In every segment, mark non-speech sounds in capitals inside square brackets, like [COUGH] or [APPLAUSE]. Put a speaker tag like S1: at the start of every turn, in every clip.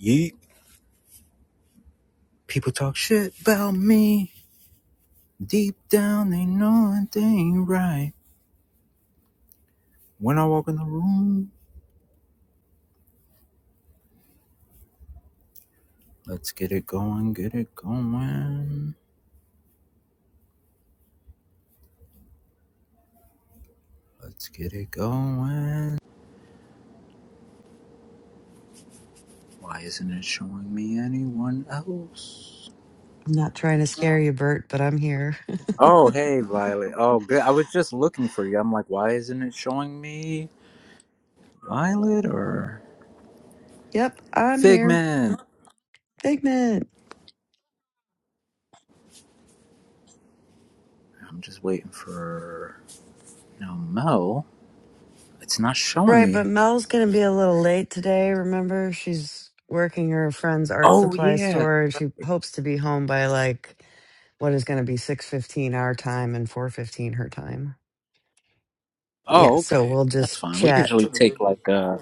S1: Yeet. People talk shit about me. Deep down, they know it ain't right. When I walk in the room, let's get it going, get it going. Let's get it going. Why isn't it showing me anyone else?
S2: I'm not trying to scare you, Bert, but I'm here. [LAUGHS]
S1: Oh, hey, Violet. Oh, good. I was just looking for you. I'm like, why isn't it showing me Violet or
S2: Yep, I'm here.
S1: Figment?
S2: Figment.
S1: I'm just waiting for. No, Mel. It's not showing
S2: Right, but
S1: me.
S2: Mel's going to be a little late today. Remember, she's working her friend's art
S1: Oh,
S2: supply
S1: yeah.
S2: store and she hopes to be home by like what is going to be 6:15 our time and 4:15 her time. Yeah,
S1: Oh,
S2: so
S1: okay.
S2: we'll
S1: That's
S2: just
S1: fine. We usually
S2: chat
S1: take like uh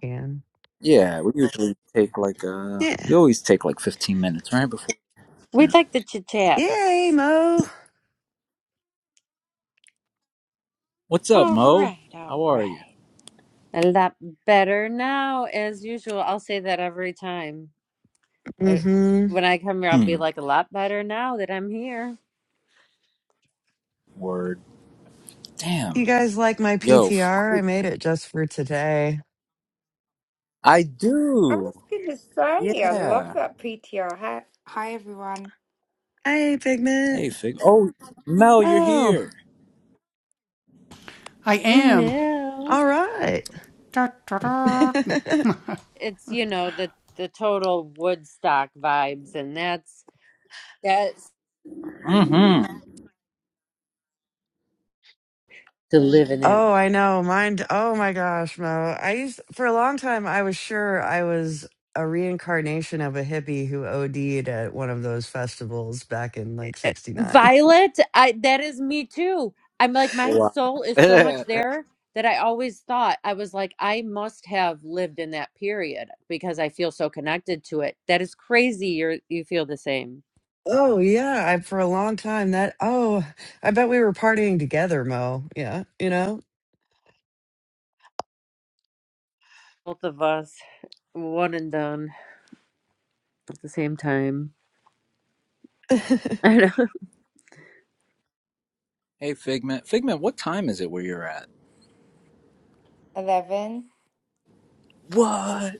S2: and
S1: yeah, we usually take like uh
S2: yeah.
S1: we always take like 15 minutes right before. Yeah.
S3: We'd like the chit
S2: Yay,
S3: chats.
S2: Mo.
S1: What's up,
S3: All
S1: Mo?
S3: right, all
S1: How are
S3: right.
S1: you?
S3: A lot better now, as usual. I'll say that every time. Uh,
S2: Mhm.
S3: When I come here, I'll
S1: Hmm.
S3: be like, a lot better now that I'm here.
S1: Word.
S2: You
S1: Damn.
S2: guys like my
S1: Yo, f-
S2: PTR? I made it just for today.
S1: I
S4: I
S1: do.
S4: was going to say, I love
S1: Yeah.
S4: that PTR. Hi, hi everyone.
S2: Hey, Figment.
S1: Hey, Fig. Oh, Mel, you're
S2: Mo.
S1: here.
S3: No.
S2: all right. [LAUGHS]
S3: It's, you know, the, the total Woodstock vibes, and that's that's
S1: mm Mhm.
S3: to live in that.
S2: oh, I know. Mine. Oh my gosh, Mo. I used for a long time. I was sure I was a reincarnation of a hippie who OD'd at one of those festivals back in like '69.
S3: Violet, I that is me too. I'm like my
S1: Wow.
S3: soul
S1: [LAUGHS]
S3: is so much
S1: hey,
S3: there that I always thought I was like I must have lived in that period because I feel so connected to it. That is crazy. You are you feel the same.
S2: Oh yeah, I for a long time that. Oh, I bet we were partying together, Mo. Yeah, you know,
S3: Both of us, one and done at the same time. [LAUGHS] I know.
S1: Figment. Figment, what time is it where you're at?
S4: 11.
S1: What?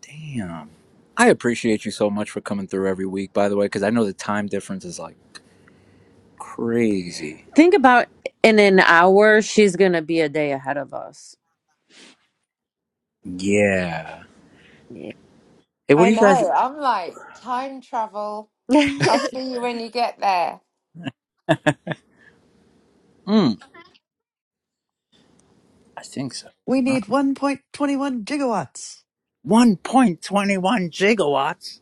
S1: Damn. I appreciate you so much for coming through every week, by the way, because I know the time difference is like Crazy.
S3: Think about in an hour, she's gonna be a day ahead of us.
S1: Yeah.
S3: Yeah.
S1: Hey, what do
S4: I
S1: you
S4: know.
S1: guys?
S4: I'm like, time travel. I'll
S3: [LAUGHS]
S4: see you when you get there.
S1: Mm, I think so.
S2: we
S1: Huh?
S2: need 1.21 gigawatts.
S1: 1.21 gigawatts.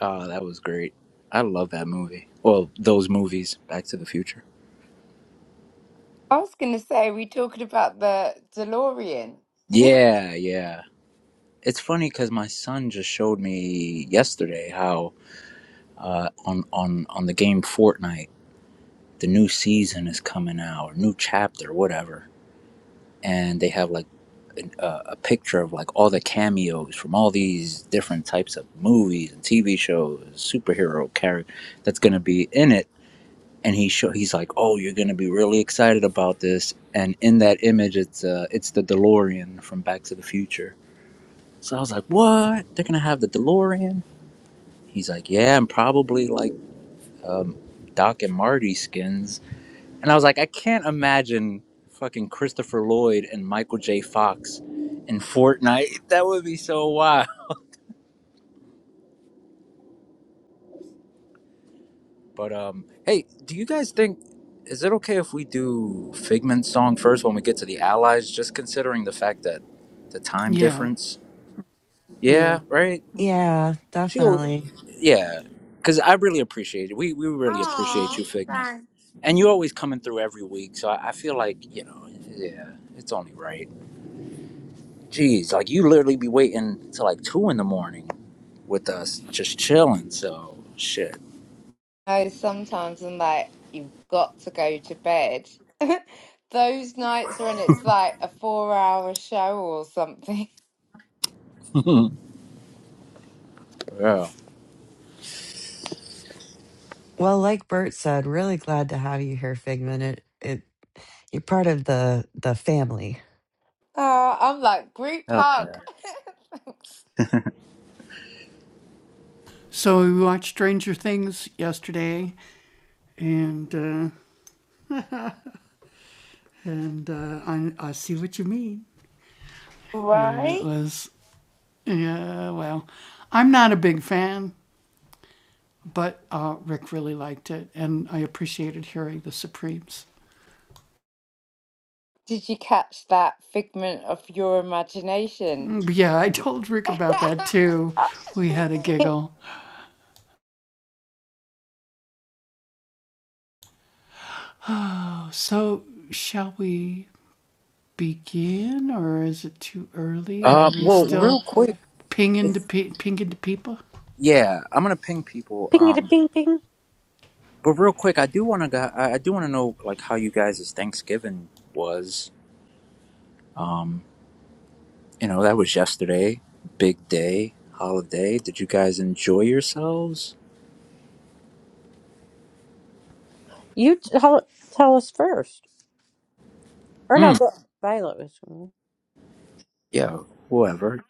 S1: Oh, that was great. I love that movie. Well, those movies, Back to the Future.
S4: I was going to say, we talking about the DeLorean?
S1: Yeah, yeah. It's funny because my son just showed me yesterday how uh, on on on the game Fortnite, the new season is coming out, or new chapter, whatever, and they have like. uh, a picture of like all the cameos from all these different types of movies and TV shows, superhero character that's going to be in it. And he show he's like, "Oh, you're going to be really excited about this." And in that image, it's uh, it's the DeLorean from Back to the Future. So I was like, "What? They're going to have the DeLorean?" He's like, "Yeah, and probably like um, Doc and Marty skins." And I was like, I can't imagine fucking Christopher Lloyd and Michael J. Fox in Fortnite. [LAUGHS] That would be so wild. But um, hey, do you guys think is it okay if we do Figment's song first when we get to the Allies? Just considering the fact that the time difference. Yeah, right.
S2: Yeah,
S1: She, al-
S2: definitely.
S1: yeah, because I really appreciate it. We we really appreciate
S4: Oh,
S1: you, Figment,
S4: thanks.
S1: and you always coming through every week. So I, I feel like you know, yeah, it's only right. Jeez, like you literally be waiting till like two in the morning with us, just chilling. So shit.
S4: No, sometimes I'm like, you've got to go to bed. [LAUGHS] Those nights when it's like a four hour show or something. [LAUGHS]
S1: [LAUGHS] yeah.
S2: Well, like Bert said, really glad to have you here, Figment. It, it you're part of the the family.
S4: Oh, I'm like, group
S1: Hell
S4: hug.
S1: yeah.
S4: [LAUGHS] Thanks. Right? Did you catch that figment of your imagination? [LAUGHS] I
S1: Uh, well, real quick. Yeah, I'm gonna ping people.
S3: ping it,
S1: Um,
S3: ping, ping.
S1: but real quick, I do wanna go. I I do wanna know like how you guys' Thanksgiving was. Um, you know that was yesterday, big day, holiday. Did you guys enjoy yourselves?
S3: You tell tell us first, or no?
S1: Mm,
S3: Go, Violet
S1: yeah, whoever.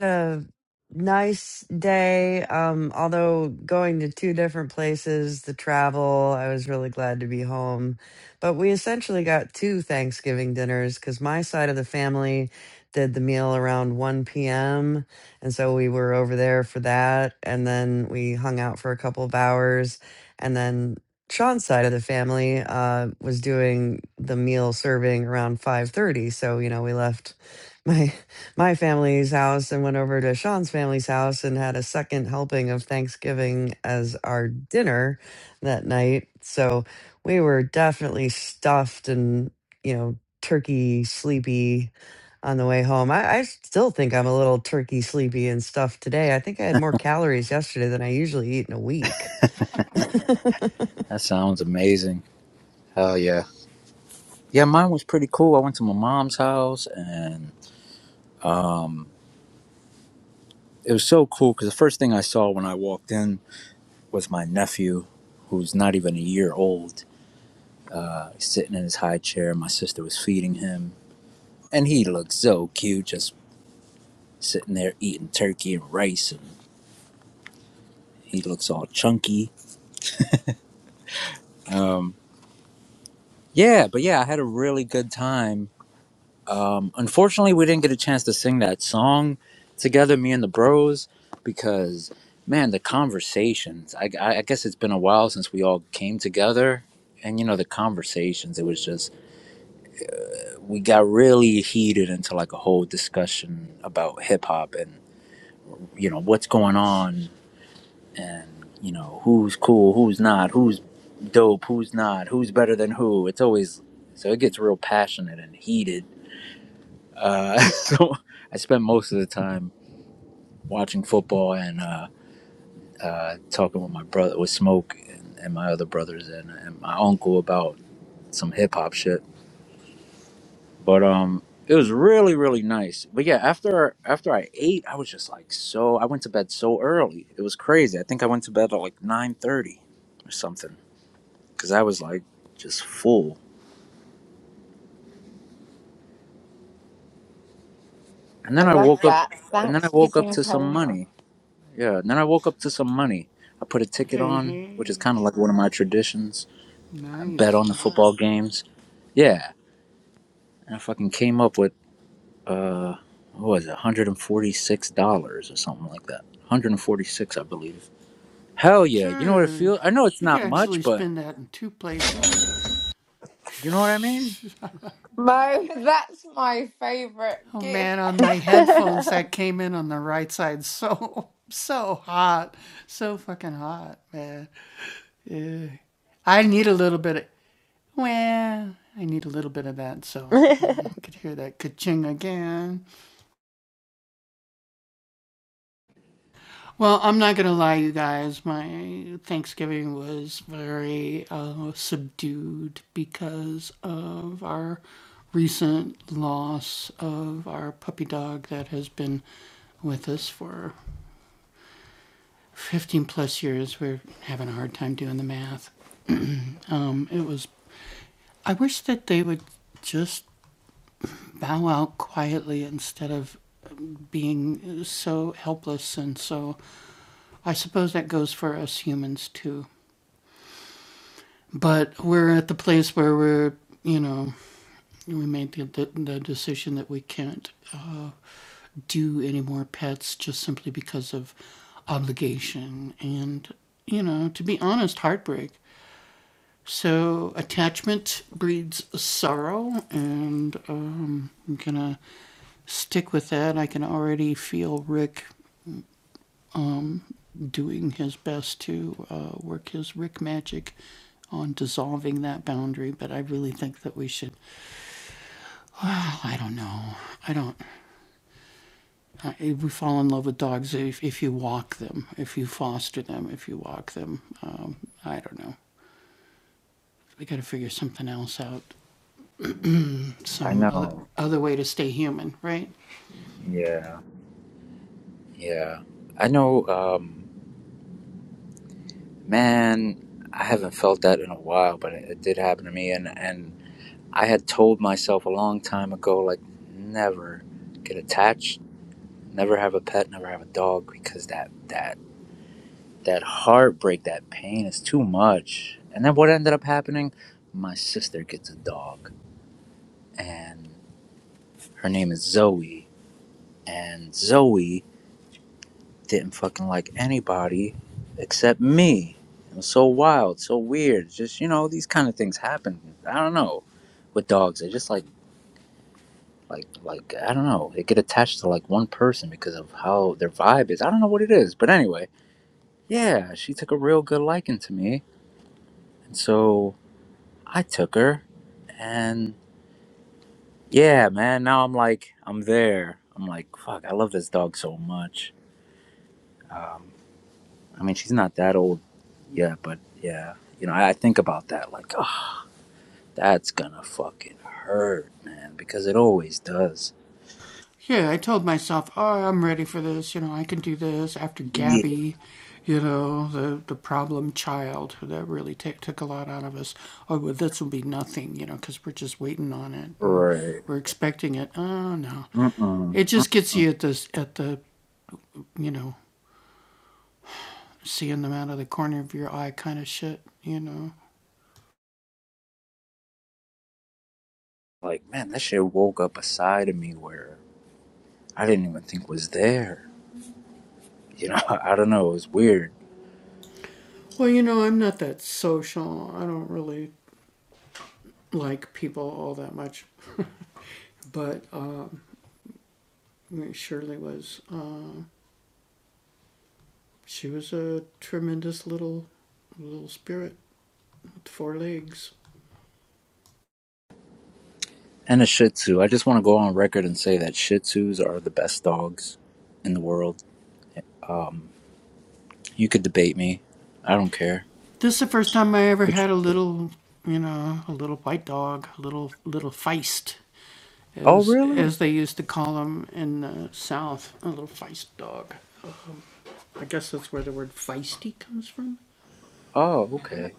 S2: a nice day. Um, although going to two different places, the travel, I was really glad to be home. But we essentially got two Thanksgiving dinners because my side of the family did the meal around 1 p.m. And so we were over there for that. And then we hung out for a couple of hours. And then Sean's side of the family uh, was doing the meal serving around 5:30. So, you know, we left my. [LAUGHS] my family's house and went over to Sean's family's house and had a second helping of Thanksgiving as our dinner that night. So we were definitely stuffed and, you know, turkey sleepy on the way home. I, I still think I'm a little turkey sleepy and stuffed today. I think I had more calories yesterday than I usually eat in a week.
S1: That sounds amazing. Hell yeah. Yeah, mine was pretty cool. I went to my mom's house and Um, it was so cool because the first thing I saw when I walked in was my nephew, who's not even a year old, uh, sitting in his high chair. My sister was feeding him, and he looked so cute, just sitting there eating turkey and rice, and he looks all chunky. Um, yeah, but yeah, I had a really good time Um, unfortunately, we didn't get a chance to sing that song together, me and the bros, because man, the conversations. I, I I guess it's been a while since we all came together, and you know the conversations. It was just we got really heated into like a whole discussion about hip hop and you know what's going on and you know who's cool, who's not, who's dope, who's not, who's better than who. It's always so it gets real passionate and heated Uh, [LAUGHS] so I spend most of the time watching football and uh, uh, talking with my brother, with Smoke and, and my other brothers and, and my uncle about some hip hop shit. But um, it was really really nice. But yeah, after after I ate, I was just like so. I went to bed so early. It was crazy. I think I went to bed at like nine thirty or something because I was like just full. And then I
S4: love
S1: woke up.
S4: that.
S1: And then I woke up
S4: Thanksgiving
S1: to some
S4: coma.
S1: money. Yeah, and then I woke up to some money. I put a ticket on, which is kind of like one of my traditions. I bet on the football games. Yeah, and I fucking came up with uh, what was it, one hundred and forty six dollars or something like that. one Hundred and forty six, I believe. Hell yeah! You know what it feels? I know it's not much, but you know what I mean.
S4: Mo, that's my favourite gift.
S3: was. [LAUGHS] [LAUGHS] [LAUGHS] Did
S1: I know. Yeah, yeah. I know. Um, man, I haven't felt that in a while, but it, it did happen to me, and and I had told myself a long time ago, like, never get attached, never have a pet, never have a dog, because that that that heartbreak, that pain is too much. And then what ended up happening? My sister gets a dog, and her name is Zoe. And Zoe didn't fucking like anybody except me. It was so wild, so weird. Just you know, these kind of things happen. I don't know with dogs. They're just like. like like I don't know. They get attached to like one person because of how their vibe is. I don't know what it is, but anyway, yeah, she took a real good liking to me, and so I took her, and yeah, man. Now I'm like I'm there. I'm like fuck. I love this dog so much. Um, I mean, she's not that old yet, but yeah, you know, I, I think about that like, oh, that's gonna fucking hurt, man, because it always does. Yeah. Right. Mm-mm. like man that shit woke up a side of me where i didn't even think was there [LAUGHS] you know i don't know it was weird and a shih tzu i just want to go on record and say that shih tzus are the best dogs in the world you could debate me i don't care it's, oh really oh okay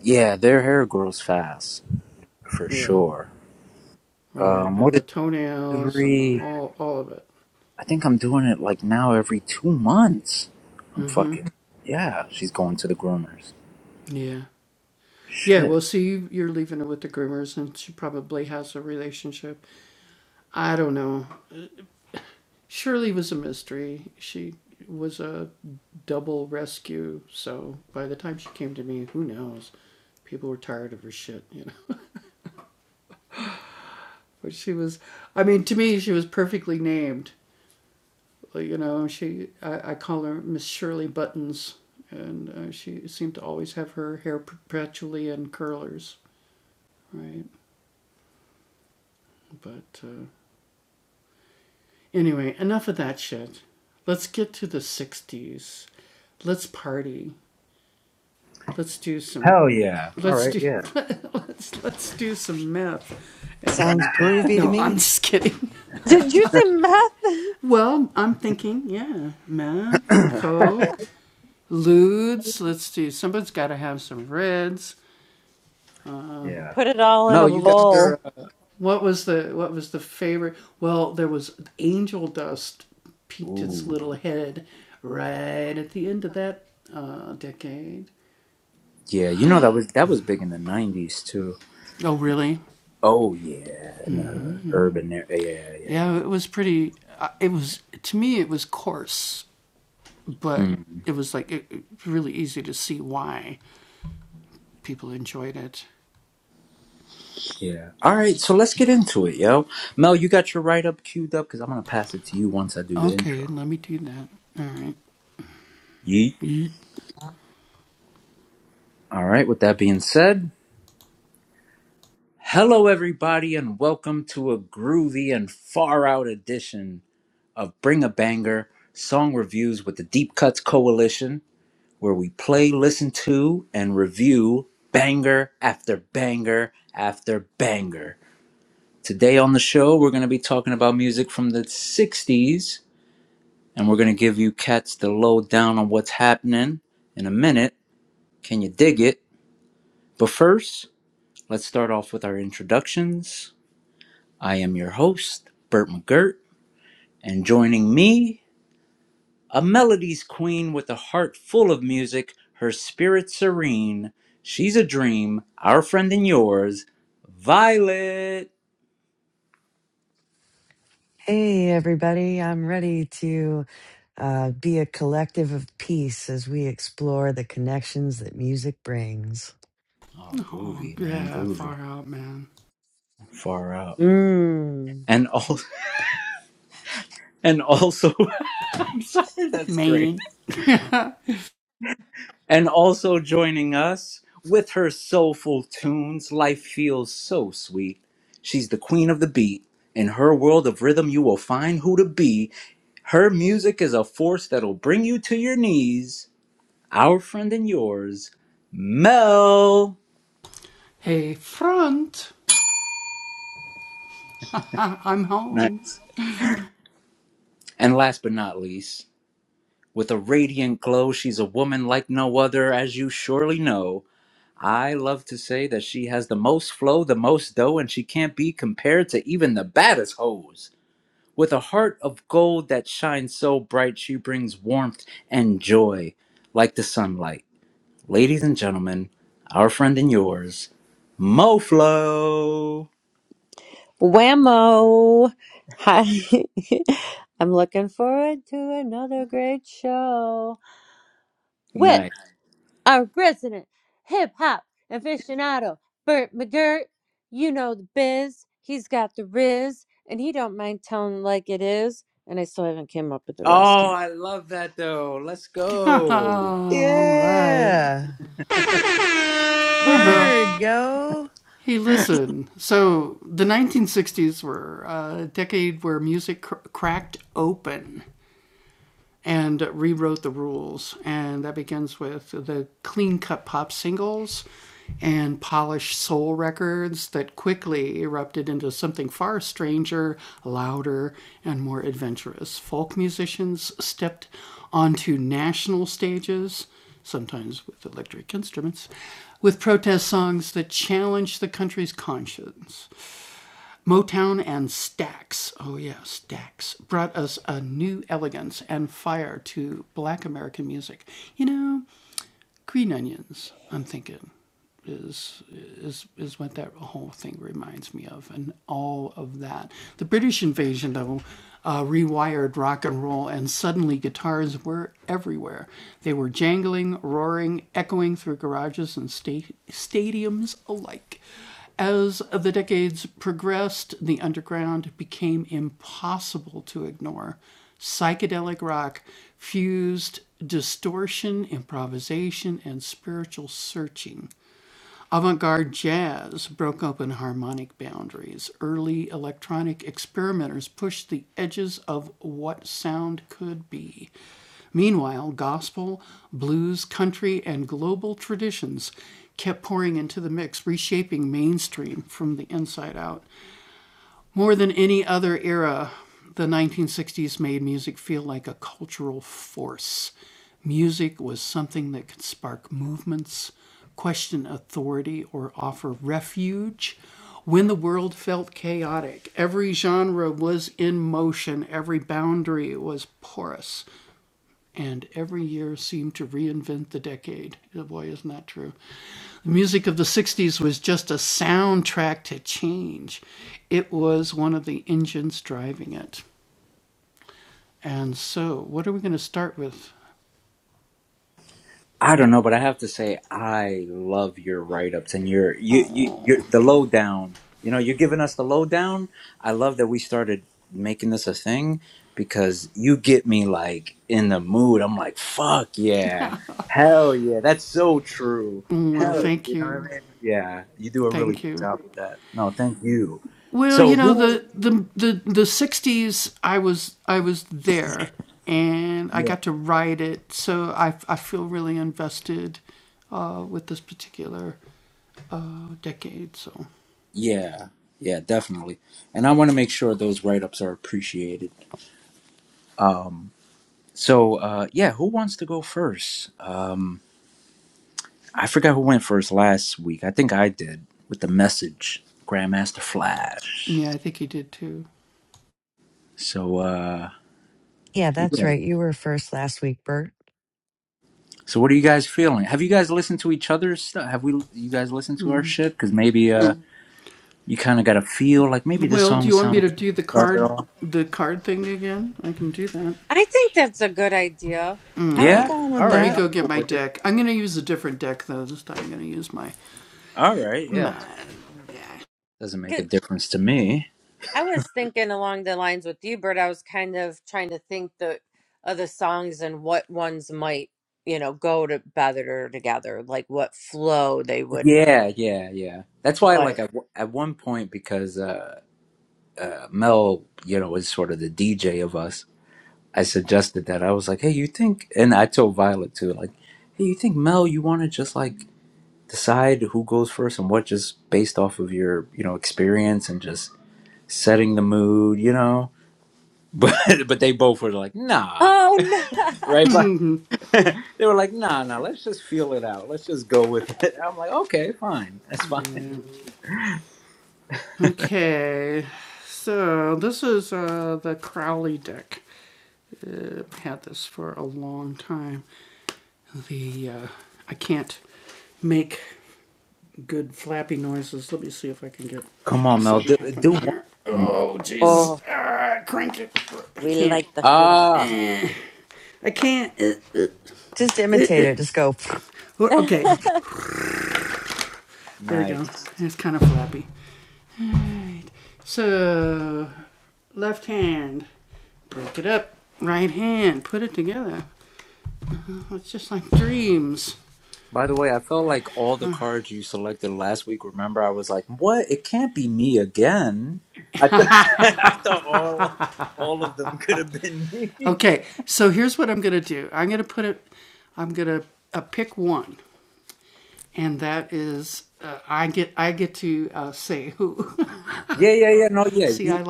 S1: yeah their hair grows fast for sure um what is every i think i'm doing it like now every two months i'm fucking yeah she's going to the groomers shit Hell yeah. All right. Yeah.
S2: Sounds groovy to me.
S3: you say meth?
S1: [CLEARS THROAT] [COUGHS] yeah.
S3: Put it all in
S1: Mel,
S3: a
S1: you got
S3: bowl.
S1: your. Uh, Ooh. Yeah, you know that was that was big in the nineties too. Oh yeah, in the urban area. Yeah, yeah. Mm, yeah. All right, so let's get into it, yo. Mel, you got your write up queued up because I'm gonna pass it to you once I do the intro. Yeet. All right. With that being said, hello everybody, and welcome to a groovy and far out edition of Bring a Banger Song Reviews with the Deep Cuts Coalition. where we play, listen to, and review banger after banger after banger. Today on the show, we're going to be talking about music from the 60s, and we're going to give you cats the lowdown on what's happening in a minute. Can you dig it? But first, let's start off with our introductions. I am your host, Burt McGirt, and joining me A melody's queen with a heart full of music, her spirit serene. She's a dream, our friend and yours, Violet.
S2: Hey, everybody. I'm ready to. uh, be a collective of peace as we explore the connections that music brings.
S1: Oh, groovy, man, groovy. Far out.
S3: Mmm.
S1: And also, [LAUGHS] and also, [LAUGHS] I'm sorry, that's great. And also joining us with her soulful tunes, life feels so sweet. She's the queen of the beat. In her world of rhythm, you will find who to be. Her music is a force that'll bring you to your knees. our friend and yours, Mel. Nice. And last but not least, with a radiant glow, she's a woman like no other, as you surely know. I love to say that she has the most flow, the most dough, and she can't be compared to even the baddest hoes. With a heart of gold that shines so bright, she brings warmth and joy like the sunlight. Ladies and gentlemen, our friend and yours, MoFlo.
S3: Whammo. Hi. [LAUGHS] I'm looking forward to another great show with
S1: Nice.
S3: our resident hip hop aficionado, Bert McGirt. You know the biz. He's got the riz, and he don't mind telling like it is. And I still haven't came up with the rest
S1: Oh,
S3: yet.
S1: I love that though. Let's go.
S2: Yeah.
S1: [LAUGHS]
S2: Word,
S1: I
S2: yo.
S1: don't know, but I have to say I love your write-ups and your you you you the lowdown. You know, you're giving us the lowdown. I love that we started making this a thing because you get me like in the mood. I'm like, fuck yeah, hell yeah, that's so true. Hell, [LAUGHS] yeah." you know what I mean? Yeah, you do a really good job with that. No, thank you. So who? yeah. Yeah, yeah, definitely. And I want to make sure those write ups are appreciated. Um, so, uh, yeah, who wants to go first? Um, I forgot who went first last week. I think I did with the message, Grandmaster Flash. So, uh,
S2: Yeah, that's
S1: yeah.
S2: right. You were first last week, Bert.
S1: So, what are you guys feeling? Have you guys listened to each other's stuff? Have we? You guys listened to our shit? Because maybe uh, you kind of got a feel like maybe this song would sound good to start it off.
S3: I think that's a good idea.
S2: I'm
S3: I
S1: Yeah.
S2: down
S1: All
S2: with
S1: right. I'm
S2: that.
S1: cool with it. All right. Yeah. Doesn't make a difference to me.
S3: I was thinking along the lines with you, Bert. I was kind of trying to think the other songs and what ones might, you know, go to better together, like what flow they would.
S1: Yeah, yeah, yeah. That's why, like,
S3: But
S1: at, at one point, because uh, Mel, you know, is sort of the DJ of us, I suggested that. I was like, hey, you think, and I told Violet too, like, hey, you think, Mel, you want to just, like, decide who goes first and what just based off of your, you know, experience and just setting the mood, you know? But, [LAUGHS] but they both were like, nah,
S3: oh no,
S1: right? But [LAUGHS] they were like, nah, nah, let's just feel it out. Let's just go with it. I'm like, okay, fine. That's fine. Come on, Mel, do, do one.
S3: [LAUGHS] Oh, we like the flaps.
S1: Ah,
S2: Just imitate it. Just go. [LAUGHS] [SNIFFS]
S3: [LAUGHS]
S1: nice. By the way, I felt like all the cards you selected last week. Remember, I was like, "What? It can't be me again." I, th- [LAUGHS] I thought all all of them could have been me. [LAUGHS] yeah, yeah, yeah. No, yeah. you-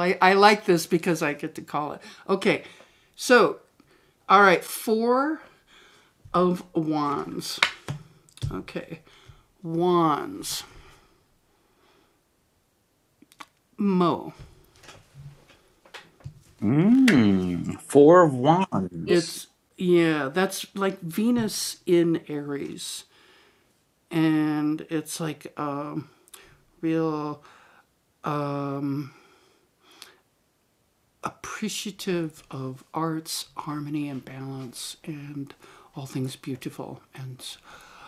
S1: Mm, four of
S3: Y-
S1: wands.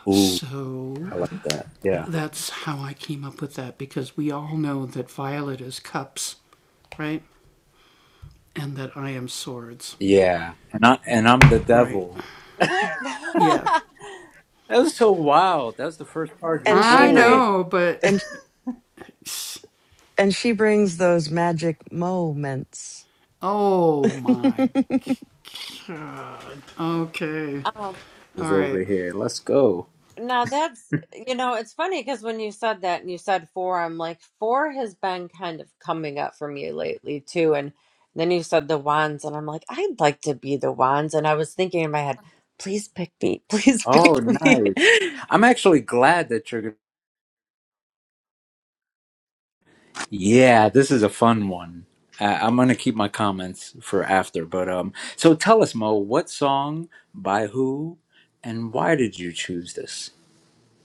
S1: Ooh, I like that. Yeah, yeah. And I and I'm the devil.
S3: [LAUGHS]
S1: That was so wild. That was the first card you
S2: And she bring
S1: pulled.
S2: and and she brings those magic moments. [LAUGHS]
S3: um,
S1: Was over here. Let's go.
S3: Now that's, you know, it's funny because when you said that and you said four, I'm like, four has been kind of coming up for me lately too. And then you said the wands, and I'm like, I'd like to be the wands. And I was thinking in my head, please pick me, [LAUGHS] please
S1: Oh,
S3: pick me.
S1: nice.
S3: [LAUGHS]
S1: I'm actually glad that you're Yeah, this is a fun one. I, I'm going to keep my comments for after, but um so tell us Mo, what song by who and why did you choose this?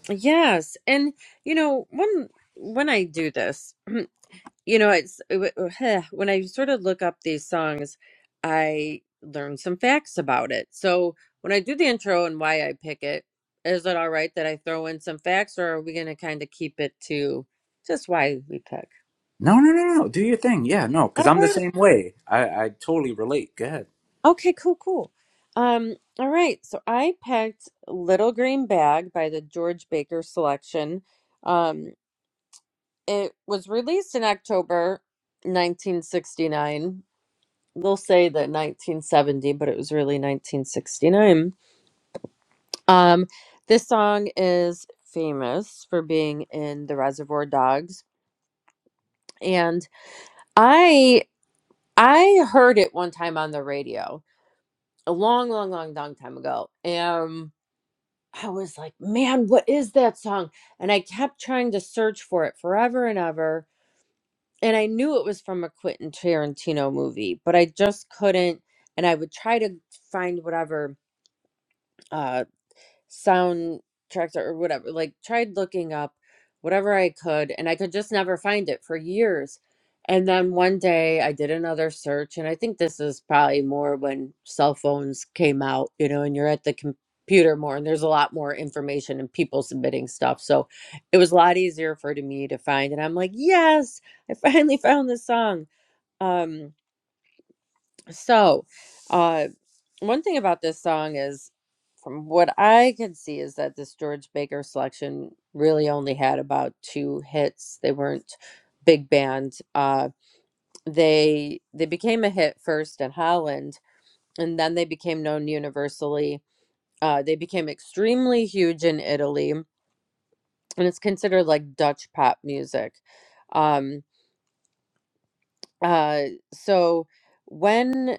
S3: Yes. And you know, when when I do this, [CLEARS THROAT] You know, it's it wa- [SIGHS] when I sort of look up these songs, I learn some facts about it. So when I do the intro and why I pick it, is it all right that I throw in some facts, or are we going to kind of keep it to just why we pick?
S1: No, no, no, no. Do your thing. Yeah, no, cuz
S3: All
S1: I'm the
S3: right.
S1: same way. I I totally relate. Go ahead.
S3: Okay. Cool. Cool. Um. All right. So I picked "Little Green Bag" by the George Baker Selection. Um. It was released in October 1969 they'll say that 1970, but it was really 1969. Um, this song is famous for being in the Reservoir Dogs, and I I heard it one time on the radio a long, long, long, long time ago. Um, I was like, man, what is that song? And I kept trying to search for it forever and ever. And I knew it was from a Quentin Tarantino movie, but I just couldn't. And I would try to find whatever Uh. soundtracks or whatever like tried looking up whatever i could and i could just never find it for years and then one day i did another search and i think this is probably more when cell phones came out you know and you're at the computer more and there's a lot more information and people submitting stuff so it was a lot easier for to me to find and i'm like yes i finally found this song Um. So, uh, one thing about this song is, from what I can see, is that this George Baker selection really only had about two hits. They weren't big band. Uh, they they became a hit first in Holland, and then they became known universally. Uh, they became extremely huge in Italy, and it's considered like Dutch pop music. Um, uh, so when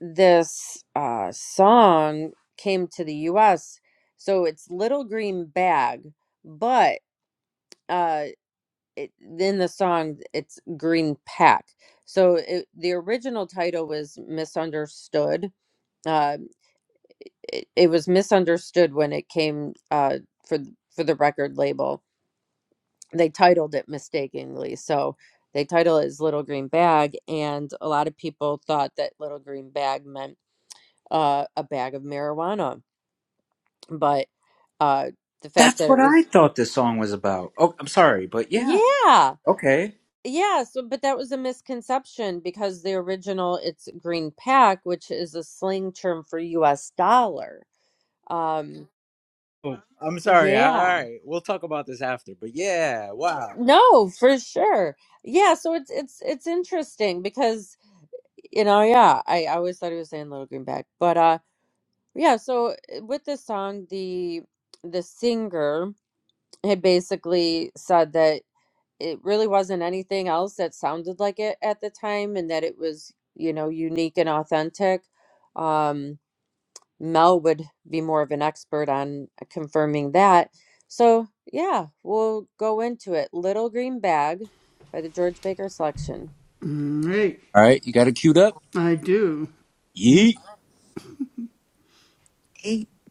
S3: this uh, song came to the U.S. So it's Little Green Bag, but uh, it, in the song it's Green Pack. So it, the original title was Misunderstood. Uh, it, it was misunderstood when it came uh, for for the record label. They titled it mistakenly, so they title it as Little Green Bag, and a lot of people thought that Little Green Bag meant uh, a bag of marijuana but uh the fact
S1: That's
S3: that
S1: what
S3: it
S1: I
S3: was
S1: thought this song was about. Oh, I'm sorry, but yeah.
S3: yeah
S1: Okay.
S3: yeah so but that was a misconception because the original it's green pack which is a slang term for us dollar um
S1: Oh, I'm sorry. I- All
S3: yeah
S1: right. We'll talk about this after. But yeah, wow.
S3: no for sure yeah so it's it's it's interesting because you know yeah i, I always thought he was saying little green pack but uh yeah so with this song the the singer had basically said that it really wasn't anything else that sounded like it at the time and that it was you know unique and authentic um mel would be more of an expert on confirming that so yeah we'll go into it little green bag by the george baker selection
S1: All right, you got it queued up? Yeet.
S2: mm-hmm.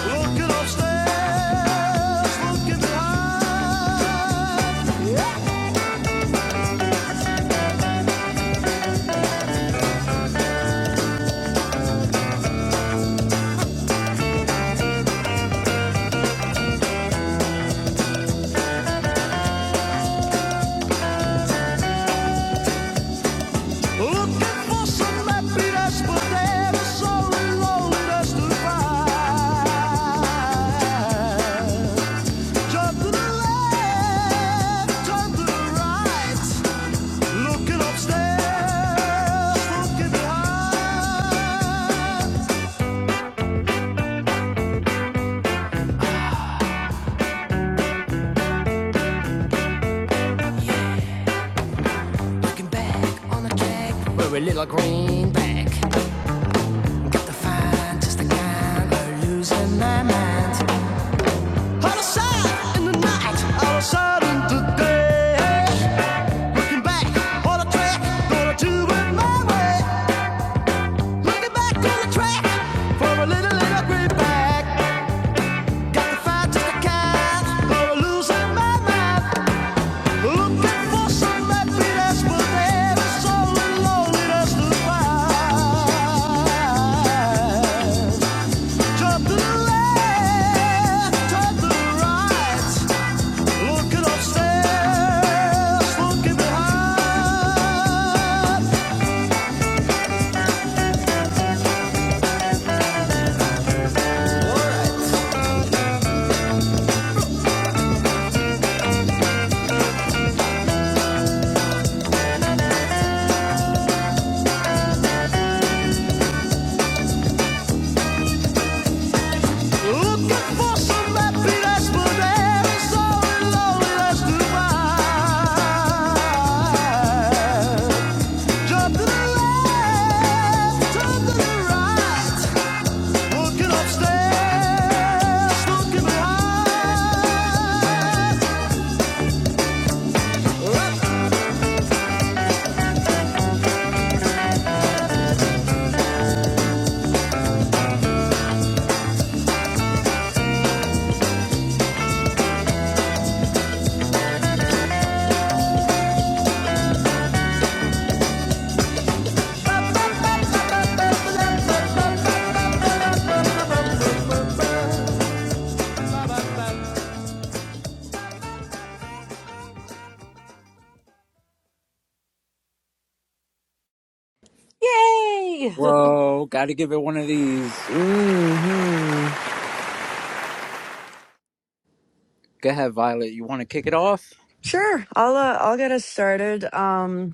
S5: Looking upstairs, looking behind. Yeah. Looking for some happy but there is so loneliness to find. Turn to the left, turn to the right. Looking upstairs, looking behind. Looking back on the track, we a little greenback. Look at the find, just the kind. We're losing my mind. Out of sight in the night, out of sight in the day. Looking back on a track, gonna do it my way. Looking back on the track for a little, little greenback. Got to find just the kind, gonna lose my mind. Looking for some happiness, but there is so lonely that's the find. Jump to the left, jump to the right. Looking upstairs, looking behind. All right. Looking for some happy days, but there's so many lonely nights to wait. Jump to the left, jump to the right, looking upstairs, looking behind.
S3: yay [LAUGHS]
S1: Whoa, got to give it one of these. Go ahead, Violet. You want to kick it off?
S2: Sure. I'll uh, I'll get us started. Um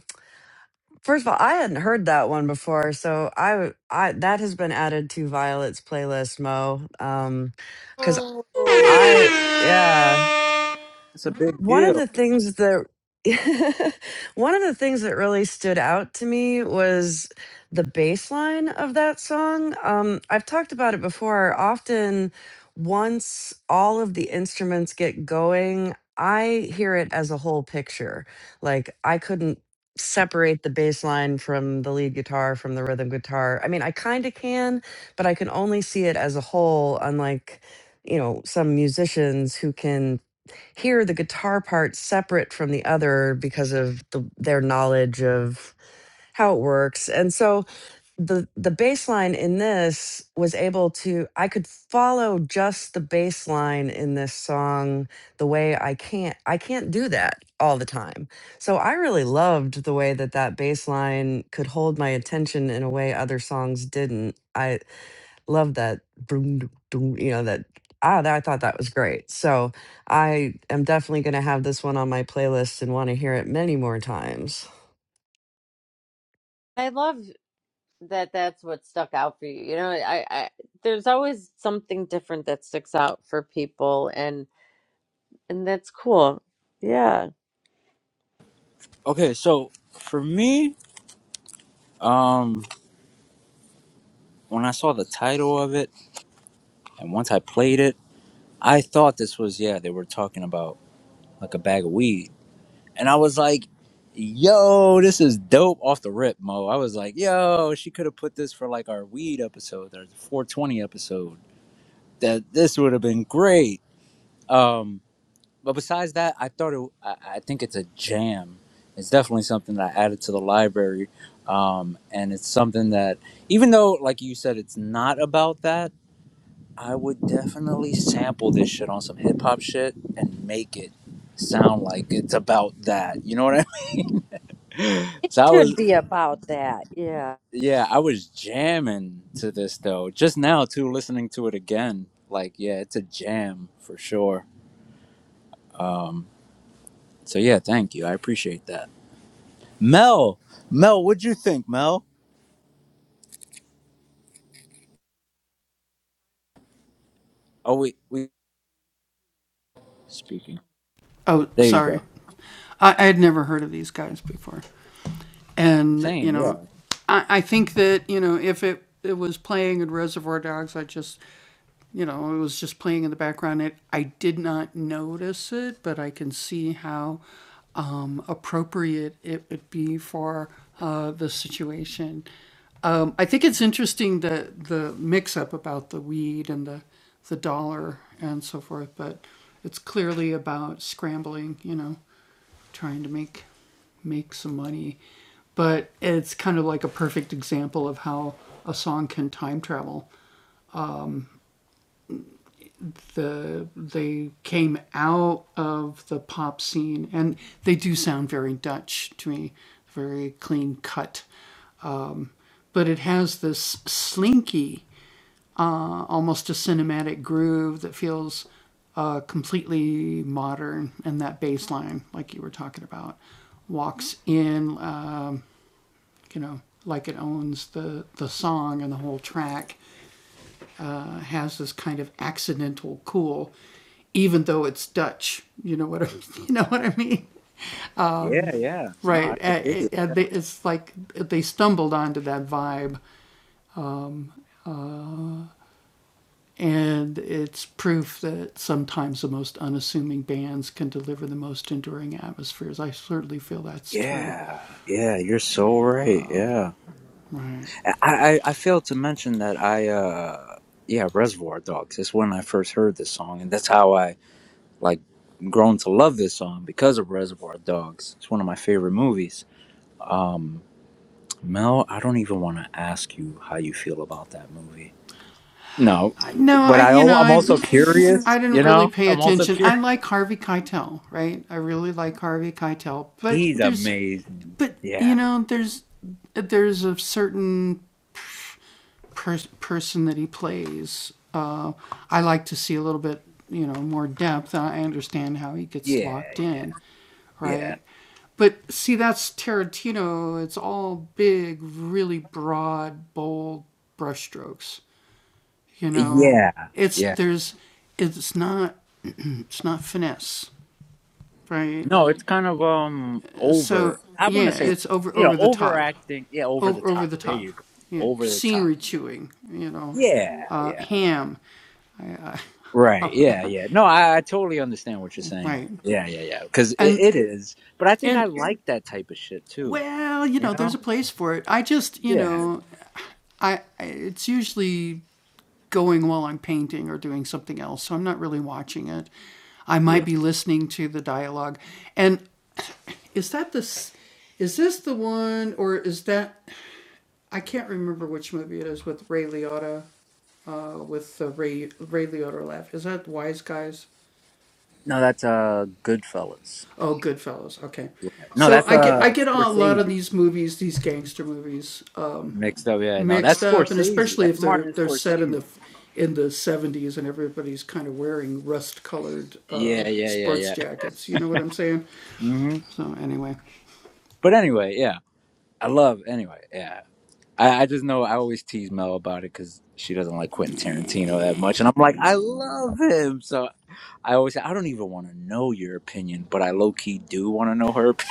S2: First of all, I hadn't heard that one before, so I, w- I- that has been added to Violet's playlist, Mo. Um, because
S3: Sweet.
S2: I, yeah
S1: It's a big
S2: one of
S1: deal.
S2: the things that [LAUGHS] one of the things that really stood out to me was the bass line of that song. Um, I've talked about it before. Often, once all of the instruments get going, I hear it as a whole picture. Like I couldn't separate the bass line from the lead guitar from the rhythm guitar. I mean, I kind of can, but I can only see it as a whole, unlike you know some musicians who can hear the guitar part separate from the other because of the, their knowledge of how it works. And so the the bass line in this was able to I could follow just the bass line in this song the way I can't I can't do that all the time. So I really loved the way that that bass line could hold my attention in a way other songs didn't. I love that boom d- boom you know that ah that, i thought that was great so i am definitely going to have this one on my playlist and want to hear it many more times
S3: i love that that's what stuck out for you you know i i there's always something different that sticks out for people and and that's cool yeah
S1: Okay, so for me, um, when I saw the title of it and once I played it, I thought this was yeah they were talking about like a bag of weed, and I was like, "Yo, this is dope off the rip, Mo." I was like, "Yo, she could have put this for like our weed episode or the 420 episode. That this would have been great." Um, but besides that, I thought it, I, I think it's a jam. It's definitely something that I added to the library, um, and it's something that, even though, like you said, it's not about that, I would definitely sample this shit on some hip hop shit and make it sound like it's about that. You know what I mean? [LAUGHS] So I was,
S3: should be about that. Yeah.
S1: yeah, I was jamming to this though. Just now, too, listening to it again, like, yeah, it's a jam for sure. Um, so yeah, thank you. I appreciate that. Mel, Mel, what'd you think, Mel? Oh, we we speaking. There you go. Same, yeah, yeah, yeah. No, I could dig it. Yeah, yeah. You're so right. Yeah, I I, I failed to mention that I uh yeah Reservoir Dogs is when I first heard this song, and that's how I like grown to love this song because of Reservoir Dogs. It's one of my favorite movies. Um, Mel, I don't even want to ask you how you feel about that movie. No, but I, al- I'm also [LAUGHS] curious. You know, I'm also curious. He's amazing. Yeah, yeah, yeah, yeah, yeah. No, it's kind of um over. I want to say, you know, overacting. Yeah, over the top. There you go. Over the top. Yeah, yeah. Right. Yeah, yeah. No, I, I totally understand what you're saying. Yeah, yeah, yeah. Because it, it is. But I think I like that type of shit too. You know? Yeah. Yeah. No, that's uh Goodfellas. No, that's uh Scorsese mixed up. Yeah, no, that's Scorsese. That's Martin Scorsese. Yeah, yeah, yeah, yeah. hmm But anyway, yeah, I love. Anyway, yeah, I, I just know I always tease Mel about it because she doesn't like Quentin Tarantino that much, and I'm like, I love him. So I always say, I don't even want to know your opinion, but I low key do want to know her. Opinion.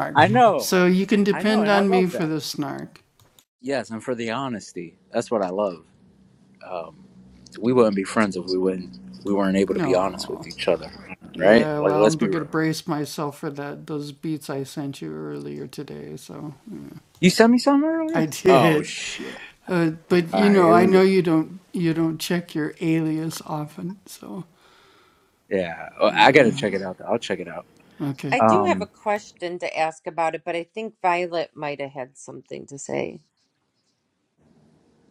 S1: [LAUGHS] I
S2: Mhm.
S1: know, I know, and I love that. Yes, and for the honesty, that's what I love. Um, we wouldn't be friends if we wouldn't we weren't able to be honest with each other, right? Like, let's be real. You sent me something earlier. Oh shit! All right, here we go. Yeah, oh, I gotta check it out. Though. I'll check it out.
S3: I do have
S1: Um.
S3: a question to ask about it, but I think Violet might have had something to say.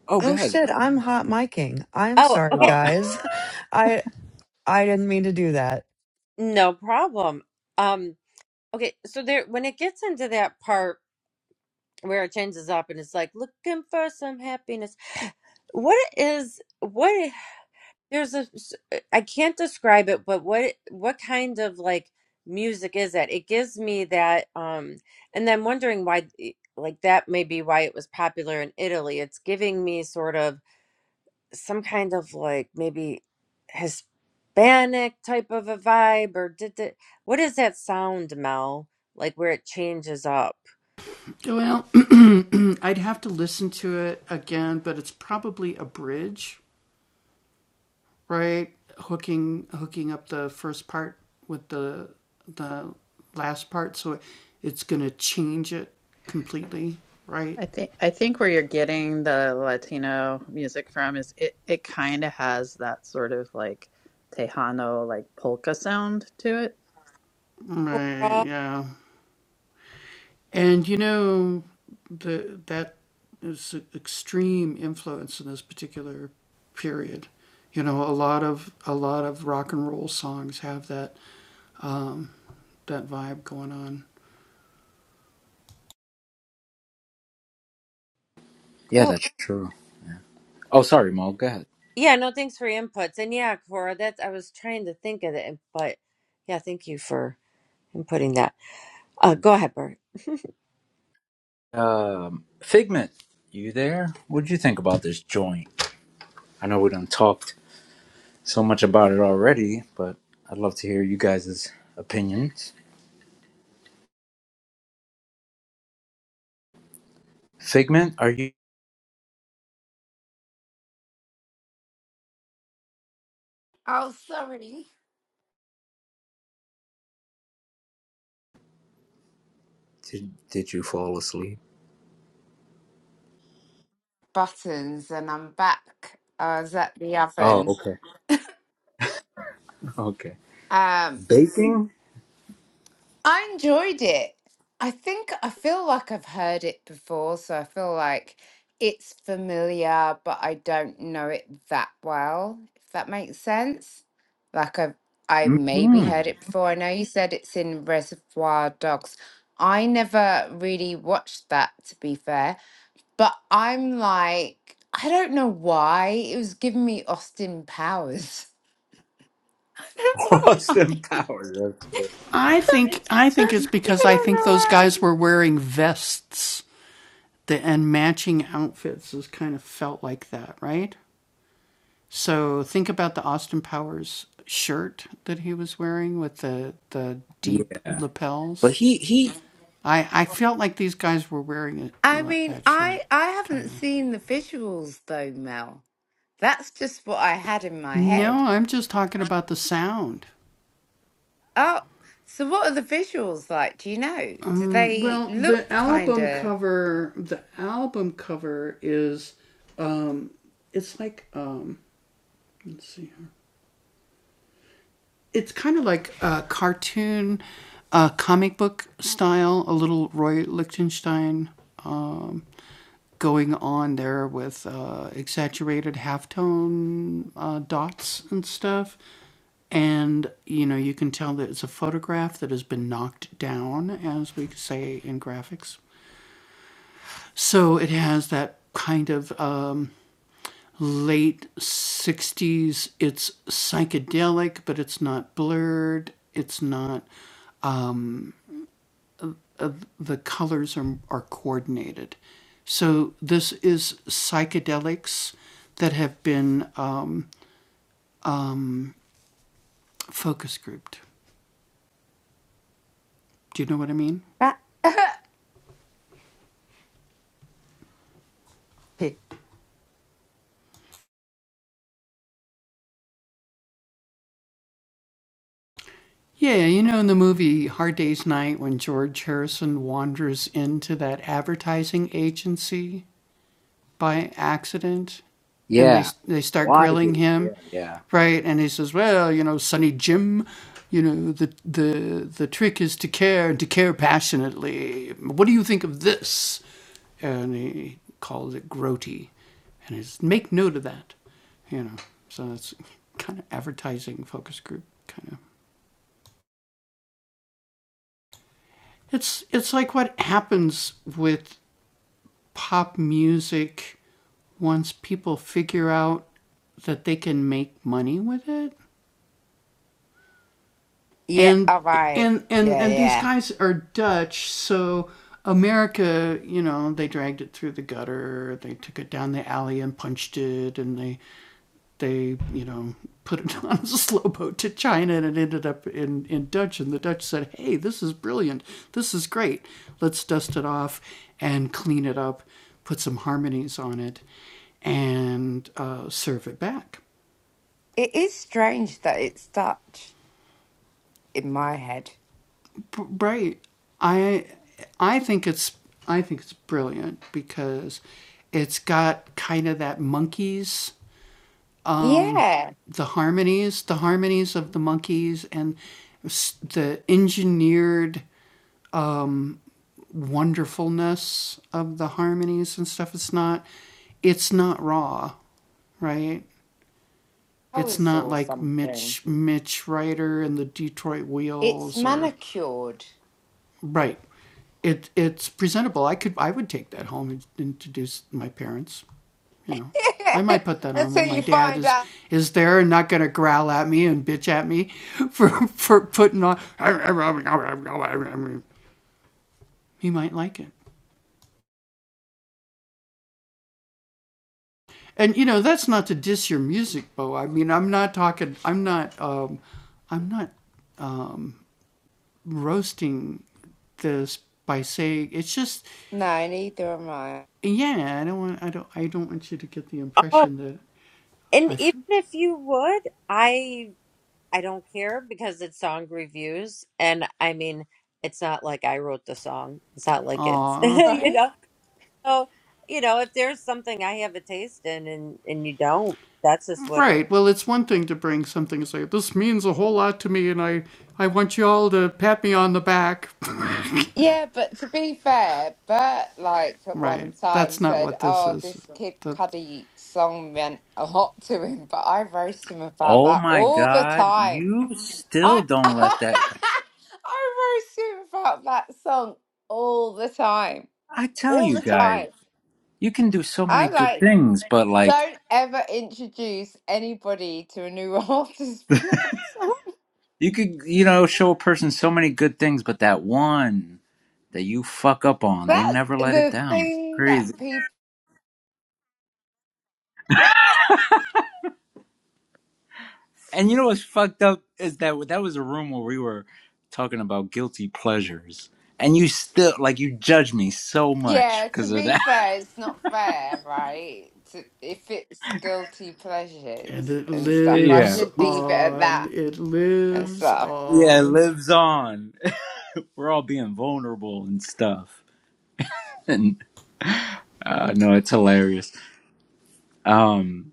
S1: Oh, go
S2: oh
S1: ahead.
S2: shit i'm hot micing i'm
S3: Oh,
S2: sorry
S3: okay.
S1: Oh,
S2: guys [LAUGHS] i i didn't mean to do that
S3: No problem. Um, okay, so there when it gets into that part where it changes up and it's like looking for some happiness, what is what? There's a, s- uh, I can't describe it, but what what kind of like music is it? It gives me that, um, and then wondering why, eh, like that may be why it was popular in Italy. It's giving me sort of some kind of like maybe Hispanic type of a vibe, or did it, what is that sound, Mel? Like where it changes up.
S6: I think I think where you're getting the Latino music from is it it kind of has that sort of like Tejano like polka sound to it.
S3: Oh,
S1: [LAUGHS] yeah,
S3: cool.
S1: that's true. Oh, sorry, Mo. Go ahead.
S3: Yeah, no, thanks for your inputs. And yeah, Cora, that's I was trying to think of it, but yeah, thank you for inputting that. Uh, go ahead, Bert.
S1: Um, Figment, you there? What'd you think about this joint? I know we done talked so much about it already, but I'd love to hear you guys' opinions. Figment, are you?
S4: Oh, sorry.
S1: Did, did you fall asleep?
S4: Buttons, and I'm back. I was at the
S1: Oh,
S4: oven.
S1: okay. Okay.
S4: Um.
S1: Baking?
S4: I enjoyed it. I think I feel like I've heard it before, so I feel like it's familiar, but I don't know it that well, if that makes sense. Like I've I maybe
S1: hmm
S4: heard it before. I know you said it's in Reservoir Dogs. I never really watched that to be fair, but I'm like I don't know why it was giving me Austin Powers. [LAUGHS]
S1: [LAUGHS]
S4: I don't know
S1: Austin
S4: why.
S1: Powers. That's it.
S4: [LAUGHS] I don't know why.
S1: Yeah. But he, he,
S4: I mean, I I haven't seen the visuals though, Mel. That's just what I had in my head. Oh, so what are the visuals like? Do you know? Do they look kind of? [LAUGHS]
S1: yeah. Why do? Yeah, yeah.
S4: yeah. All right. Yeah, yeah. It is strange that it's Dutch in my head. Yeah, flowers or something. It's manicured. [LAUGHS] Until you find out. No, neither am I.
S3: Oh, and even if you would, I I don't care because it's song reviews, and I mean, it's not like I wrote the song. It's not like it's [LAUGHS]
S4: [LAUGHS]
S3: you
S4: Right.
S3: know. So you know, if there's something I have a taste in, and and you don't, that's just what it
S4: Yeah, but to be fair, Bert like at one time said, "Oh, this Kid Cudi song meant a lot to him," but I roast him about
S1: Oh
S4: that
S1: my
S4: all the
S1: God.
S4: time.
S1: You still
S4: I [LAUGHS]
S1: don't let that go.
S4: I roast him about that song all the time,
S1: I tell
S4: all
S1: you
S4: the
S1: guys,
S4: time.
S1: you can do so many
S4: I'm
S1: good
S4: like,
S1: things, but like,
S4: don't ever introduce anybody to a new [LAUGHS] artist for that song.
S1: you could, you know, show a person so many good things, but that one that you fuck up on, they
S4: That's
S1: never let it
S4: the
S1: down.
S4: thing that people.
S1: And you know what's fucked up is that that was a room where we were talking about guilty pleasures, and you still like you judge me so much
S4: Yeah, to
S1: because of
S4: be
S1: that. [LAUGHS]
S4: fair, it's not fair, right? To, if it's guilty pleasures and stuff, I
S1: Yeah.
S4: should leave it at that and stuff.
S1: Yeah, it lives on. [LAUGHS] We're all being vulnerable and stuff, and uh, no, it's hilarious. Um,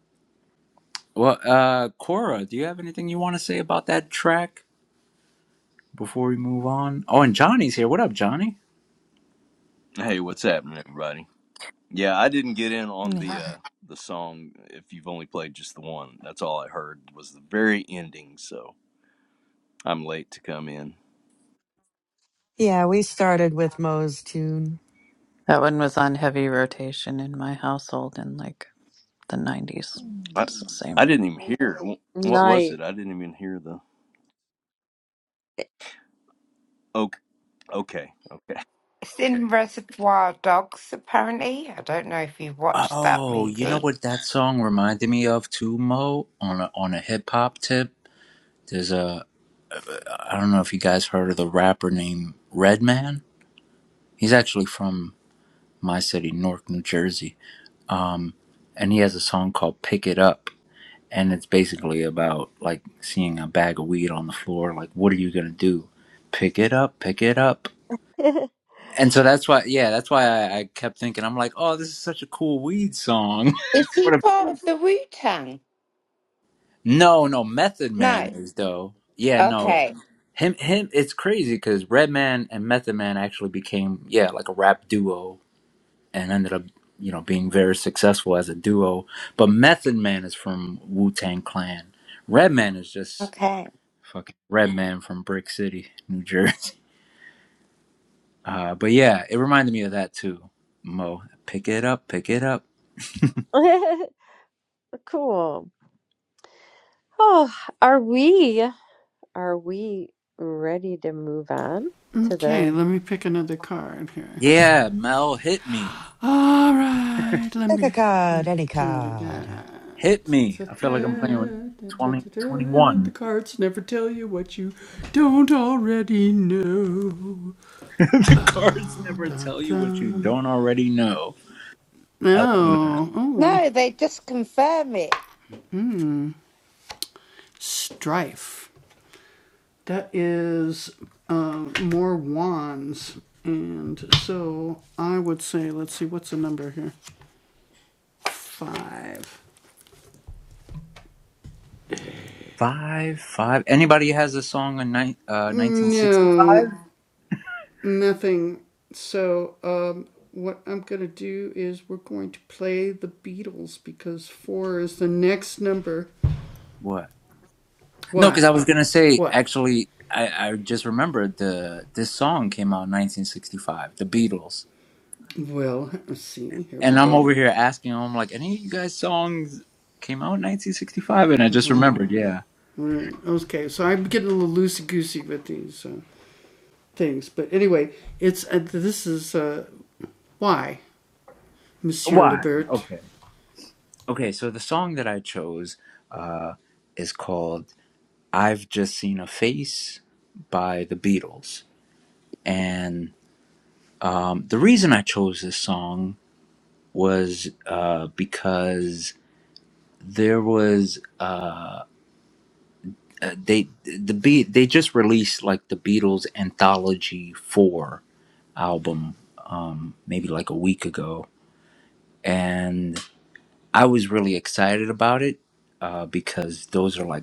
S1: well, uh, Cora, do you have anything you want to say about that track before we move on? Oh, and Johnny's here. What up, Johnny?
S7: Hey, what's happening, everybody? Yeah, I didn't get in on the
S6: Yeah.
S7: uh, the song. If you've only played just the one, that's all I heard was the very ending. So I'm late to come in.
S2: yeah we started with moe's tune
S6: That one was on heavy rotation in my household in like the 90s.
S7: I
S6: It's the same.
S7: I didn't even hear wh-
S3: is.
S7: what was
S3: Nice.
S7: it. I didn't even hear the. Okay, okay, okay.
S4: It's in Reservoir Dogs, apparently. I don't know if you watched that
S1: Oh, you
S7: I,
S1: know
S4: movie.
S1: what that song reminded me of too, Mo? On a on a hip hop tip, there's a I don't know if you guys heard of the rapper named Redman. He's actually from my city, Newark, New Jersey. Um, and he has a song called Pick It Up. And it's basically about like seeing a bag of weed on the floor. Like, what are you going to do? Pick it up, pick it up.
S3: [LAUGHS]
S1: And so that's why, yeah, that's why I, I kept thinking, I'm like, oh, this is such a cool weed song. [LAUGHS]
S4: Is he
S1: What a
S4: part of the Wu Tang?
S1: No, no, Method Man
S4: No.
S1: is though. Yeah, no.
S4: Okay.
S1: Him him it's crazy cuz Redman and Method Man actually became yeah, like a rap duo and ended up, you know, being very successful as a duo. But Method Man is from Wu-Tang Clan. Redman is just
S4: Okay.
S1: fucking Redman from Brick City, New Jersey. [LAUGHS] Uh but yeah, it reminded me of that too. Mo, pick it up, pick it up.
S3: cool. [SIGHS] Oh, are we? Are we ready to move on to the
S1: Yeah, Mel hit me.
S2: pick a card any card
S1: Hit me. I feel like I'm playing with 20 21. [LAUGHS] the cards never tell you what you don't already know. I love that.
S4: No, they just confirm it.
S1: Five, five. Anybody has a song in ni- uh, 1965? What? No, because I was gonna say actually, I, I just remembered the this song came out in 1965, The Beatles, and I'm over here asking them like, any of you guys' songs came out in 1965? And I just remembered, yeah. Why? Okay. Okay, so the song that I chose uh, is called I've Just Seen a Face by the Beatles. And um, the reason I chose this song was uh, because there was uh, uh, they the be they just released like the Beatles anthology four album um, maybe like a week ago, and I was really excited about it uh, because those are like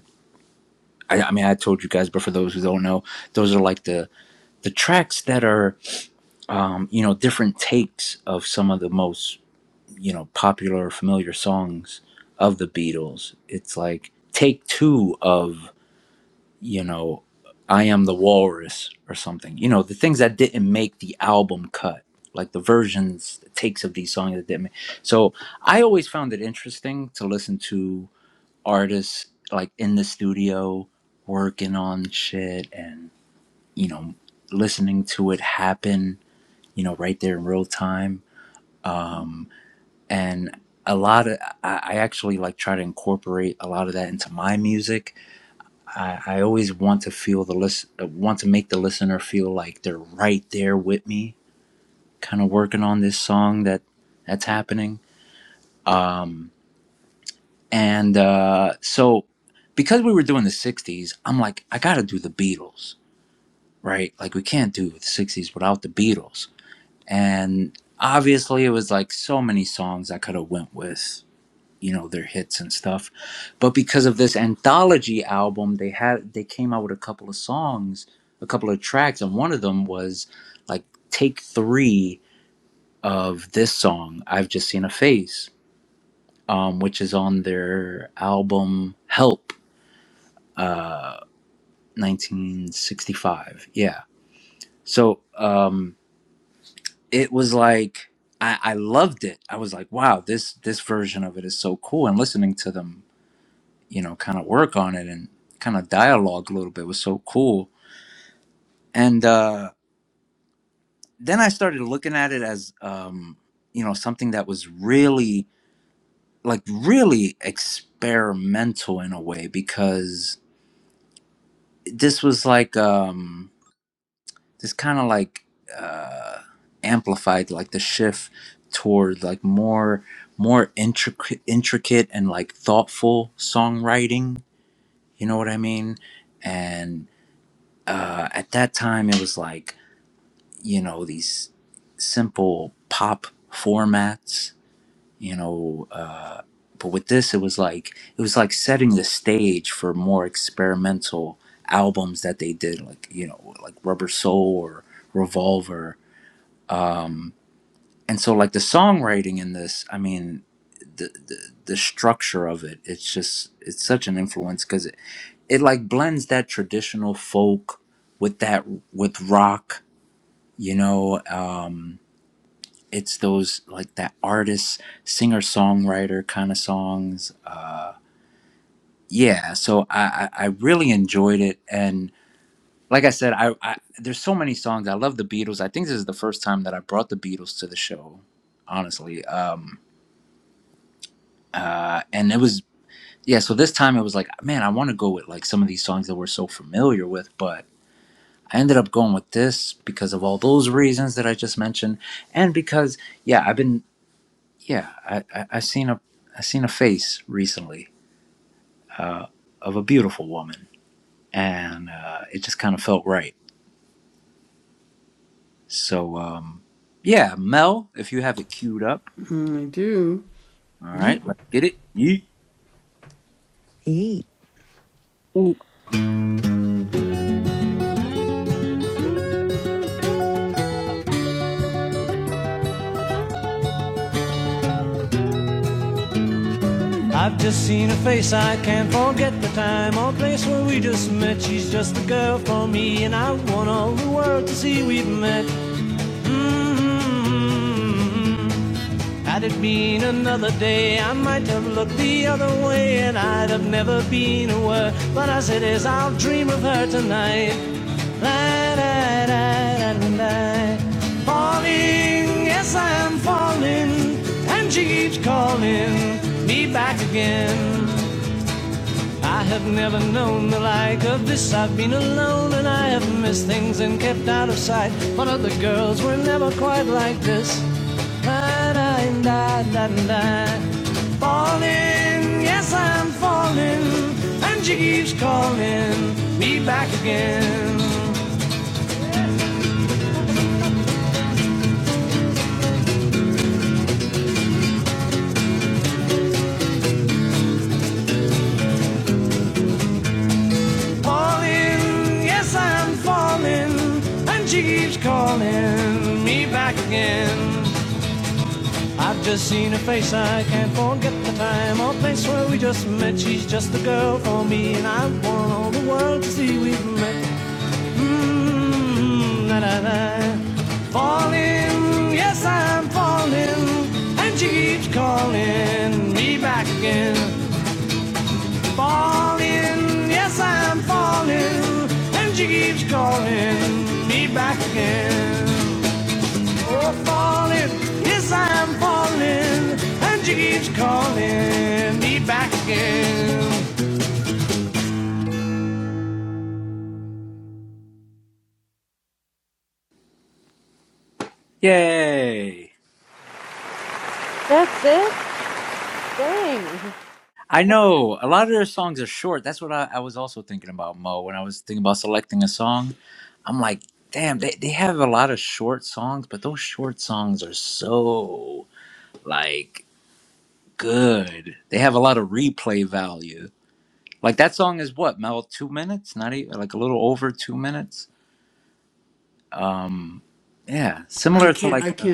S1: I, I mean I told you guys, but for those who don't know, those are like the the tracks that are um, you know, different takes of some of the most, you know, popular, familiar songs of the Beatles. It's like take two of, you know, I Am the Walrus or something. You know, the things that didn't make the album cut, like the versions, the takes of these songs that didn't make. So I always found it interesting to listen to artists like in the studio working on shit and, you know, listening to it happen, you know, right there in real time um, and a lot of I, I actually like try to incorporate a lot of that into my music. I, I always want to feel the list, want to make the listener feel like they're right there with me, kind of working on this song that that's happening. Um, and uh, so, because we were doing the '60s, I'm like, I got to do the Beatles, right? Like we can't do the '60s without the Beatles, and obviously it was like so many songs I could have went with you know their hits and stuff but because of this anthology album they had they came out with a couple of songs a couple of tracks and one of them was like take three of this song i've just seen a face um, which is on their album help uh, 1965 yeah so um, it was like I, I loved it i was like wow this this version of it is so cool and listening to them you know, kind of work on it and kind of dialogue a little bit It was so cool. And uh, then I started looking at it as, um, you know, something that was really, like, really experimental in a way because this was like, um, this kind of like uh, amplified like the shift toward like more more intricate intricate and like thoughtful songwriting you know what i mean and uh, at that time it was like you know these simple pop formats you know uh, but with this it was like it was like setting the stage for more experimental albums that they did like you know like rubber soul or revolver um and so like the songwriting in this i mean the the, the structure of it it's just it's such an influence because it, it like blends that traditional folk with that with rock you know um it's those like that artist, singer songwriter kind of songs. Uh, yeah, so I, I I really enjoyed it, and like I said, I, I there's so many songs. I love the Beatles. I think this is the first time that I brought the Beatles to the show, honestly. Um, uh, and it was yeah. So this time it was like, man, I want to go with like some of these songs that we're so familiar with, but I ended up going with this because of all those reasons that I just mentioned, and because yeah, I've been Yeah, I, I, I seen a I seen a face recently uh, of a beautiful woman, and uh, it just kind of felt right. So um, yeah, Mel, if you have it queued up, all right, let's get it. Yeet.
S3: Mm.
S5: I've just seen her face, I can't forget the time or place where we just met. She's just the girl for me, and I want all the world to see we've met. Mm-hmm. Had it been another day, I might have looked the other way and I'd have never been aware. But as it is, I'll dream of her tonight. La, da, da, da, da, da. Falling, yes, I am falling, and she keeps calling me back again. I have never known the like of this. I've been alone and I have missed things and kept out of sight. But other girls were never quite like this. Da, da, da, da, da. Falling, yes, I'm falling. And she keeps calling me back again. Falling, yes, I'm falling. And she keeps calling me back again. I've just seen her face, I can't forget the time or place where we just met. She's just the girl for me, and I want all the world to see we've met. Mmm, na na na. Falling, yes, I'm falling, and she keeps calling me back again. Falling, yes, I'm falling, and she keeps calling me back again. Oh, falling, yes, I'm falling, and she keeps calling me back again.
S1: Yay!
S3: That's it? Dang.
S1: I know a lot of their songs are short. That's what I, I was also thinking about, Mo. When I was thinking about selecting a song, I'm like, damn, they, they have a lot of short songs, but those short songs are so like good. They have a lot of replay value Like that song is what, Mel, two minutes? Not even like a little over two minutes. Um, yeah, similar to like, uh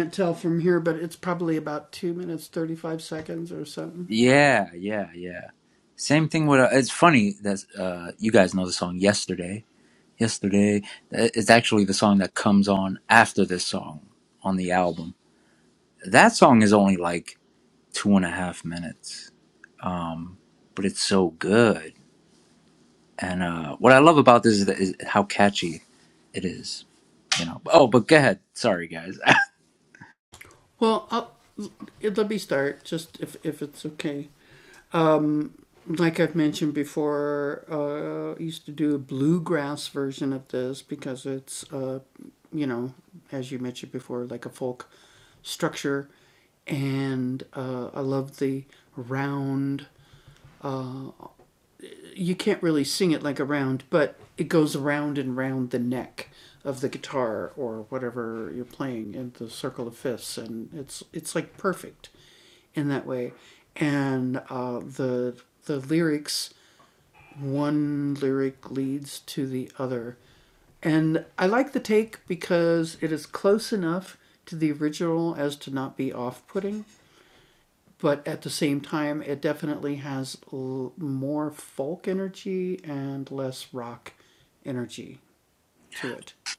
S1: yeah, yeah, yeah. Same thing with uh, it's funny that uh, you guys know the song yesterday. Yesterday Uh, it's actually the song that comes on after this song on the album. That song is only like two and a half minutes, um, but it's so good. And uh, what I love about this is, that, is how catchy it is. You know. Oh, but go ahead. Sorry, guys.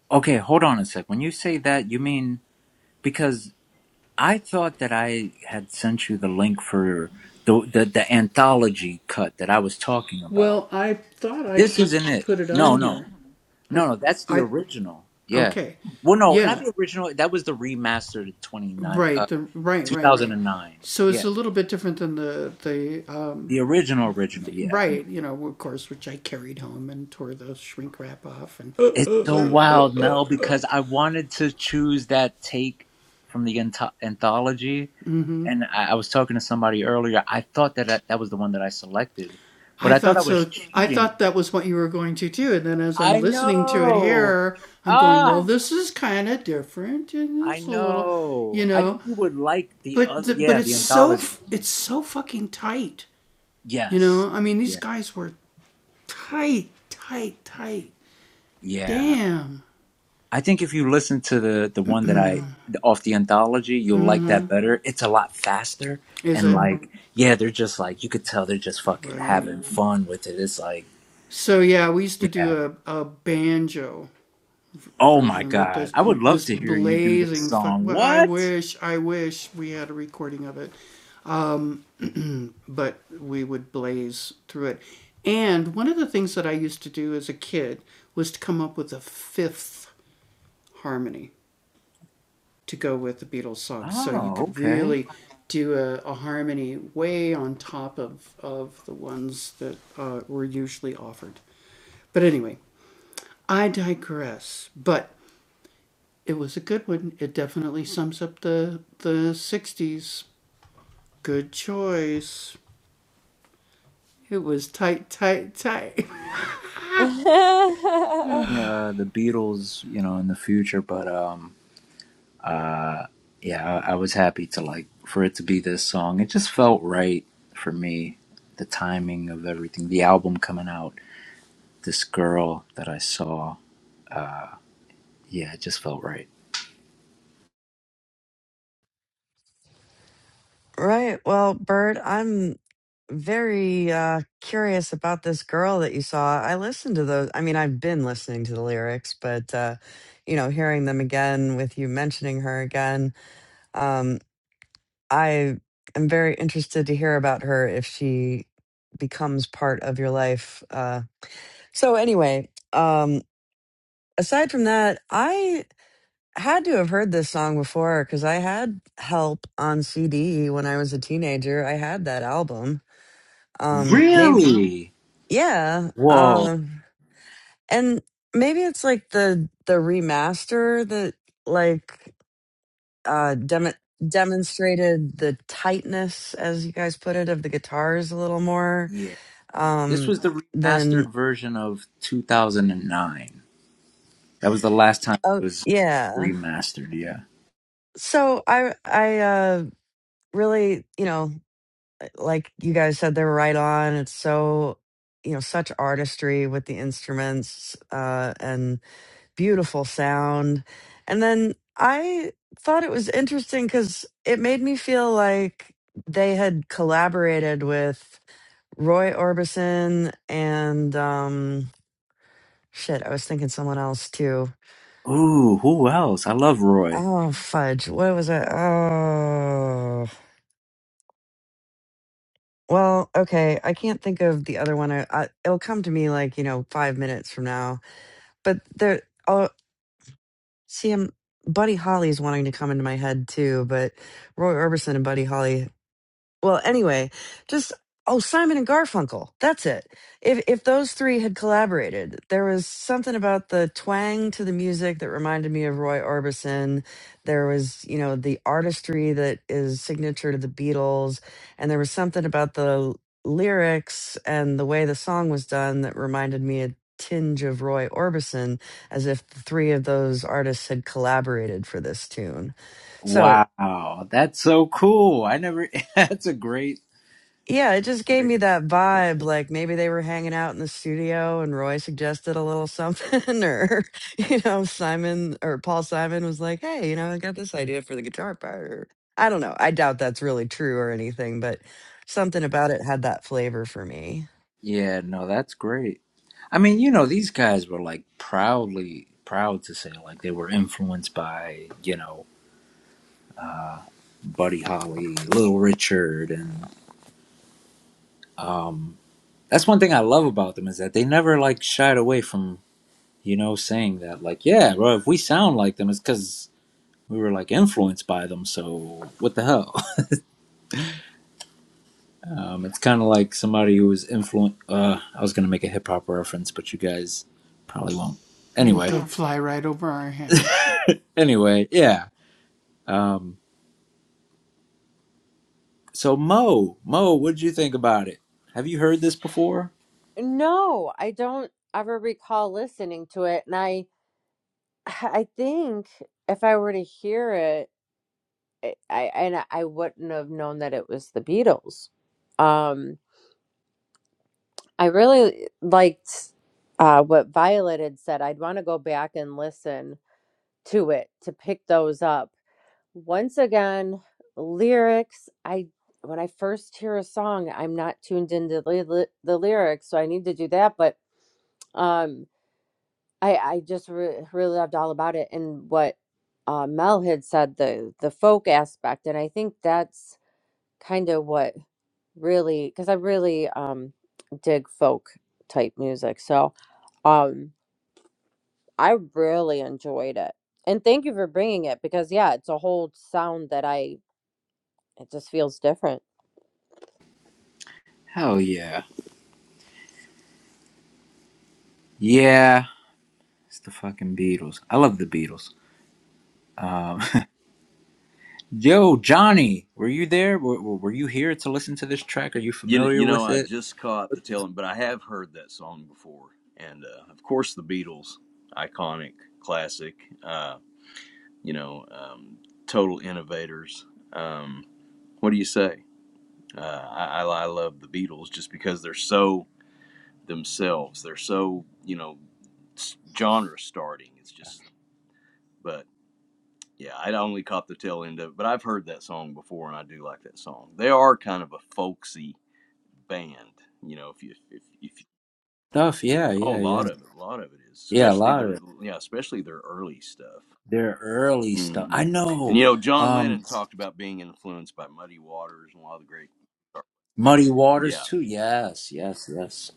S1: Okay, hold on a sec. When you say that, you mean because I thought that I had sent you the link for the the, the anthology cut that I was talking about. This isn't it. No, no, no, no. That's the original. Yeah. Well, no, not the original. That was the remastered twenty nine, uh, two thousand and nine. Yeah, the original, original. Yeah. It's so wild, Mel, because I wanted to choose that take from the anth- anthology and I, I was talking to somebody earlier. I thought that I, that was the one that I selected, but I thought I was cheating. I know. Ah, I know. I think you would like the other. Yeah, the anthology. Yes. Yeah. Yeah. I think if you listen to the the one that I off the anthology, you'll like that better. It's a lot faster and like yeah, they're just like you could tell they're just fucking having fun with it. It's like yeah. Oh my god. I would love to hear you do this song. What? Oh, okay.
S3: [LAUGHS]
S1: Uh, the Beatles, you know, in the future, but um, uh, yeah, I, I was happy to like for it to be this song. It just felt right for me. The timing of everything, the album coming out, this girl that I saw, uh, yeah, it just felt right.
S2: Right. Well, Bert, I'm very uh, curious about this girl that you saw. I listened to those. I mean, I've been listening to the lyrics, but uh, you know, hearing them again with you mentioning her again, um, I am very interested to hear about her if she becomes part of your life. Uh, so, anyway, um, aside from that, I had to have heard this song before because I had help on CD when I was a teenager. I had that album um maybe
S1: Really?
S2: yeah
S1: Whoa.
S2: um and maybe it's like the the remaster that like uh dem- demonstrated the tightness as you guys put it of the guitars a little more
S1: Yeah. This
S2: um
S1: was the
S2: than
S1: remastered version of 2009. That was the last time
S2: oh
S1: it was
S2: yeah
S1: remastered, yeah.
S2: so i i uh really you know uh, like you guys said they were right on it's so you know such artistry with the instruments uh And. beautiful sound. And then I thought it was interesting because it made me feel like they had collaborated with Roy Orbison and um shit, I was thinking someone else too.
S1: Ooh, who else? I love Roy.
S2: Oh fudge, what was it? Oh well, okay, I can't think of the other one. I, I it'll come to me like, you know, five minutes from now. But there oh see I'm Buddy Holly's wanting to come into my head too, but Roy Orbison and Buddy Holly Well, anyway, just oh, Simon and Garfunkel. That's it. If if those three had collaborated, there was something about the twang to the music that reminded me of Roy Orbison. There was, you know, the artistry that is signature to the Beatles, and there was something about the lyrics and the way the song was done that reminded me a tinge of Roy Orbison as if the three of those artists had collaborated for this tune. So,
S1: Wow, that's so cool. I never, [LAUGHS] that's a great,
S2: Yeah, it just gave me that vibe. Like maybe they were hanging out in the studio and Roy suggested a little something, [LAUGHS] or, you know, Simon or Paul Simon was like, hey, you know, I got this idea for the guitar part. Or, I don't know. I doubt that's really true or anything, but something about it had that flavor for me.
S1: yeah, no, that's great. I mean, you know, these guys were like proudly, proud to say, like, they were influenced by, you know, uh, Buddy Holly, Little Richard, and um, that's one thing I love about them is that they never like shied away from, you know, saying that, like, yeah, bro, if we sound like them, it's because we were like influenced by them, so what the hell? Um, it's kind of like somebody who was influent. Uh, I was gonna make a hip hop reference, but you guys probably won't. Anyway, Yeah. anyway, yeah. Um, so Mo, Mo, what did you think about it? Have you heard this before?
S3: No, I don't ever recall listening to it, and I I think if I were to hear it I I- and I wouldn't have known that it was the Beatles. Um, I really liked uh, what Violet had said. I'd want to go back and listen to it to pick those up. Once again, lyrics. I when I first hear a song, I'm not tuned into the, the lyrics, so I need to do that. But um, I I just re- really loved all about it and what uh, Mel had said the the folk aspect, and I think that's kind of what really because I really um dig folk type music. So um I really enjoyed it. And thank you for bringing it because yeah, it's a whole sound that I it just feels different.
S1: Hell yeah, yeah. It's the fucking Beatles. I love the Beatles. Um, [LAUGHS] yo, Johnny, were you there? Were, were were you here to listen to this track? Are you
S7: you know, you
S1: familiar
S7: know,
S1: with
S7: I
S1: it?
S7: just caught the tail end, but I have heard that song before, and uh, of course the Beatles, iconic, classic. Uh, you know, um, total innovators. Um, what do you say? Uh, I, I, love the Beatles just because they're so themselves. They're so you know genre starting. It's just, but yeah, I only caught the tail end of it. But I've heard that song before, and I do like that song. They are kind of a folksy band, you know. If you if if you,
S1: Stuff, yeah,
S7: oh, a
S1: yeah,
S7: lot
S1: yeah,
S7: of it, a lot of it is,
S1: yeah. A
S7: especially
S1: lot of
S7: their
S1: it.
S7: yeah, especially their early stuff.
S1: Their early stuff.
S7: hmm
S1: I
S7: And you
S1: know.
S7: know, John
S1: Um,
S7: Lennon talked about being influenced by Muddy Waters and a lot of the great.
S1: Muddy Waters
S7: Yeah,
S1: too. Yes, yes, yes.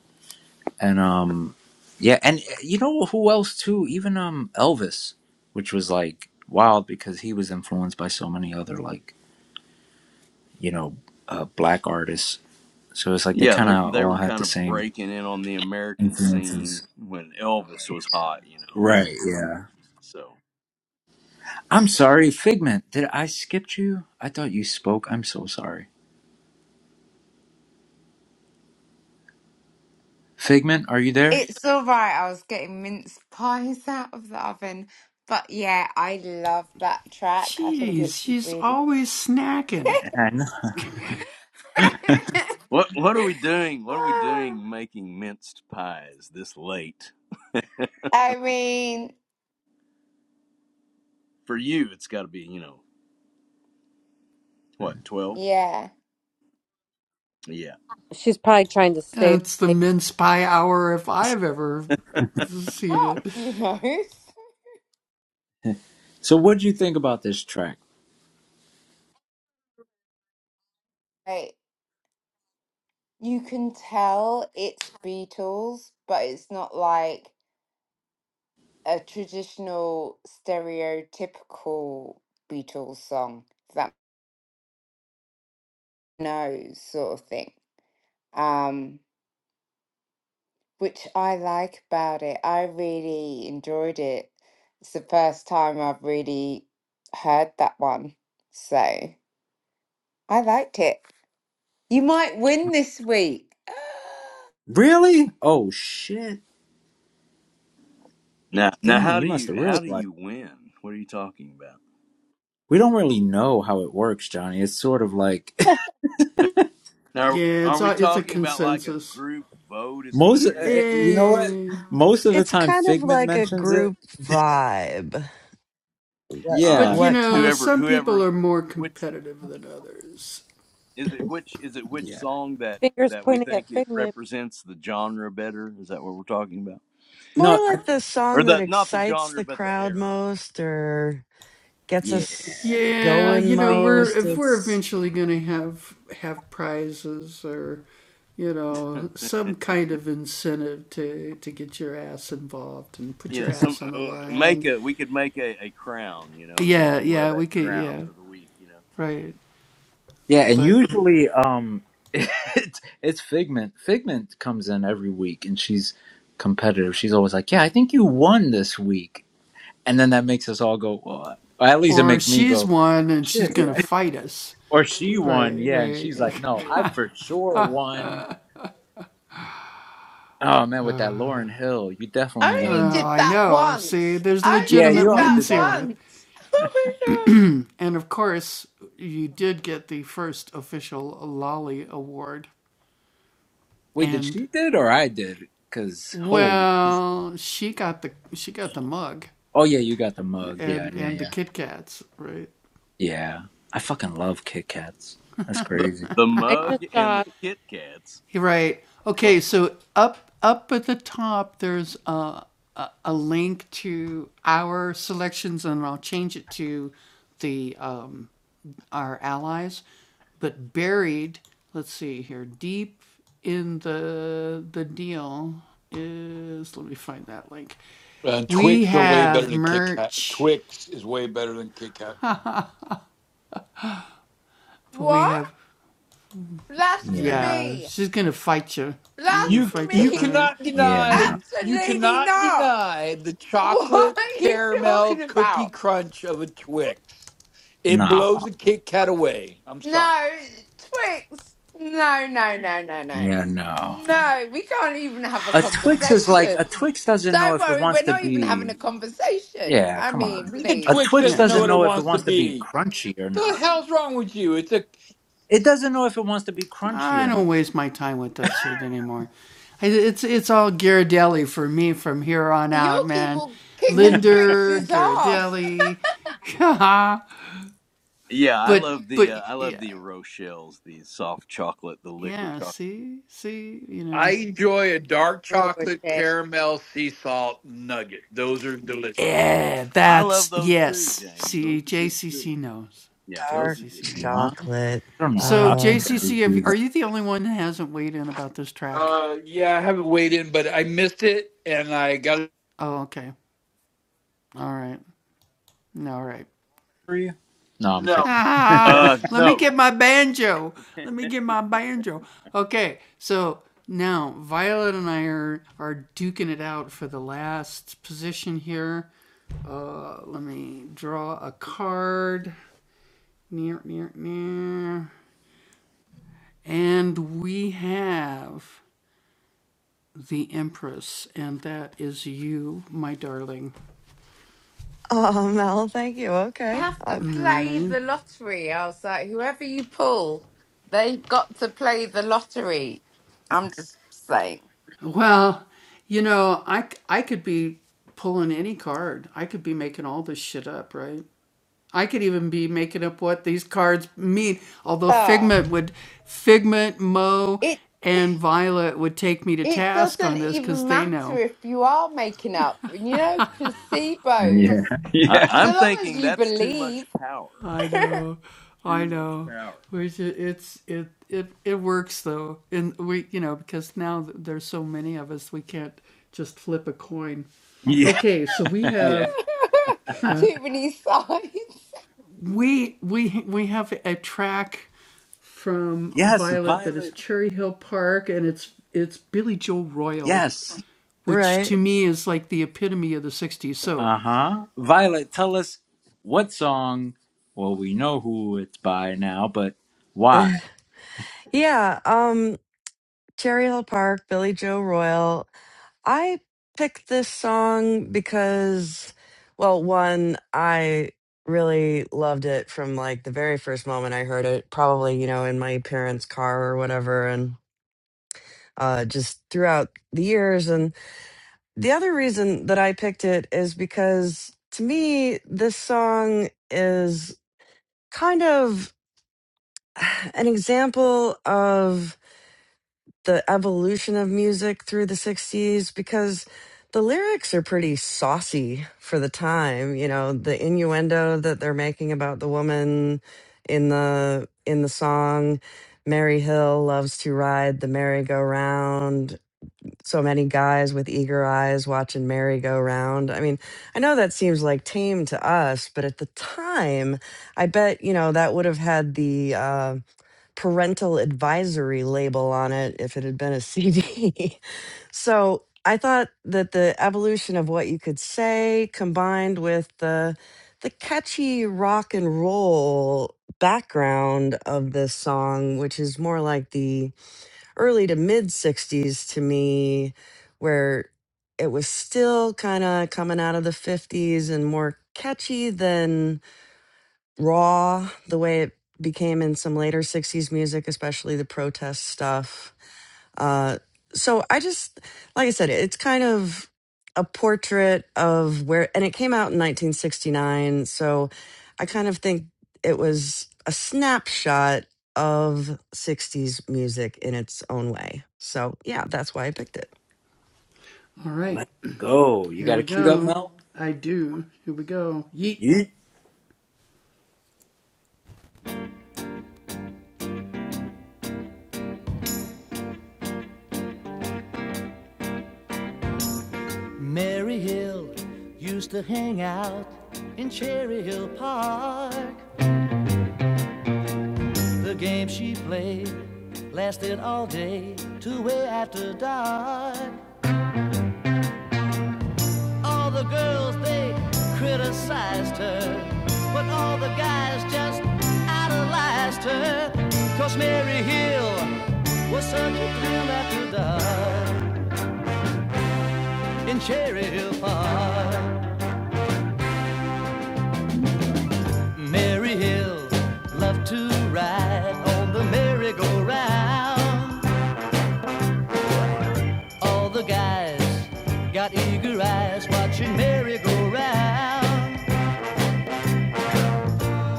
S1: And um, yeah, and uh, you know who else too? Even um, Elvis, which was like wild because he was influenced by so many other like you know uh, black artists. So it's like they
S7: Yeah,
S1: kind
S7: they
S1: of
S7: they
S1: all
S7: were
S1: had
S7: kind
S1: the
S7: of
S1: same
S7: breaking in on the American
S1: influences.
S7: scene when Elvis was hot, you know. And,
S1: Right.
S7: uh,
S1: Yeah.
S7: so
S1: I'm sorry, Figment. Did I skip you? I thought you spoke. I'm so sorry. Figment, are you there?
S4: It's all right. I was getting mince pies out of the oven. But yeah, I love that track. I think it's really.
S1: I know. [LAUGHS]
S4: [LAUGHS]
S7: what what are
S4: [LAUGHS]
S7: we doing? What are we doing making minced pies this late?
S4: I mean,
S7: For you, it's got to be you know what twelve?
S4: yeah.
S7: Yeah.
S3: She's probably trying to stay awake.
S4: Up, you know. [LAUGHS]
S1: So what would you think about this track?
S4: Like you can tell it's Beatles, but it's not like a traditional stereotypical Beatles song if that knows sort of thing. Um, which I like about it. I really enjoyed it. It's the first time I've really heard that one. So I liked it. You might win this week. [GASPS]
S1: Really? Oh shit.
S7: Now now
S1: Dang,
S7: how do
S1: you must
S7: you
S1: have
S7: how do
S1: realized.
S7: you win? What are you talking about?
S1: We don't really know how it works, Johnny. It's sort of like
S3: [LAUGHS]
S7: Now are we talking about like a group vote
S1: [LAUGHS]
S7: at
S1: most.
S7: the
S1: eh,
S7: end
S1: eh,
S7: or
S1: You know what? Most of the
S2: It's
S1: time,
S2: kind of
S1: Figment
S2: like a
S1: mentions it.
S2: group vibe. What,
S7: ah
S1: Yeah,
S2: what, co-
S7: whoever whoever which Is it which is it which
S1: yeah.
S7: song that
S3: Fingers
S7: that we
S3: pointing at
S7: think it
S3: Figment.
S7: represents the genre better? Is that what we're talking about?
S1: No,
S2: more
S1: I,
S2: like the
S7: Or
S2: song that
S7: the not the
S2: excites
S7: genre
S2: the
S7: but the
S2: crowd
S7: era.
S2: most or gets
S1: yeah,
S2: us
S7: So like
S2: going
S7: the theme is
S2: most.
S7: the
S2: It's,
S7: [LAUGHS] you know some uh, make a we could make a, a crown you know and somebody can wear that crown for the week you know
S1: yeah. And usually, um, [LAUGHS] it's it's Figment. Figment comes in every week, and she's competitive. She's always like, "Yeah, I think you won this week," and then that makes us all go. Well, or at least it makes me go, "Shit!" Yeah. [LAUGHS] Or she won, yeah, and she's like, "No, I for sure won." Oh man, with that Lauren Hill, you
S4: I
S1: definitely
S4: only
S1: won.
S4: did that once. I only
S1: Yeah, you
S4: did
S1: only
S4: that
S1: did that one.
S4: once. [LAUGHS] Oh my god.
S1: Wait, did she did or I did? Cause holy. Oh yeah, you got the mug. Yeah, yeah, yeah, yeah. I fucking love Kit Kats. That's
S7: the
S1: crazy.
S7: the
S3: I
S7: mug
S3: just
S7: and the
S3: saw
S7: Kit Kats. [LAUGHS]
S8: Uh, Twix are way better than Kit Kat. Twix is way better than Kit Kat.
S4: What?
S1: Yeah, no.
S4: Blasphemy.
S8: You you
S4: Blasphemy.
S8: cannot
S1: Yeah,
S4: [LAUGHS]
S1: no.
S8: deny you
S4: Absolutely
S8: cannot
S4: not.
S8: deny the
S4: What
S8: chocolate
S4: are you talking
S8: caramel cookie
S4: about?
S8: crunch of a Twix. It
S1: No.
S8: blows a Kit Kat away. I'm sorry.
S4: No, Twix. No, no, no, no, no.
S1: Yeah, no.
S4: No, we can't even have a
S1: A Twix is like a
S4: conversation.
S1: Twix doesn't know
S4: Don't
S1: if it
S4: worry,
S1: wants
S4: we're
S1: to
S4: not even having a
S1: be.
S4: conversation.
S1: Yeah,
S4: I
S1: come
S4: mean,
S1: on.
S8: The
S1: A
S4: please.
S8: Twix
S1: Twix
S8: doesn't know
S1: doesn't
S8: what it
S1: know if it
S8: wants to
S1: wants to be
S8: be.
S1: crunchy or
S8: The
S1: not.
S8: hell's wrong with you? It's a
S1: It doesn't know if it wants to be crunchy or not.
S4: Yorkie will kick a
S3: [LAUGHS]
S4: Trixie's ass.
S7: yeah, I love the uh, I love the Rochelle's the soft chocolate the liquid chocolate.
S8: I enjoy a dark chocolate
S3: Roboche.
S8: caramel sea salt nugget. Those are delicious.
S7: I love those too, James. Those are good too. Yeah, those
S2: Dark
S7: are good too.
S1: What?
S2: chocolate.
S1: I don't know how
S2: Uh,
S1: you guys do that.
S8: Uh yeah, I haven't weighed in, but I missed it and I got
S1: For you? No, I'm
S8: No,
S1: kidding. [LAUGHS]
S8: don't.
S7: Uh, no. I,
S2: oh, [LAUGHS] Mel, thank you.
S4: I
S2: Okay.
S4: have to
S2: Uh,
S4: play the lottery. I was like, whoever you pull, they've got to play the lottery. I'm just saying. Ah, it it doesn't even matter if you are making up. You know, placebos.
S1: yeah, yeah.
S7: I'm
S4: So long as
S7: thinking
S4: you
S7: that's too much
S4: believe.
S7: power.
S4: [LAUGHS]
S7: Too much power.
S1: Yeah. Yeah.
S4: Too many sides.
S1: Yes, Violet. Yes.
S2: right.
S1: Uh huh. Violet, tell us what song. Well, we know who it's by now, but
S2: [LAUGHS]
S1: why?
S2: Yeah. Um, Cherry Hill Park, Billy Joe Royal. I picked this song because, well, one, I really loved it from like the very first moment I heard it, probably, you know, in my parents' car or whatever. And, uh, just throughout the years. and. The other reason that I picked it is because to me, this song is kind of [SIGHS] an example of the evolution of music through the 60s because the lyrics are pretty saucy for the time, you know, the innuendo that they're making about the woman in the in the song Mary Hill loves to ride the merry-go-round so many guys with eager eyes watching Mary go round. I mean, I know that seems like tame to us, but at the time, I bet, you know, that would have had the uh, parental advisory label on it if it had been a CD. [LAUGHS] so I thought that the evolution of what you could say combined with the the catchy rock and roll background of this song, which is more like the early to mid 60s to me where it was still kind of coming out of the 50s and more catchy than raw the way it became in some later 60s music especially the protest stuff uh, so I just, like I said, it's kind of a portrait of where, and it came out in 1969. So I kind of think it was a snapshot of 60s music in its own way. So yeah, that's why I picked
S1: Let's go. You got it queued up, Mel? You
S5: Mary Hill used to hang out in Cherry Hill Park. The game she played lasted all day, two way after dark. All the girls, they criticized her. But all the guys just idolized her. 'Cause Mary Hill was such a thrill after dark in Cherry Hill Park. Mary Hill loved to ride on the merry-go-round. All the guys got eager eyes watching Mary go round.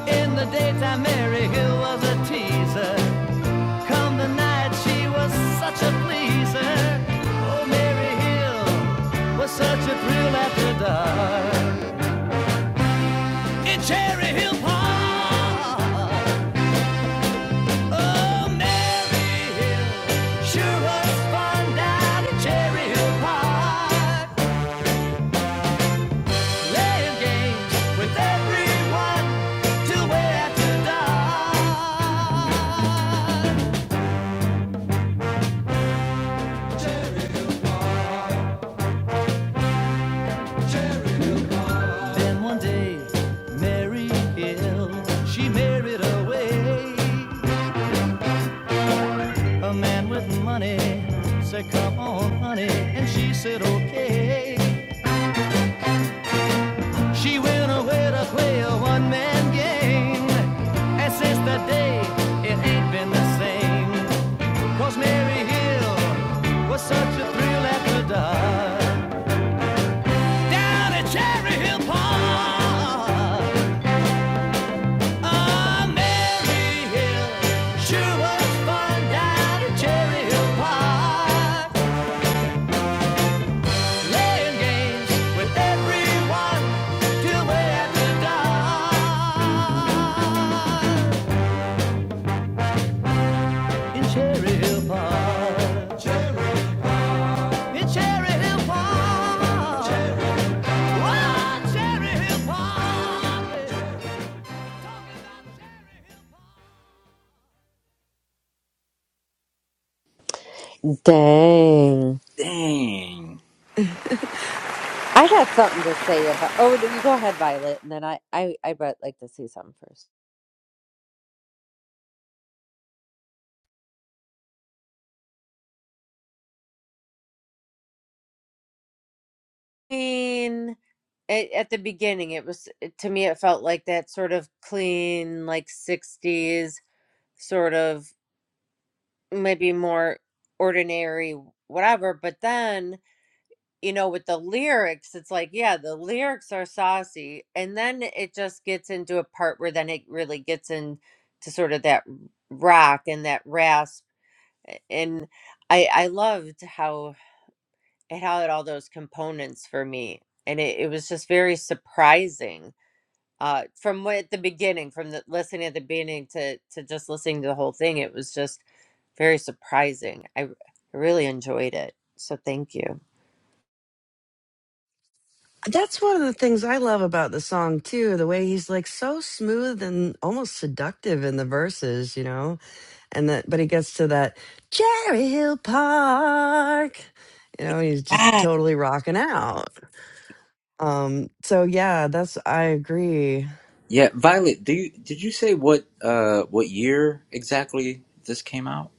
S5: In the daytime, Mary Hill was a teaser. Come the night, she was such a pleaser. Oh, Mary Hill was such a thrill after dark. In Cherry Hill Park, oh, Mary Hill sure was fun down in Cherry Hill Park. Playing games with everyone till way after dark. Then one day, Mary Hill, she married away a man with money. Said, come on, honey, and she said, okay. She went away to play a one-man game, and since that day, it ain't been the same. 'Cause Mary Hill was such a thrill after dark down at Cherry Hill Park. On Mary Hill, sure was fun at Cherry Hill Park. Playing games with everyone till way after dark. In Cherry Hill Park. In Oh, Cherry Hill Park.
S3: Dang.
S1: dang.
S2: it. [LAUGHS]
S3: I got something to say about. Oh, no, you go ahead, Violet, and then I, I, I would like to see something first. I mean, at the beginning, it was it- to me, it felt like that sort of clean, like '60s sort of maybe more ordinary, whatever. But then you know, with the lyrics, it's like, yeah, the lyrics are saucy. And then it just gets into a part where then it really gets into sort of that rock and that rasp. a- And I, I loved how it had all those components for me. And it, it was just very surprising uh, from what, at the beginning, from the listening at the beginning to, to just listening to the whole thing. It was just very surprising. I, r- I really enjoyed it. So thank you.
S2: That's one of the things I love about the song too, the way he's like so smooth and almost seductive in the verses, you know. And that but he gets to that Cherry Hill Park. You know, he's just
S3: Yes.
S2: totally rocking out. Um so yeah, that's I agree.
S1: Yeah, Violet. Do you did you say what uh what year exactly this came out?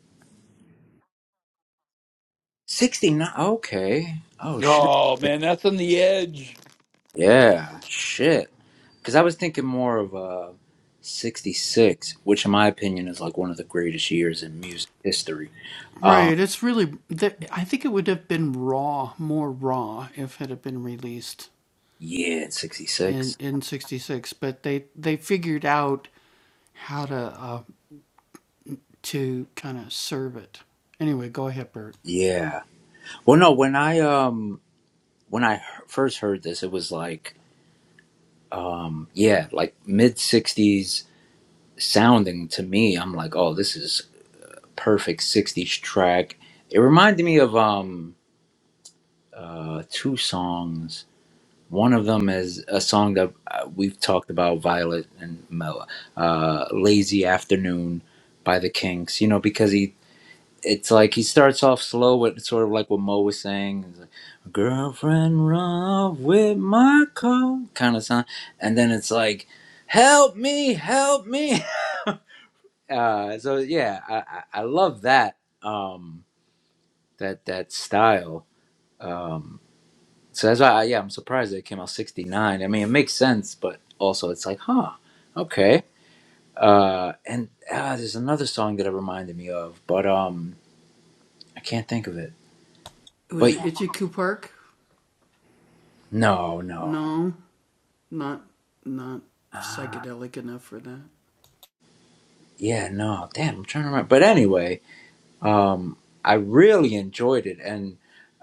S1: Sixty nine. Okay. Oh shit.
S8: Oh man, that's on the edge.
S1: Yeah. Shit. Because I was thinking more of uh, 66, which in my opinion is like one of the greatest years in music history. Um, yeah, 66. Yeah. Well, no, when I um when I he- first heard this, it was like um yeah, like mid 60s sounding to me. I'm like, "Oh, this is perfect 60s track." It reminded me of um uh two songs One of them is a song that uh, we've talked about, Violet and Mel, uh, "Lazy Afternoon" by the Kinks. You know, because he, it's like he starts off slow, with sort of like what Mo was saying, it's like, "Girlfriend, run with my car," kind of sound, and then it's like, "Help me, help me." [LAUGHS] Uh, so yeah, I, I, I love that um, that that style. Um, So that's why, I, yeah, I'm surprised that it came out 69. I mean, it makes sense, but also it's like, huh, okay. Uh, and uh, there's another song that it reminded me of, but um, I can't think of it. But no, no. Uh, yeah, no. Damn, I'm trying to remember. But anyway, um, I really enjoyed it, and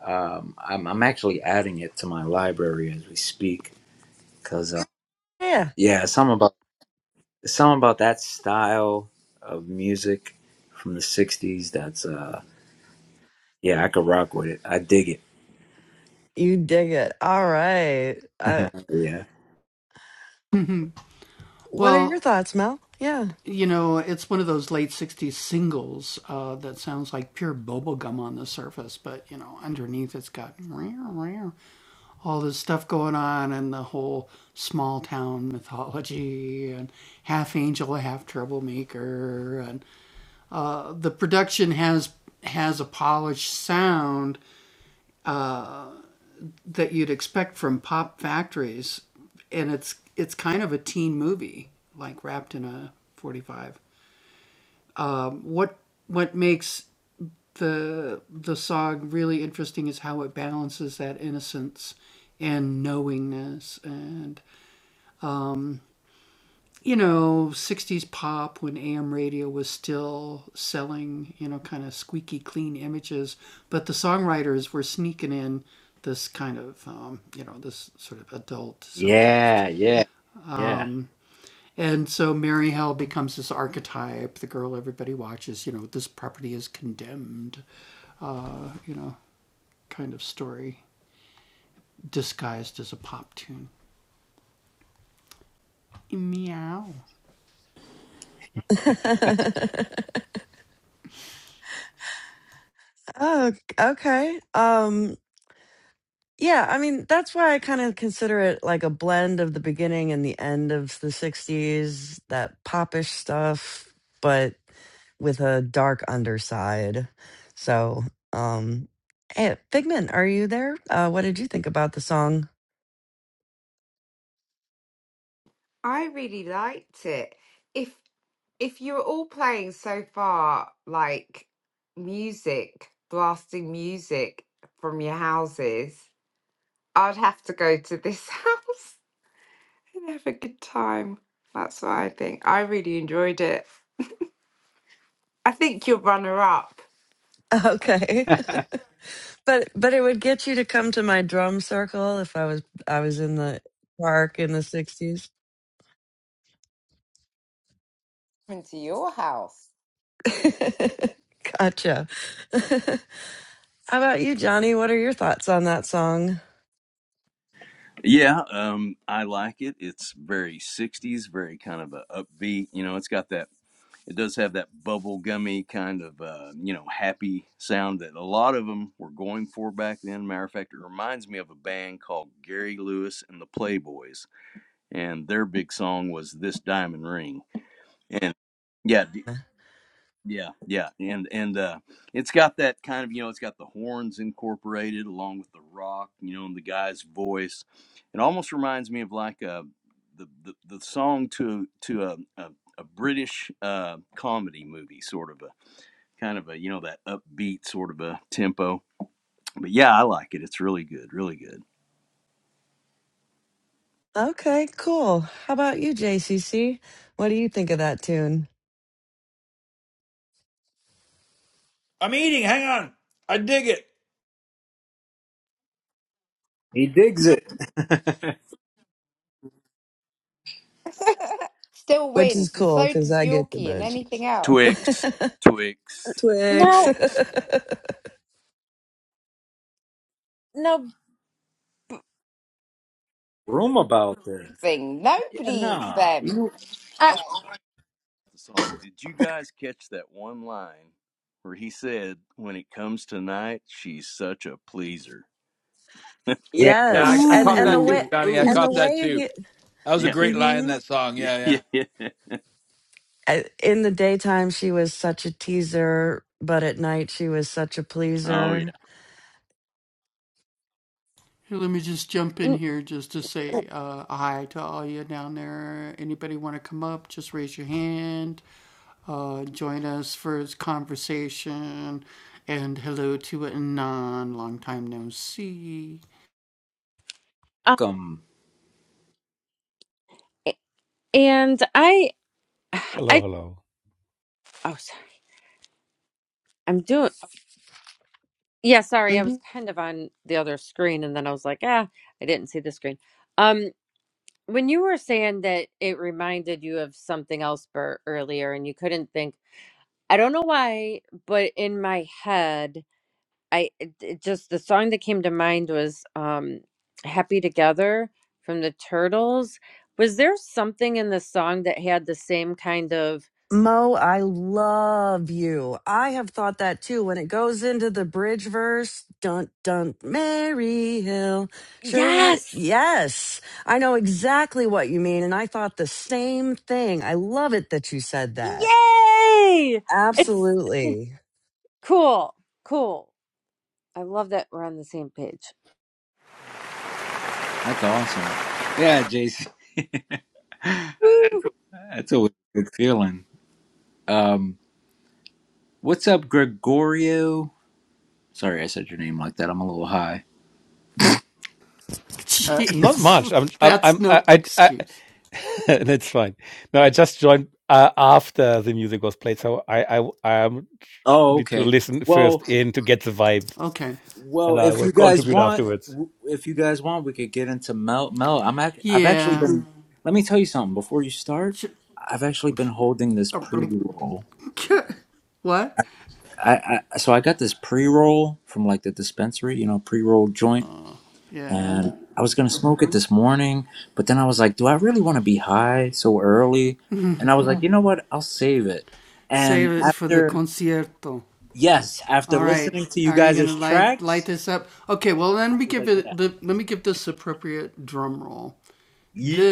S1: um, I'm, I'm actually adding it to my library as we speak because uh,
S2: Yeah,
S1: yeah, something about something about that style of music from the 60s that's uh Yeah, I could rock with it. I dig it.
S2: you dig it. All right. Uh,
S1: [LAUGHS] yeah.
S2: what are your thoughts, Mel? Yeah.
S1: Yeah, yeah, yeah.
S2: [LAUGHS] oh, okay. Um Yeah, I mean, that's why I kind of consider it like a blend of the beginning and the end of the 60s, that popish stuff, but with a dark underside. So, um, hey, Figment, are you there? Uh, what did you think about the song? [LAUGHS]
S4: I really liked it. If. if you're all playing so far like music blasting music from your houses i'd have to go to this [LAUGHS] house and have a good time that's what i think i really enjoyed it i think your runner up
S2: Okay. [LAUGHS] But but it would get you to come to my drum circle if I was I was in the park in the 60s.
S4: into your house
S2: [LAUGHS] Gotcha. [LAUGHS] How about you, Johnny? What are your thoughts on that song?
S7: Yeah, um, I like it. It's very '60s, very kind of a upbeat. You know, it's got that. It does have that bubblegummy kind of, uh, you know, happy sound that a lot of them were going for back then. Matter of fact, it reminds me of a band called Gary Lewis and the Playboys, and their big song was "This Diamond Ring." And yeah, Yeah, yeah, and and uh, it's got that kind of you know it's got the horns incorporated along with the rock, you know, and the guy's voice. It almost reminds me of like uh the the, the song to to a a, a British uh, comedy movie, sort of a kind of a you know that upbeat sort of a tempo. But yeah, I like it. It's really good, really good.
S2: Okay, cool. How about you, JCC? What do you think of that tune?
S8: I'm eating. Hang on. I dig it.
S1: He digs it. [LAUGHS]
S4: [LAUGHS] still
S2: Which is
S4: wins and
S2: cool
S4: so
S2: because
S4: does
S2: I get the
S4: yorkie and
S2: munchie.
S4: anything else
S7: Twix,
S2: [LAUGHS]
S7: Twix,
S2: Twix.
S3: No,
S7: Twix.
S3: no.
S1: Room about this.
S4: thing
S1: Yeah,
S4: nobody eats
S1: nah.
S4: them
S1: You
S3: Uh,
S7: the song. Did you guys catch that one line where he said, "When it comes to night, she's such a pleaser."
S2: [LAUGHS]
S1: Yeah,
S8: Yeah, I,
S2: yes,
S8: I
S2: and
S8: caught
S1: yeah.
S2: and the
S8: that too,
S2: way
S8: Johnny. I
S2: and the
S8: caught that
S2: way
S8: too.
S2: he,
S8: That was a
S7: Yeah,
S8: great line in
S2: hmm
S8: that song. Yeah,
S7: [LAUGHS]
S8: yeah.
S7: yeah, yeah.
S2: in the daytime she was such a teaser, but at night she was such a
S7: Oh yeah.
S2: pleaser.
S3: n- uh,
S1: Welcome.
S3: and I,
S9: Hello,
S3: I,
S9: hello.
S3: oh, sorry. I'm doing, yeah, sorry. I
S2: Mm-hmm.
S3: was kind of on the other screen and then I was like, ah, I didn't see the screen. Um, when you were saying that it reminded you of something else Bert, earlier and you couldn't think, I don't know why, but in my head, I it, it just the song that came to mind was um Happy Together from the Turtles. Was there something in the song that had the same kind of
S2: Mo, I love you. I have thought that too. When it goes into the bridge verse, dun dun, Mary Hill, sure what?
S3: Yes.
S2: Yes, I know exactly what you mean. And I thought the same thing. I love it that you said that.
S3: Yay! It's
S2: Absolutely.
S3: cool. Cool. I love that we're on the same page.
S1: That's awesome. Yeah, Jason.
S3: Woo!
S1: That's always a good feeling. Um, what's up, Gregorio? Sorry, I said your name like that. I'm a little high.
S9: Uh, not much. I'm, I'm, I'm I, I, I [LAUGHS] that's fine. No, I just joined uh, after the music was played, so I, I, I am
S1: Oh,
S9: need to
S1: okay.
S9: listen first
S1: Well,
S9: in to get the vibe,
S1: Well,
S9: and I
S1: if
S9: will
S1: you guys
S9: contribute
S1: want,
S9: afterwards.
S1: if you guys want, we could get into Mel. Mel, I'm act- I've actually been. Let me tell you something before you start. I've actually been holding this pre-roll. I, I so I got this pre-roll from like the dispensary, you know, pre-roll joint, and I was gonna smoke it this morning, but then I was like, do I really want to be high so early? And I was like, you know what? I'll save it. And after yes, after listening to you guys' tracks, I was like, yeah, you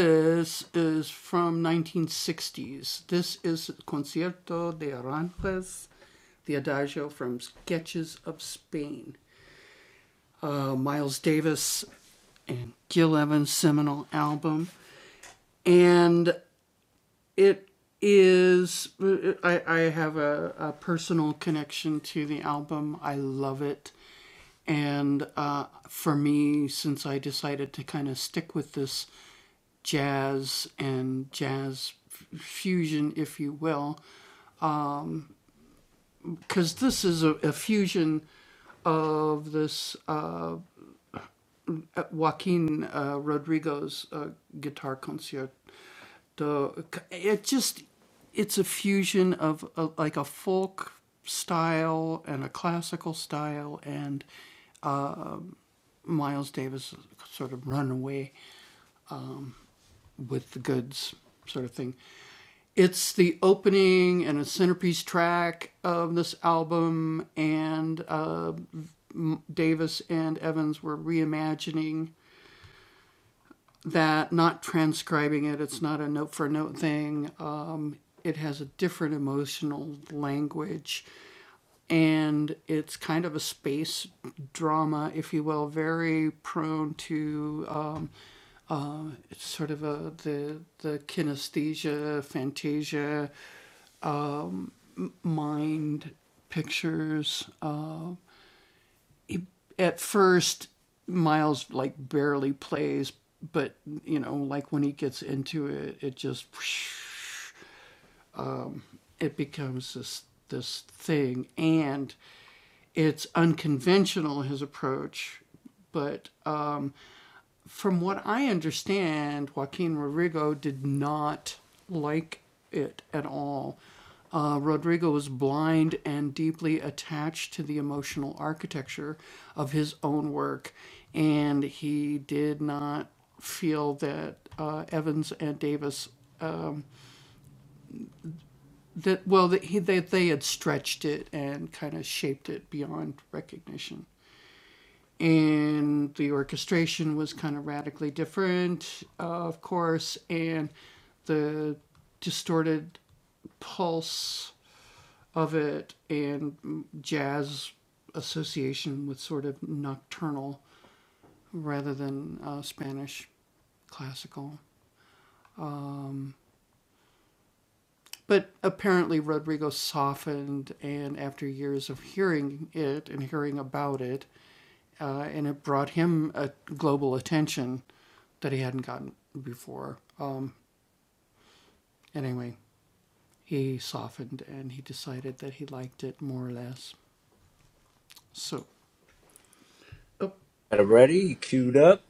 S1: got it ready, queued up.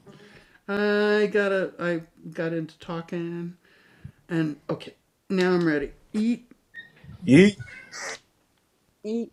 S1: Yeet.
S3: Y-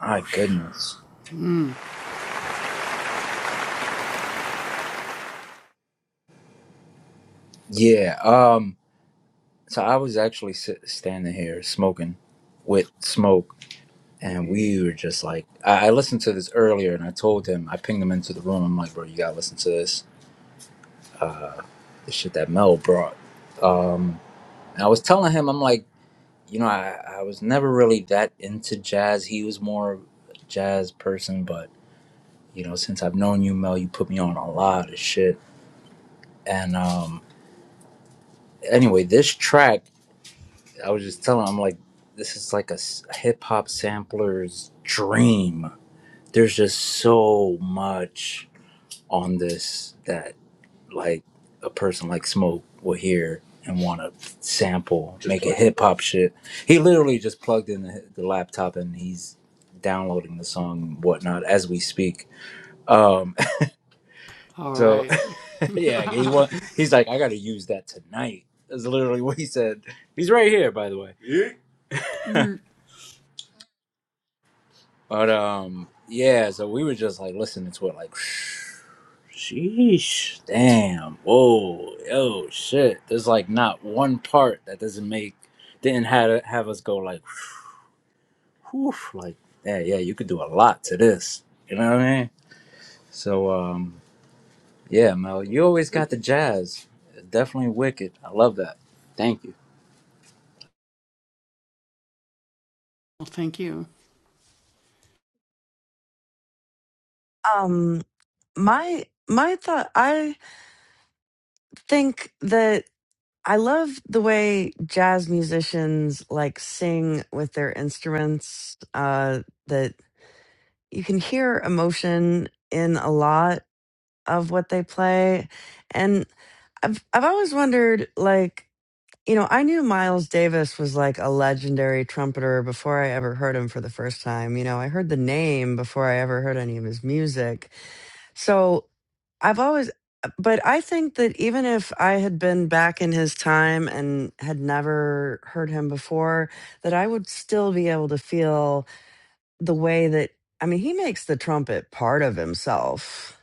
S1: My goodness. Yeah. Um. So I was actually sit, standing here smoking with smoke, and we were just like, I, I listened to this earlier, and I told him, I pinged him into the room. I'm like, bro, you gotta listen to this. Uh, the shit that Mel brought. Um. And I was telling him, I'm like, you know, I I was never really that into jazz. He was more a jazz person, but you know, since I've known you, Mel, you put me on a lot of shit. And um. Anyway, this track. I was just telling him, I'm like, this is like a hip hop sampler's dream. There's just so much on this that like a person like Smoke will hear and want to sample, make a hip hop shit. He literally just plugged in the, the laptop and he's downloading the song and whatnot as we speak. Um, [LAUGHS] so [LAUGHS] yeah, he want, he's like, I got to use that tonight. That's literally what he said. He's right here, by the way. [LAUGHS] But um, yeah. So we were just like listening to it, like, [SIGHS] sheesh, damn, whoa, yo, shit. There's like not one part that doesn't make didn't have have us go like, whew, like, yeah, yeah. You could do a lot to this. You know what I mean? So um, yeah, Mel, you always got the jazz. Definitely wicked. I love that. Thank you.
S2: Um, my, my thought, I think that I love the way jazz musicians like sing with their instruments. Uh, that. you can hear emotion in a lot of what they play and i've i've always wondered like you know i knew miles davis was like a legendary trumpeter before i ever heard him for the first time you know i heard the name before i ever heard any of his music so i've always but i think that even if i had been back in his time and had never heard him before that i would still be able to feel the way that I mean, he makes the trumpet part of himself.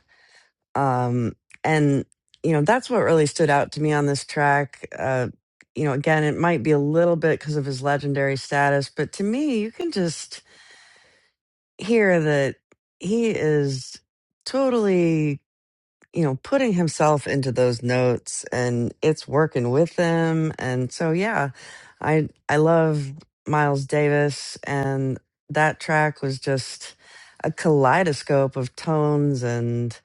S2: Um, and you know, that's what really stood out to me on this track. Uh, you know, again, it might be a little bit because of his legendary status, but to me, you can just hear that he is totally you know, putting himself into those notes and it's working with them. And so, yeah, I, I love Miles Davis and that track was just a kaleidoscope of tones and,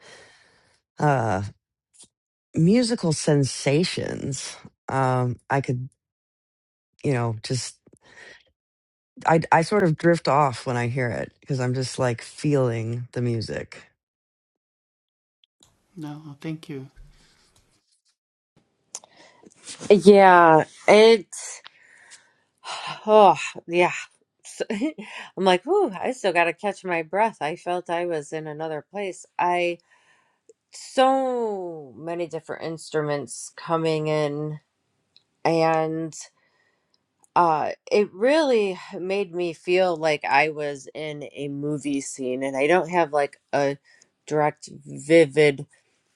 S2: uh, musical sensations. Um, I could, you know, just, I, I sort of drift off when I hear it because I'm just like feeling the music.
S3: Yeah, it's oh yeah. So- [LAUGHS] I'm like, ooh, I still gotta catch my breath. I felt I was in another place. I so many different instruments coming in, and. uh it really made me feel like i was in a movie scene and i don't have like a direct vivid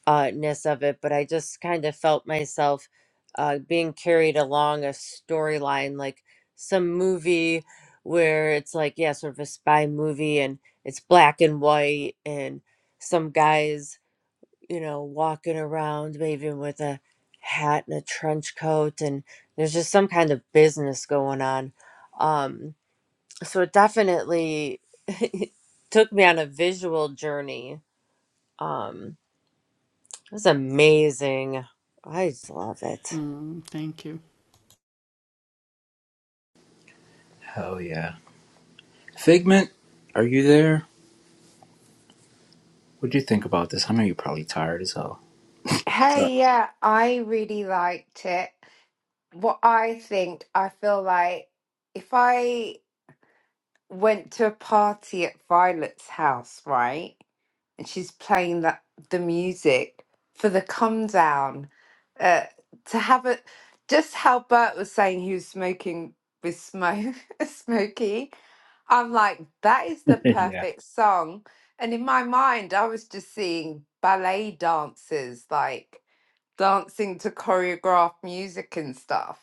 S3: uh ness of it but i just kind of felt myself uh being carried along a storyline like some movie where it's like yeah sort of a spy movie and it's black and white and some guys you know, walking around maybe with a hat and a trench coat, and there's just some kind of business going on. Um, so it definitely [LAUGHS] took me on a visual journey. Um, it was amazing. I just love it.
S1: Hell yeah. Figment, are you there? What'd you think about this? I know you're probably tired as hell. Sorry.
S4: hey yeah i really liked it what I think, I feel like if I went to a party at Violet's house, right, and she's playing that the music for the come down, uh, to have a just how Bert was saying he was smoking with smoke, [LAUGHS] smoky. I'm like, that is the
S1: [LAUGHS] yeah.
S4: perfect song. And in my mind, I was just seeing ballet dancers like dancing to choreographed music and stuff.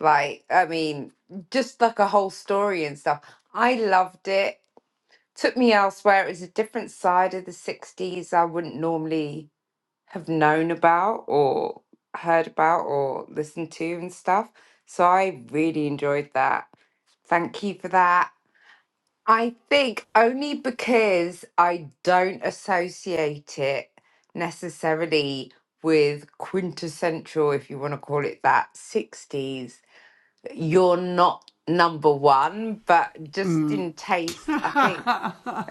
S4: Like, I mean, just like a whole story and stuff. I loved it. Took me elsewhere. It was a different side of the 60s I wouldn't normally have known about or heard about or listened to and stuff. So I really enjoyed that. Thank you for that. I think only because I don't associate it necessarily with quintessential, if you want to call it that, 60s you're not number one, but just in taste, I think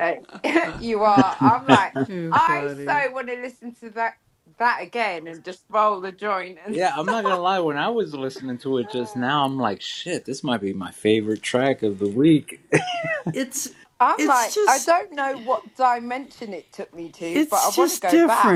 S4: uh, [LAUGHS] you are. I'm like, I so want to listen to that that again and just roll the joint and [LAUGHS]
S1: Yeah, I'm
S4: stuff.
S1: not gonna lie. When I was listening to it just now, I'm like, shit, this might be my favorite track of the week.
S4: I'm like, I don't know what dimension it took me to, but I want to go back.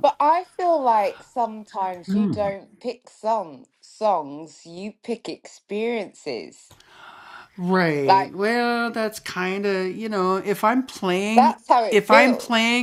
S4: But I feel like sometimes you
S1: Hmm.
S4: don't pick song songs, you pick experiences. Like that's how it feels.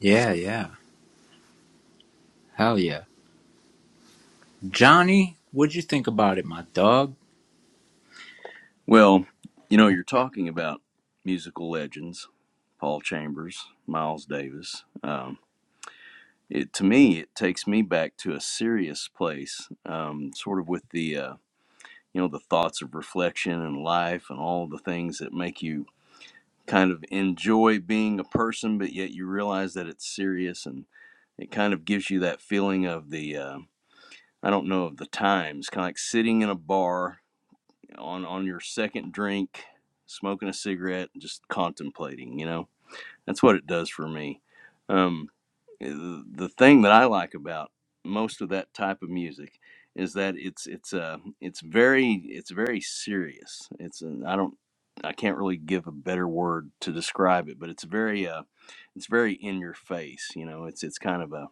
S1: Yeah, yeah, hell yeah. Johnny, what'd you think about it, my dog?
S7: Well, you know, you're talking about musical legends, Paul Chambers, Miles Davis. Um, it to me, it takes me back to a serious place, um, sort of with the uh, you know the thoughts of reflection and life and all the things that make you kind of enjoy being a person, but yet you realize that it's serious and. It kind of gives you that feeling of the uh, I don't know of the times, kind of like sitting in a bar on on your second drink, smoking a cigarette, and just contemplating. You know, that's what it does for me. Um, eh, the thing that I like about most of that type of music is that it's it's uh it's very it's very serious. It's an, I don't I can't really give a better word to describe it, but it's very uh it's very in your face. You know, it's it's kind of a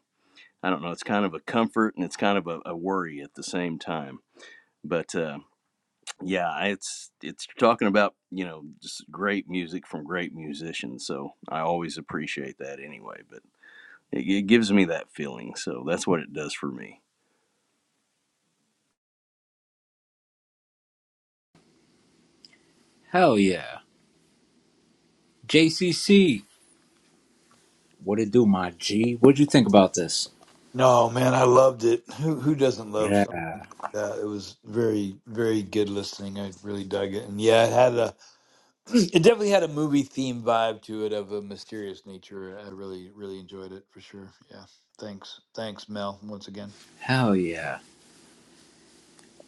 S7: I don't know. It's kind of a comfort and it's kind of a, a worry at the same time. But uh, yeah, it's it's talking about you know just great music from great musicians. So I always appreciate that anyway. But it, it gives me that feeling. So that's what it does for me.
S1: Hell yeah. JCC, what it do, my G? What'd you think about this?
S8: No, man, I loved it. Who who doesn't love something
S1: Yeah,
S8: like that? It was very very good listening. I really dug it, and yeah, it had a [CLEARS THROAT] it definitely had a movie theme vibe to it of a mysterious nature. I really really enjoyed it for sure. Yeah, thanks thanks Mel once again.
S1: hell yeah.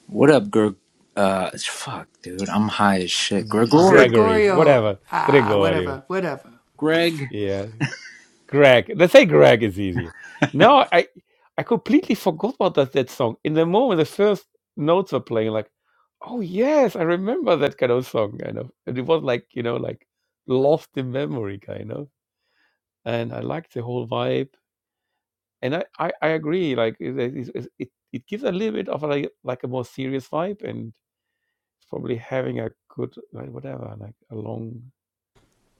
S1: What up, Greg? Uh, fuck, dude, I'm high as shit. Gregory,
S9: Gregory, whatever, Gregorio.
S1: Greg.
S9: Yeah, Greg. Let's say Greg is easier. No, I I completely forgot about that that song. In the moment, the first notes were playing, like, oh yes, I remember that kind of song, kind of. And it was like you know, like lost in memory, kind of. And I liked the whole vibe. And I I, I agree. Like it, it it it it gives a little bit of like like a more serious vibe, and it's probably having a good like, whatever, like a long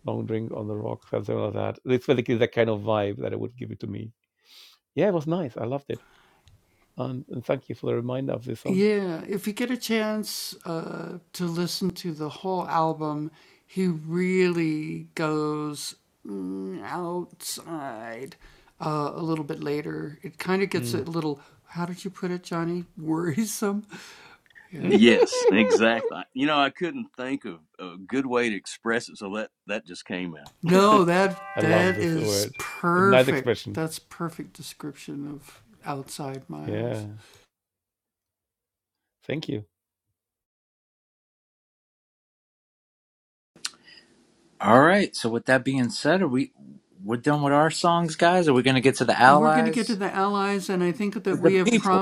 S9: long drink on the rock, something like that. It's basically the kind of vibe that it would give it to me Yeah, it was nice. I loved it. And, and thank you for the reminder of this song. Mm. [LAUGHS]
S7: Yes, exactly. You know, I couldn't think of a good way to express it, so that that just came out.
S9: I love this word. Nice expression. Yeah. Thank you.
S1: All right. So with that being said, are we we're done with our songs, guys? Are we gonna get to the allies? The people.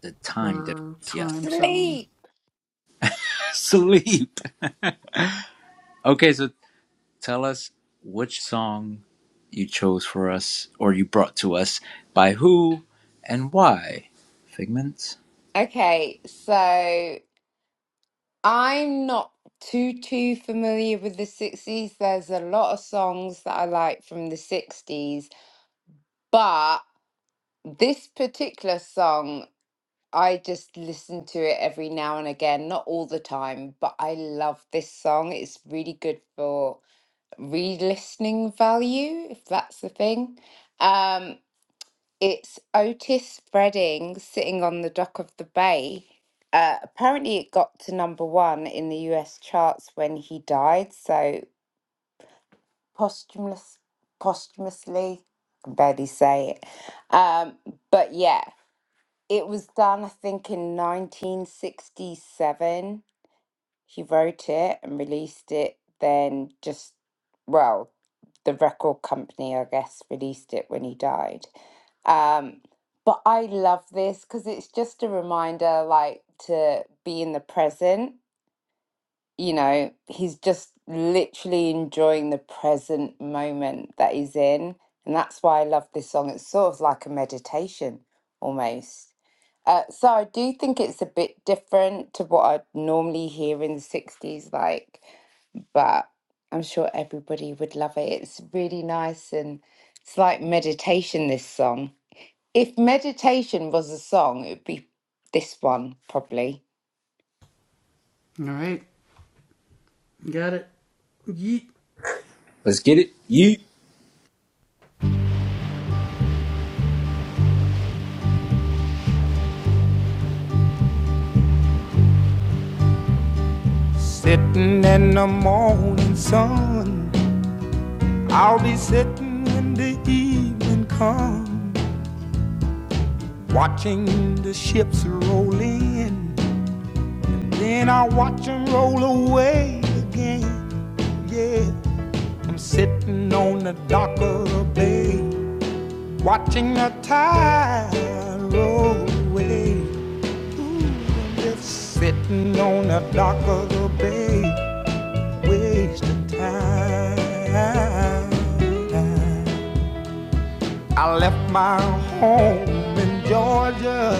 S1: The time difference, yes.
S4: Sleep.
S1: [LAUGHS] Sleep. [LAUGHS] Okay, so tell us which song you chose for us or you brought to us by who and why. Figments?
S4: Okay, so I'm not too too familiar with the 60s. There's a lot of songs that I like from the 60s, but this particular song, I just listen to it every now and again, not all the time, but I love this song. It's really good for re-listening value, if that's the thing. Um, It's Otis Redding sitting on the dock of the bay. Uh, apparently, it got to number one in the US charts when he died, so posthumous, posthumously, I can barely say it. Um, but yeah, it was done, I think, in 1967. He wrote it and released it then just, well, the record company, I guess, released it when he died. Um, but I love this because it's just a reminder, like, to be in the present. You know, he's just literally enjoying the present moment that he's in. And that's why I love this song. It's sort of like a meditation almost. Uh, so I do think it's a bit different to what I'd normally hear in the 60s, like but I'm sure everybody would love it. It's really nice and it's like meditation, this song. If meditation was a song, it would be this one, probably.
S1: Let's get it. You.
S5: Sitting in the morning sun, I'll be sitting when the evening comes, watching the ships roll in. Then I'll watch 'em roll away again. Yeah, I'm sitting on the dock of the bay, watching the tide roll away. Ooh, I'm just sitting on the dock of the bay, wasting time. I left my home in Georgia,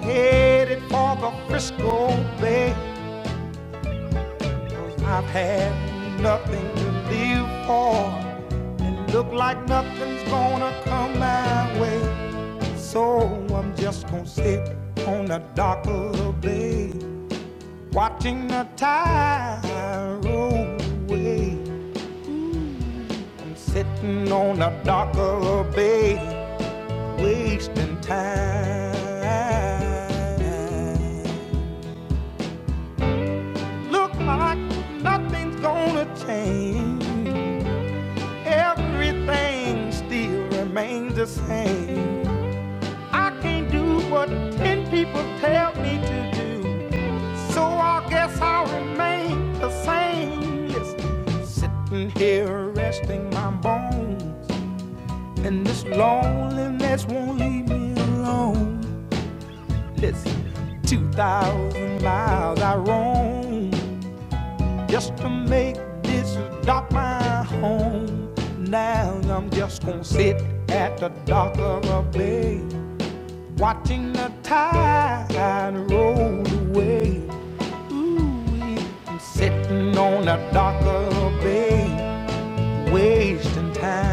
S5: headed for the Frisco Bay. i I've had nothing to live for, and look like nothing's gonna come my way. So I'm just gonna sit on the dock of the bay, watching the tide roll away. I'm sitting on the dock of the bay, wasting time. Look like nothing's gonna change. Everything still remains the same. I can't do what ten people tell me to do. So I guess I'll remain the same. Yes, sitting here resting my bones. And this loneliness won't leave me alone. Listen, 2,000 miles I roam just to make this dock my home. Now I'm just gonna sit at the dock of a bay, watching the tide roll away. Ooh, I'm sitting on the dock of a bay, wasting time.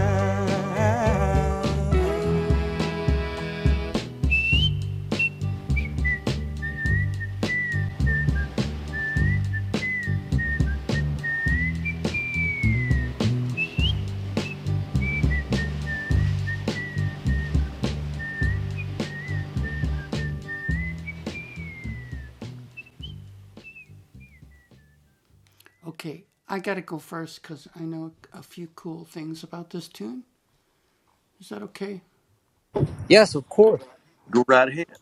S1: Yes, of course.
S7: [LAUGHS] Go right ahead.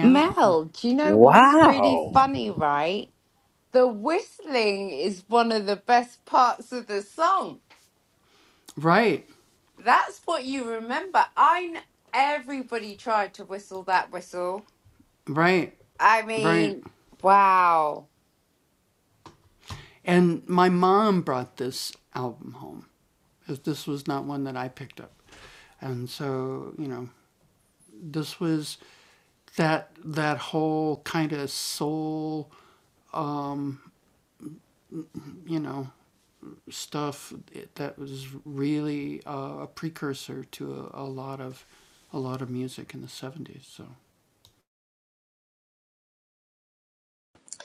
S4: Mel, do you know what's really
S1: Wow.
S4: funny, right? The whistling is one of the best parts of the song. That's what you remember. I kn- everybody tried to whistle that whistle. I mean, wow.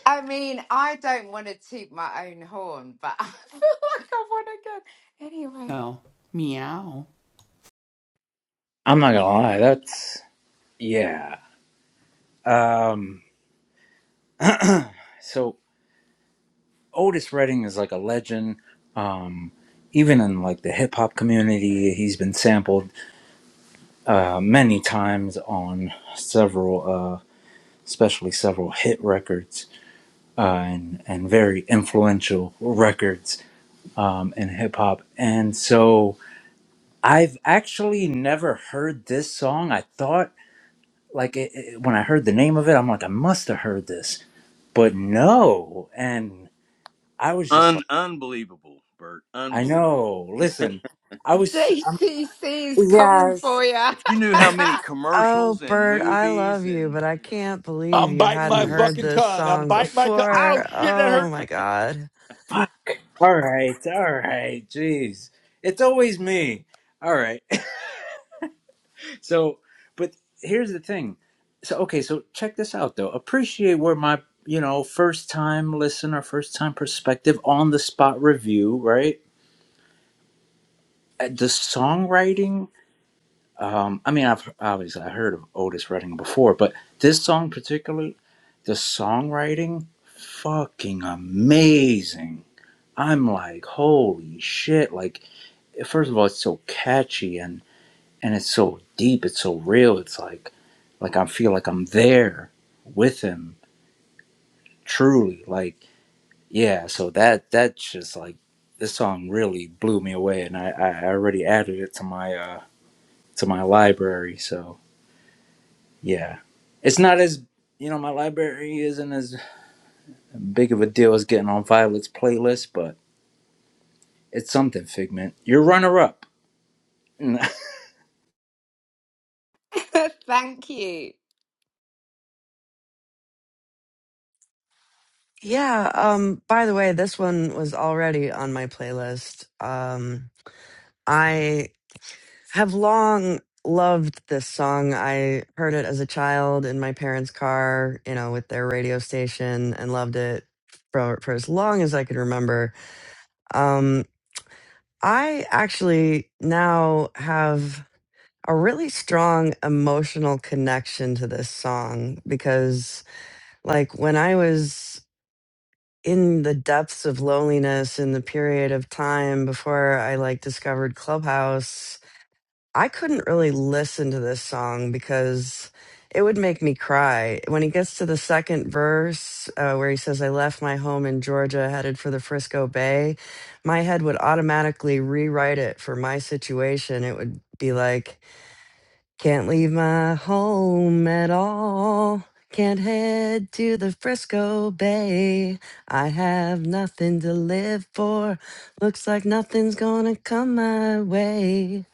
S4: I mean, I don't want to toot my own horn, but [LAUGHS] I feel like I want to go. Anyway,
S1: I'm not gonna lie, that's yeah. Um so Otis Redding is like a legend. Um even in like the hip hop community, he's been sampled uh many times on several uh. especially several hit records uh, and and very influential records um, in hip hop. And so I've actually never heard this song. I thought like it, it- when I heard the name of it, I'm like I must have heard this, but no. And I was just
S7: Un
S1: like,
S7: unbelievable, Bert.
S1: I
S7: Unbelievable.
S1: know. Listen, I was. I'm,
S4: JCC is coming
S3: Yes.
S4: for you.
S7: If you knew how many
S2: Oh,
S7: commercials and
S2: Bert, I love
S7: movies
S2: you,
S7: and
S2: but I
S7: you know,
S2: can't believe
S8: I'm
S2: you
S8: biting
S2: hadn't
S8: my
S7: right.
S2: heard
S8: fucking
S2: this
S8: tongue. I'm
S2: song
S8: biting my tongue. Ow,
S2: before.
S8: shit, that hurt
S2: Oh my God.
S1: all right, all right. Jeez, it's always me. All right. So, but here's the thing. So, okay, so check this out though. Appreciate where my, you know, first time listener, first time perspective on the spot review, right? Uh, The songwriting, um, I mean, I've obviously I heard of Otis Redding before, but this song particularly, the songwriting, fucking amazing. I'm like, holy shit! Like, first of all, it's so catchy and. and it's so deep it's so real it's like like i feel like i'm there with him truly like yeah so that that just like this song really blew me away and i i already added it to my uh to my library so yeah it's not as you know my library isn't as big of a deal as getting on violet's playlist but it's something figment you're runner up
S4: [LAUGHS] Thank you.
S2: Yeah, um, by the way, this one was already on my playlist. Um, I have long loved this song. I heard it as a child in my parents' car, you know, with their radio station and loved it for, for as long as I could remember. Um, I actually now have a really strong emotional connection to this song because like when I was in the depths of loneliness in the period of time before I like discovered Clubhouse, I couldn't really listen to this song because it would make me cry. When he gets to the second verse uh, where he says, I left my home in Georgia headed for the Frisco Bay, my head would automatically rewrite it for my situation. It would be like, can't leave my home at all. Can't head to the Frisco Bay. I have nothing to live for. Looks like nothing's gonna come my way.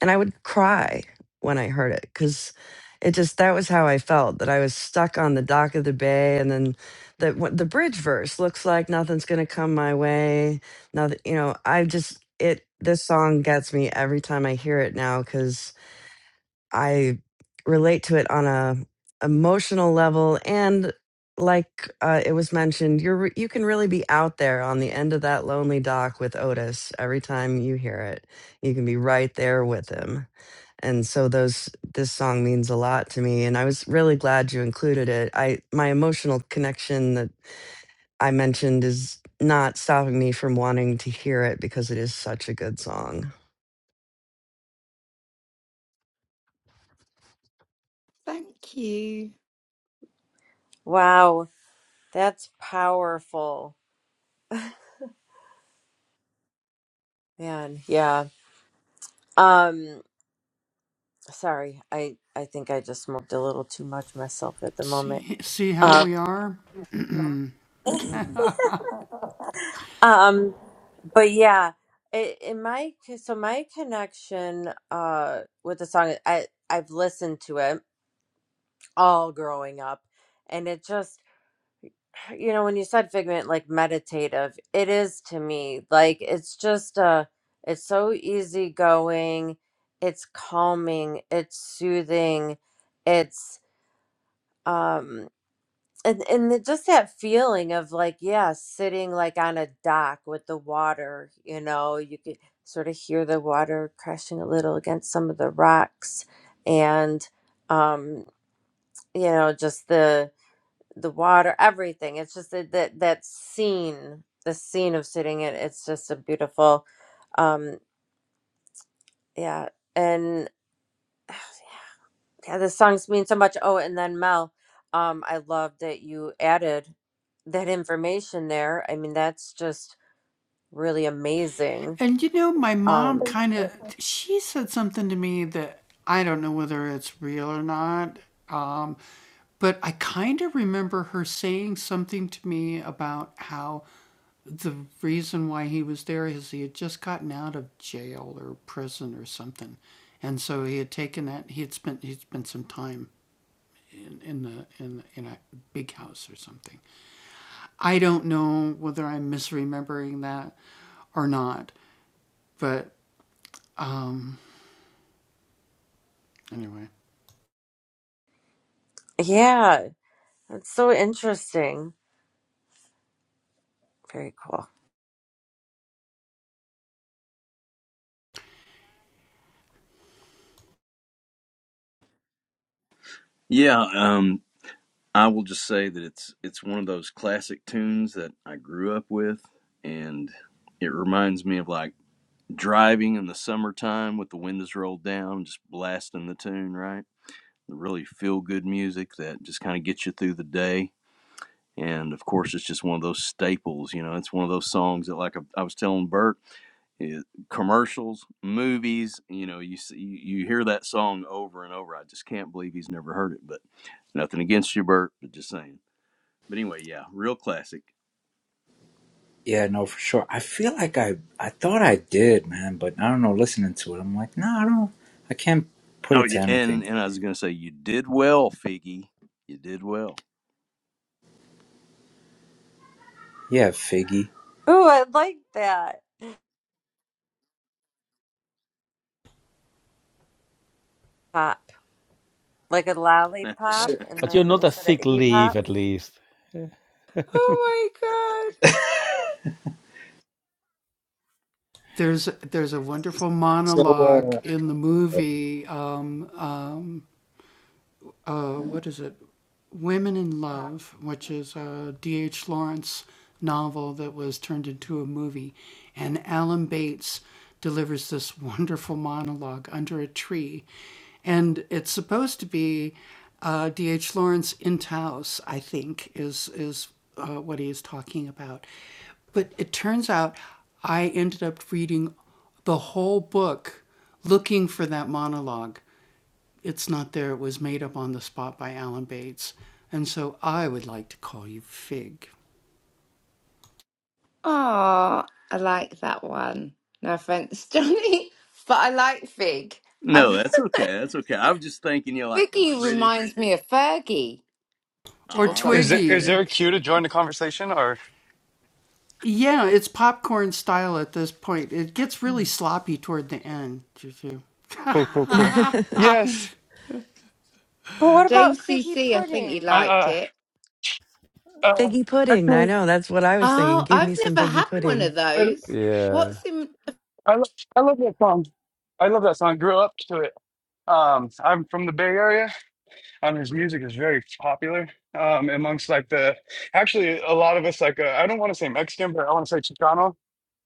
S2: And I would cry when I heard it because it just that was how I felt that I was stuck on the dock of the bay. And then the, what- the bridge verse looks like nothing's gonna come my way. Nothing, you know, I just, it, this song gets me every time I hear it now because I relate to it on a emotional level and like uh, it was mentioned you're re- you can really be out there on the end of that lonely dock with Otis every time you hear it you can be right there with him and so those this song means a lot to me and I was really glad you included it I my emotional connection that I mentioned is not stopping me from wanting to hear it because it is such a good song
S4: Thank you.
S3: Wow. That's powerful. Man, yeah. Um, sorry. I I think I just smoked a little too much myself at the moment. Um, [LAUGHS] um, but yeah, it, in my so my connection uh with the song, I I've listened to it all growing up, and it just you know when you said Figment like meditative, it is to me like it's just uh it's so easygoing, it's calming, it's soothing, it's um. and and it, just that feeling of like yeah sitting like on a dock with the water you know you could sort of hear the water crashing a little against some of the rocks and um you know just the the water everything it's just that that, that scene the scene of sitting it it's just a beautiful um yeah and. Yeah, the songs mean so much. Oh, and then Mel, um, I love that you added that information there. I mean, that's just really amazing. Um, yeah, that's so interesting. Very cool.
S7: Yeah, um, I will just say that it's it's one of those classic tunes that I grew up with, and it reminds me of like driving in the summertime with the windows rolled down, just blasting the tune, right? The really feel good music that just kind of gets you through the day. And of course, it's just one of those staples. You know, it's one of those songs that, like I, I was telling Bert. commercials, movies. You know, you see, you you hear that song over and over. I just can't believe he's never heard it. But nothing against you, Bert, but just saying. But anyway, yeah, real classic.
S1: Yeah, no, for sure. I feel like I I thought I did, man, but I don't know. Listening to it, I'm like, no, I don't. I can't put
S7: Oh
S1: it
S7: yeah,
S1: to
S7: and
S1: anything.
S7: and I was gonna say you did well, Figgy. You did well.
S1: Yeah, Figgy.
S3: Ooh, I like that. Pop, like a
S7: [LAUGHS]
S3: lollipop,
S1: So,
S3: and
S9: But you're
S3: then
S9: not a
S3: instead of
S9: sick
S3: Iggy Pop.
S9: leaf, at least. Yeah.
S4: Oh my God.
S1: so uh,
S4: Oh, I like that one. No offense, [LAUGHS] Johnny, but I like Fig.
S7: no,
S4: I've,
S7: that's okay. That's okay. I was just thinking you know,
S4: [LAUGHS]
S7: like the
S4: Figgy
S7: British.
S4: reminds me of Fergie or
S7: Ah,
S10: Is there
S4: something.
S10: is
S7: okay.
S10: there a cue to join the conversation or Mm. cool cool
S2: [LAUGHS]
S10: cool? Yes.
S3: But what
S10: Uh,
S3: about figgy
S4: JCC, I think you
S3: pudding?
S4: liked
S10: uh,
S4: it.
S10: uh,
S2: Figgy pudding. I
S10: actually,
S2: know. That's what I was thinking.
S4: Oh,
S2: Give
S4: I've
S2: me some
S4: never
S2: figgy
S4: had one
S2: pudding.
S4: of
S10: I,
S4: those.
S9: Yeah.
S4: What's in?
S10: I, lo- I love that song. I love that song. I Grew up to it. Um, I'm from the Bay Area. and his music is very popular um, amongst like the actually a lot of us like uh, I don't want to say Mexican, but I want to say Chicano.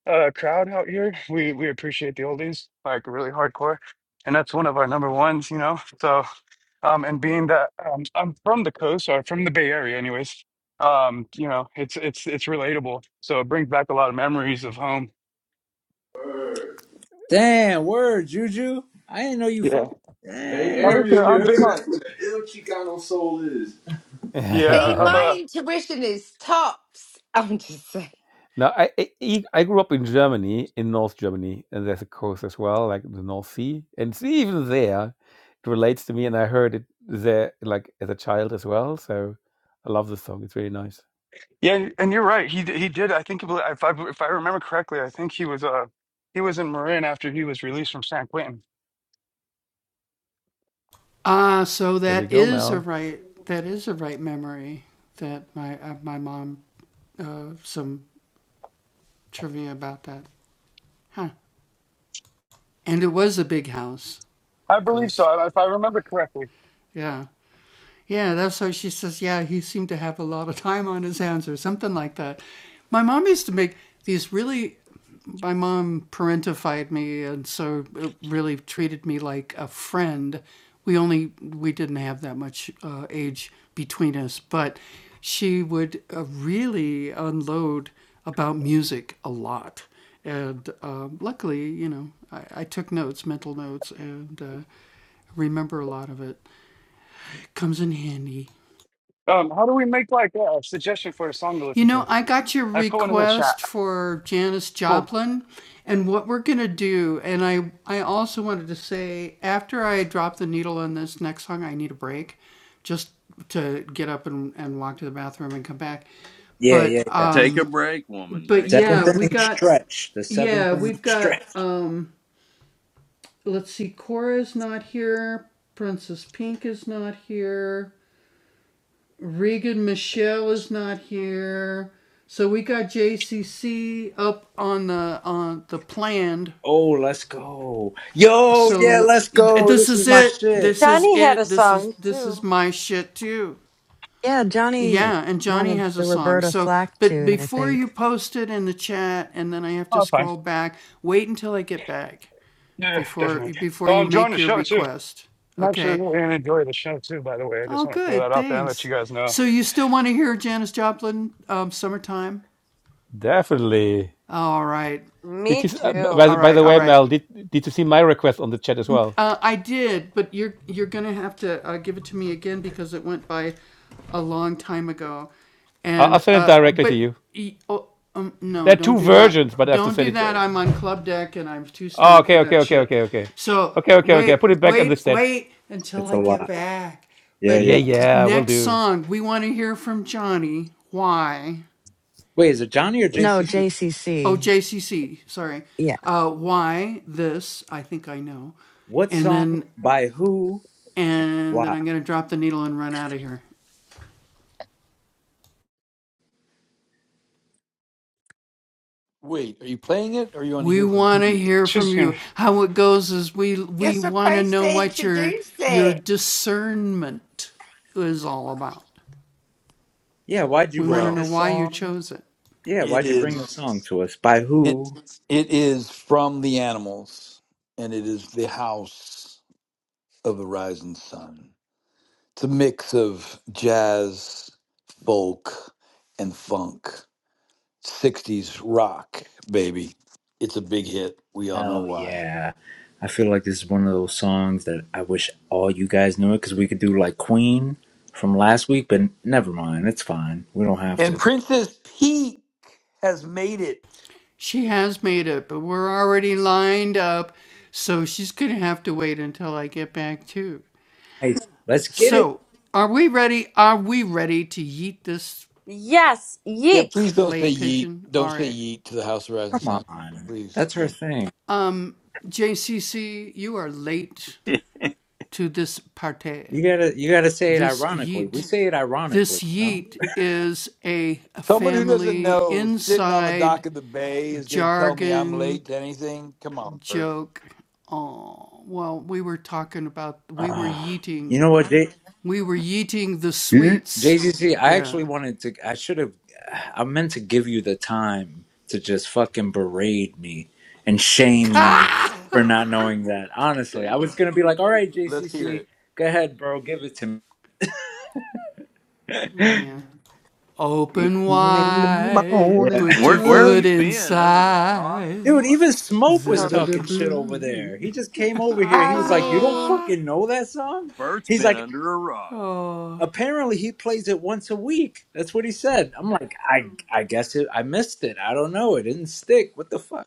S10: uh crowd out here. We we appreciate the oldies like really hardcore, and that's one of our number ones, you know. So, um, and being that um, I'm from the coast or from the Bay Area, anyways, um, you know, it's it's it's relatable. So it brings back a lot of memories of home.
S1: damn word, Juju. I didn't know you
S10: Yeah.
S1: fucking. Hey, Damn.
S10: Now listen,
S1: Ariel, you
S10: I'm
S1: heard?
S10: big on.
S1: That's what the ill Chicano soul is.
S10: Yeah,
S4: See,
S10: I'm
S9: [LAUGHS]
S4: my
S10: a.
S4: intuition is tops. [LAUGHS] I'm just saying.
S9: now, I, I I I grew up in Germany, in North Germany, and there's a coast as well, like the North Sea. And see, even there, it relates to me, and I heard it there, like as a child as well. So I love this song. It's really nice.
S10: Yeah, and you're right. He d- he did. I think if I if I remember correctly, I think he was uh he was in Marin after he was released from San Quentin.
S9: There we go, Mel.
S10: I believe so, if I remember correctly. Um, how do we make like a suggestion for a song to listen to? I put one in the chat. Cool.
S1: Yeah, yeah, yeah.
S7: Take a break, woman. Take a
S1: Seventh
S7: break.
S1: inning stretch. The seventh inning stretch. Oh, let's go. Yo, yeah, let's go. This is my shit.
S3: Johnny had a song too.
S2: Yeah, Johnny wanted the Roberta Flack tune, I think.
S10: Oh, that's fine. Yeah, definitely. Oh, I'm enjoying the show too. I'm actually really gonna enjoy the show too. By the way, I just want to throw that out there and let you guys know.
S9: Definitely. Did you?
S3: Me
S9: Uh, by
S3: too.
S9: the by the way, Mel, did did you see my request on the chat as well? I'll, I'll send it directly to you. There are two versions, but I have to send it. uh, Oh, okay, okay, okay, okay, okay, okay, okay, okay. I put it back on the set.
S1: It's a lot. Yeah,
S9: Yeah,
S1: yeah.
S9: yeah, will do.
S1: Wait, is it Johnny or
S2: No,
S1: JC?
S2: JCC. Yeah.
S1: What song? By who? Why?
S8: Wait, are you playing it or you want to hear from me?
S10: She's gonna.
S4: You're supposed to introduce it.
S1: Yeah, why'd you bring
S8: Well,
S1: this song? Yeah,
S8: it
S1: why'd you bring this song
S8: is
S1: to us? By
S8: it
S1: who?
S8: it is from the animals and it is the house of the rising sun. It's a mix of jazz, folk, and funk. 60s rock, baby. It's a big hit. We all know
S1: Oh,
S8: why.
S1: yeah. I feel like this is one of those songs that I wish all you guys knew it because we could do like Queen from last week, but never mind. It's fine. We don't have
S8: And
S1: to.
S8: Princess Peak has made it.
S1: Hey, let's get it.
S3: Yes,
S8: Yeah,
S3: yeet.
S8: please don't say yeet. Don't say yeet to the House of Rising
S1: Come
S8: Sun.
S1: on.
S8: Please.
S1: That's her thing.
S7: [LAUGHS]
S1: You gotta, you gotta say it ironically. We say it ironically, you know.
S8: Someone who doesn't know sitting on the dock of the bay is going to tell me I'm late to anything. Come on, Bert.
S1: Ah, you know what? They,
S11: Eating
S1: JCC, I actually wanted to. I should have. I meant to give you the time to just fucking berate me and shame me for not knowing that. Honestly, I was gonna be like, "All right,
S8: Let's hear it.
S1: JCC, go ahead, bro, give it to me."
S11: in the
S1: Yeah,
S11: morning
S7: where where have
S11: sun.
S7: you been? Under a rock
S1: [LAUGHS]
S7: or
S1: dude.
S7: what?
S1: Even Smoke was
S3: Um,
S1: talking shit over there. He just came over here. He
S4: I
S1: was like, "You don't
S4: mean,
S1: fucking know that song."
S7: Bert's
S1: He's
S7: been
S1: like,
S7: under a rock.
S1: "Apparently, he plays it once a week." That's what he said. I'm like, "I, I guess it. I missed it. I don't know. It didn't stick. What the fuck?"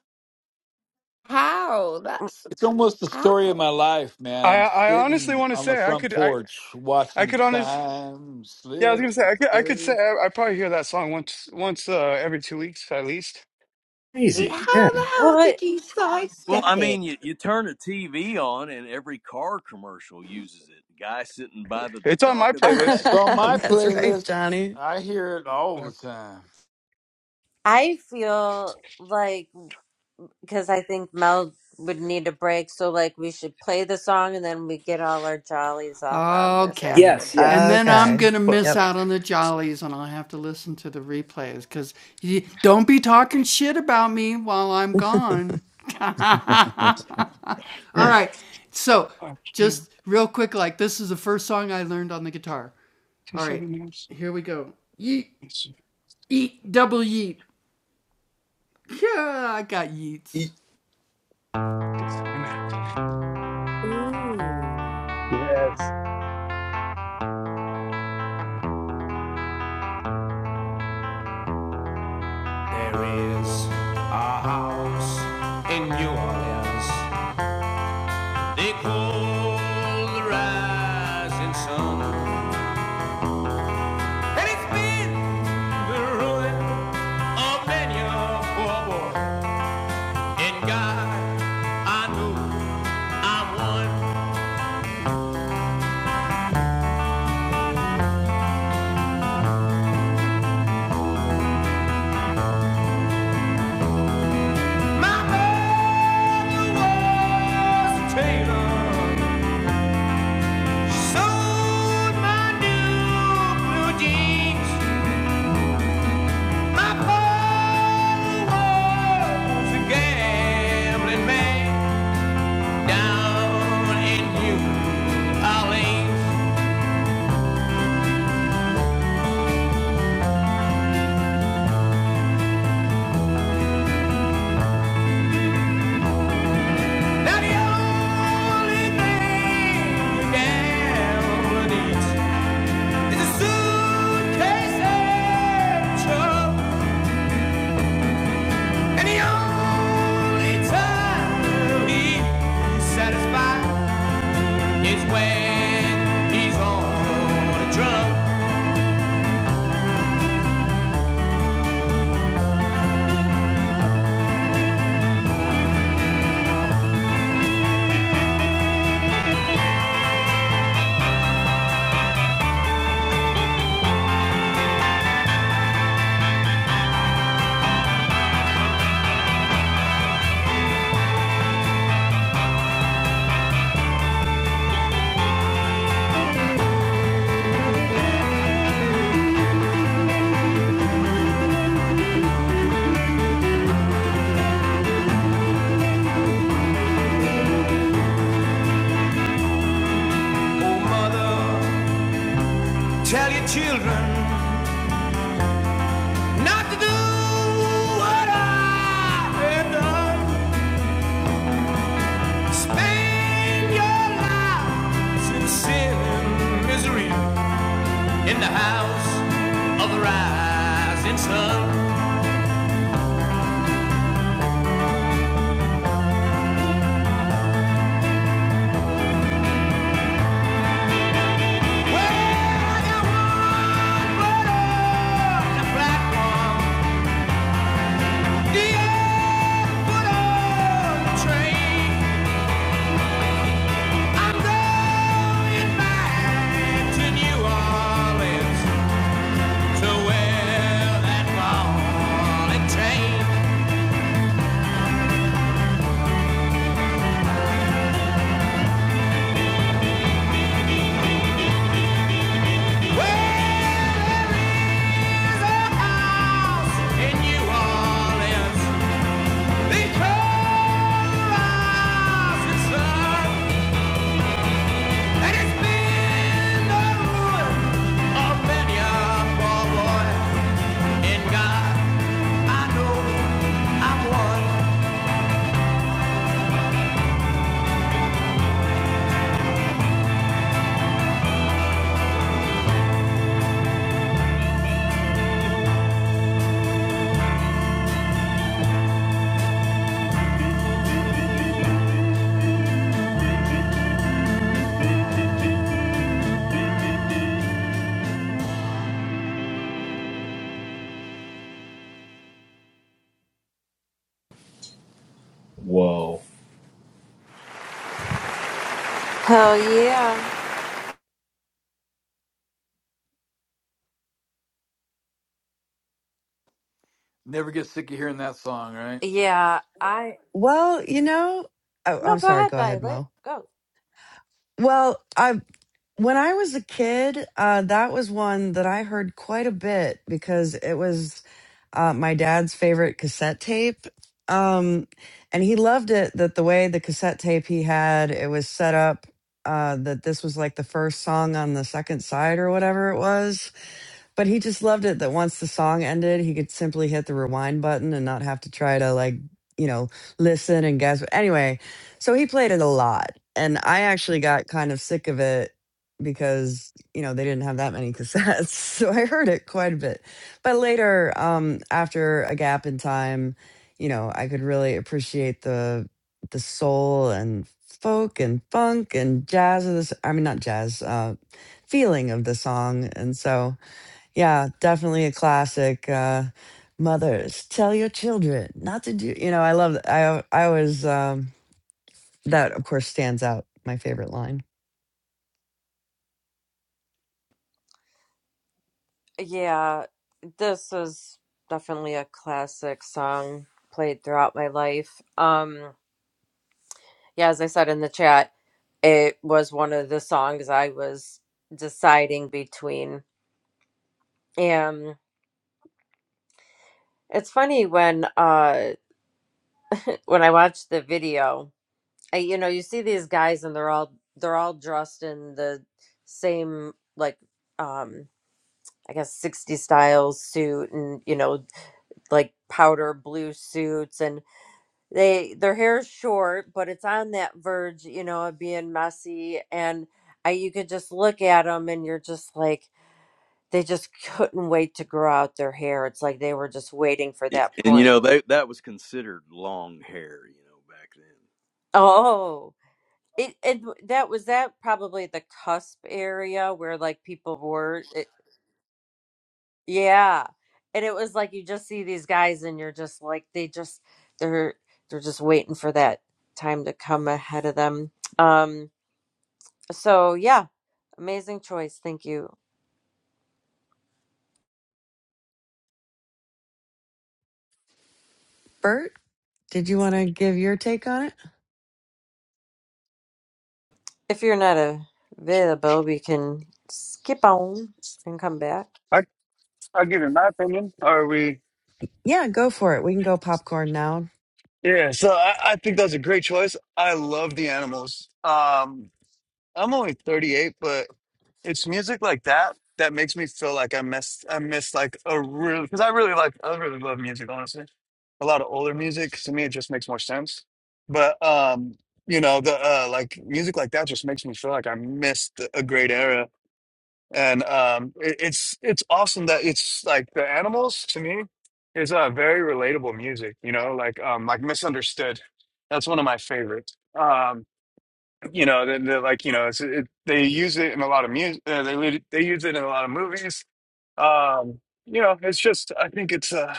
S4: how? That's
S8: It's almost the
S4: how. How
S8: story of my life, man.
S10: I
S8: I'm
S10: I honestly
S8: sitting
S10: want to
S8: on the
S10: say I
S8: front
S10: could I
S8: porch watching
S10: I
S8: the
S10: could honest.
S8: time
S10: Yeah, I was
S8: slip
S10: gonna say I could I could
S8: away.
S10: say I, I probably hear that song once once uh, every two weeks at least.
S1: Crazy. yeah."
S4: the hell
S3: well,
S4: did you
S7: Well, I
S4: sidestep it?
S7: mean, you, you turn the TV on, and every car commercial uses it. guy sitting by the
S10: It's on my
S7: dock of
S2: [LAUGHS]
S7: the
S10: playlist.
S8: So
S7: bay,
S8: on
S7: you know.
S8: my
S2: That's right,
S8: playlist,
S2: Johnny.
S8: I hear it all
S10: Uh,
S8: the time.
S3: I feel like because I think Mel would need a break, so like we should play the song and then we get all our jollies off on this after.
S1: Yes, yes.
S10: What the
S2: Okay. Yep.
S10: fuck? I can't. Two seven nine. Two
S1: E-
S10: seven nine.
S4: Ooh.
S10: Yes.
S5: There is a house in New Orleans They call the rising sun, and it's been the ruin of many a poor boy. And God, I know I'm one. My mother was a tailor. She sewed my new blue jeans. My father was a gambling man. down in New Orleans. Now the only thing you gamble needs is a suitcase and trouble. And the only time he satisfied is when he's on a drum. Oh, mother, tell your children not to do what I have done. Spend your lives in sin and misery in the house of the rising sun. I got one foot on the platform, the other on the train. I'm going back to New Orleans to wear that falling train. Well, there is
S1: Whoa.
S3: Hell yeah,
S8: Never get sick of hearing that song, right?
S3: yeah. I
S2: Well, you know, oh,
S3: no,
S2: I'm
S3: go
S2: sorry.
S3: ahead,
S2: Go ahead,
S3: Violet.
S2: Mo.
S3: Go.
S2: Well, I When I was a kid, uh, that was one that I heard quite a bit because it was uh, my dad's favorite cassette tape. Um, and he loved it that the way the cassette tape he had, it was set up uh, that this was like the first song on the second side or whatever it was. But he just loved it that once the song ended, he could simply hit the rewind button and not have to try to like, you know, listen and guess. Anyway, so he played it a lot. And I actually got kind of sick of it because, you know, they didn't have that many cassettes. [LAUGHS] So I heard it quite a bit. But later, um, after a gap in time, you know, I could really appreciate the the soul and folk and funk and jazz of this I mean not jazz, uh feeling of the song. And so yeah, definitely a classic. Uh, mothers, tell your children not to do. You know, I love. I al- I always um, that of course stands out. My favorite line.
S3: Yeah, this is definitely a classic song played throughout my life. Um. Yeah, as I said in the chat, it was one of the songs I was deciding between. And it's funny when uh when I watched the video, I, you know, you see these guys and they're all they're all dressed in the same like um I guess 60 style suit and you know like powder blue suits and they their hair is short but it's on that verge you know of being messy and I, you could just look at them and you're just like They just couldn't wait to grow out their hair. It's like they were just waiting for
S7: Y-
S3: that
S7: And you
S3: point.
S7: know they, that was considered long hair, you know, back then.
S3: Oh, it, it that was that probably the cusp area where like people were, it, yeah. And it was like you just see these guys and you're just like they just they're they're just waiting for that time to come ahead of them. Um, so yeah, amazing choice. Thank you.
S2: Bert, did you want to give your take on it?
S3: If you're not available, we can skip on and come back.
S10: I I give you my opinion. Are we?
S2: Yeah, go for it. We can go popcorn now.
S10: Yeah. So I, I think that's a great choice. I love the animals. Um, I'm only 38, but it's music like that that makes me feel like I missed I missed like a really because I really like I really love music honestly. A lot of older music to me it just makes more sense. But um you know the uh like music like that just makes me feel like I missed a great era and um it, it's it's awesome that it's like the animals to me is uh very relatable music, you know, like um like misunderstood. That's one of my favorites. um you know the, the like you know it's, it, they use it in a lot of music uh, they lit- they use it in a lot of movies um you know it's just i think it's uh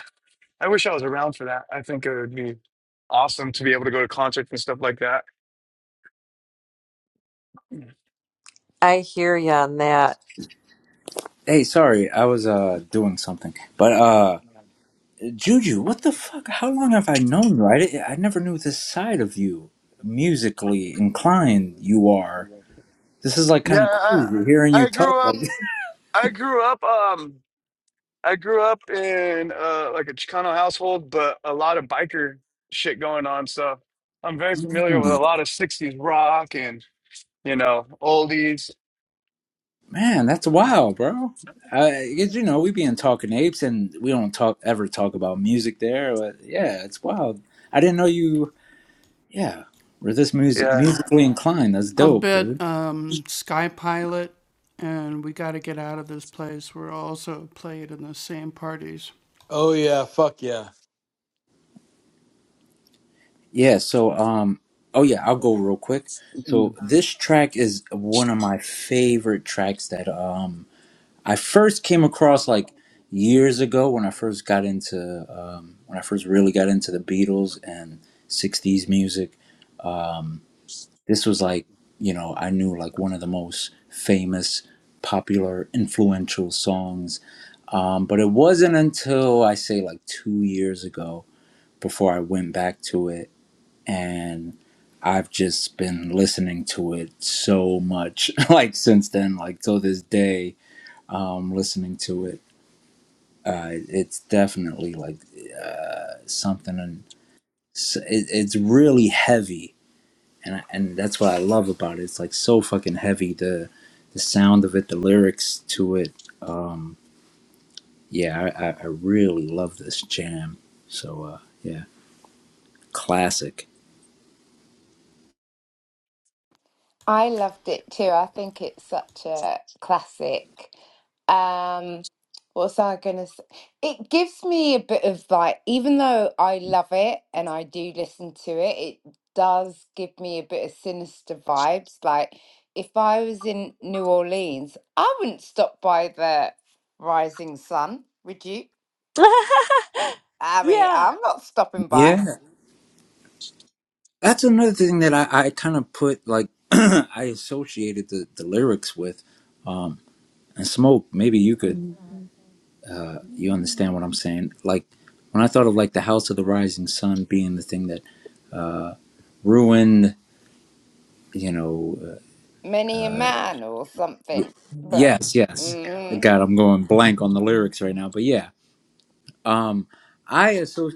S10: i wish i was around for that i think it would be awesome to be able to go to concerts and stuff like that
S3: I hear you on that.
S1: Hey, sorry, I was uh doing something. But uh Juju, what the fuck? How long have I known you? I, di- I never knew this side of you, musically inclined you are. This is like
S10: yeah
S1: kind of
S10: i
S1: crazy hearing you
S10: i
S1: talk
S10: grew
S1: like
S10: up i grew up um I grew up in uh, like a Chicano household, but a lot of biker shit going on. So I'm very familiar with
S1: Hmm,
S10: a lot of 60s rock and, you know, oldies.
S1: man, that's wild, bro. I, 'cause, you know, we be in Talking Apes and we don't talk ever talk about music there, but yeah, it's wild. I didn't know you yeah, were this music
S10: Yeah.
S1: musically
S10: [LAUGHS]
S1: inclined. That's dope, dude.
S8: Oh yeah, fuck yeah.
S1: Yeah, so um oh yeah, I'll go real quick. So this track is one of my favorite tracks that um I first came across like years ago when I first got into um when I first really got into the Beatles and 60s music. Um this was like, you know, I knew like one of the most famous, popular, influential songs. Um but it wasn't until I say like 2 years ago before I went back to it and I've just been listening to it so much, [LAUGHS] like since then, like till this day, um, listening to it. Uh, it's definitely like uh, something, and s- it, it's really heavy, and I, and that's what I love about it. It's like so fucking heavy. The the sound of it, the lyrics to it. Um, yeah, I, I, I really love this jam. So uh, yeah, classic.
S4: I loved it too. I think it's such a classic. Um, what was I gonna say? It gives me a bit of like, even though I love it and I do listen to it, it does give me a bit of sinister vibes. Like, if I was in New Orleans, I wouldn't stop by the Rising Sun, would you?
S3: [LAUGHS]
S4: I mean,
S3: yeah.
S4: I'm not stopping by.
S1: Yeah. That's another thing that I, I kind of put like [CLEARS THROAT] I associated the, the lyrics with. Um, and smoke, maybe you could
S10: Mhm.
S1: uh, you understand what I'm saying. Like when I thought of like the House of the Rising Sun being the thing that ruined, you know.
S4: Many a man or
S1: Uh,
S4: something, but
S1: yes, yes.
S4: mm,
S1: God, I'm going blank on the lyrics right now, but yeah. Um, I associate.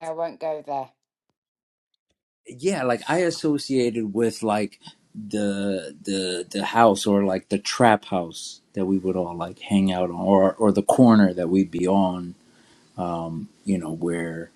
S4: I won't go there.
S1: yeah like i associated with like the the the house or like the trap house that we would all like hang out on or or the corner that we'd be on um you know where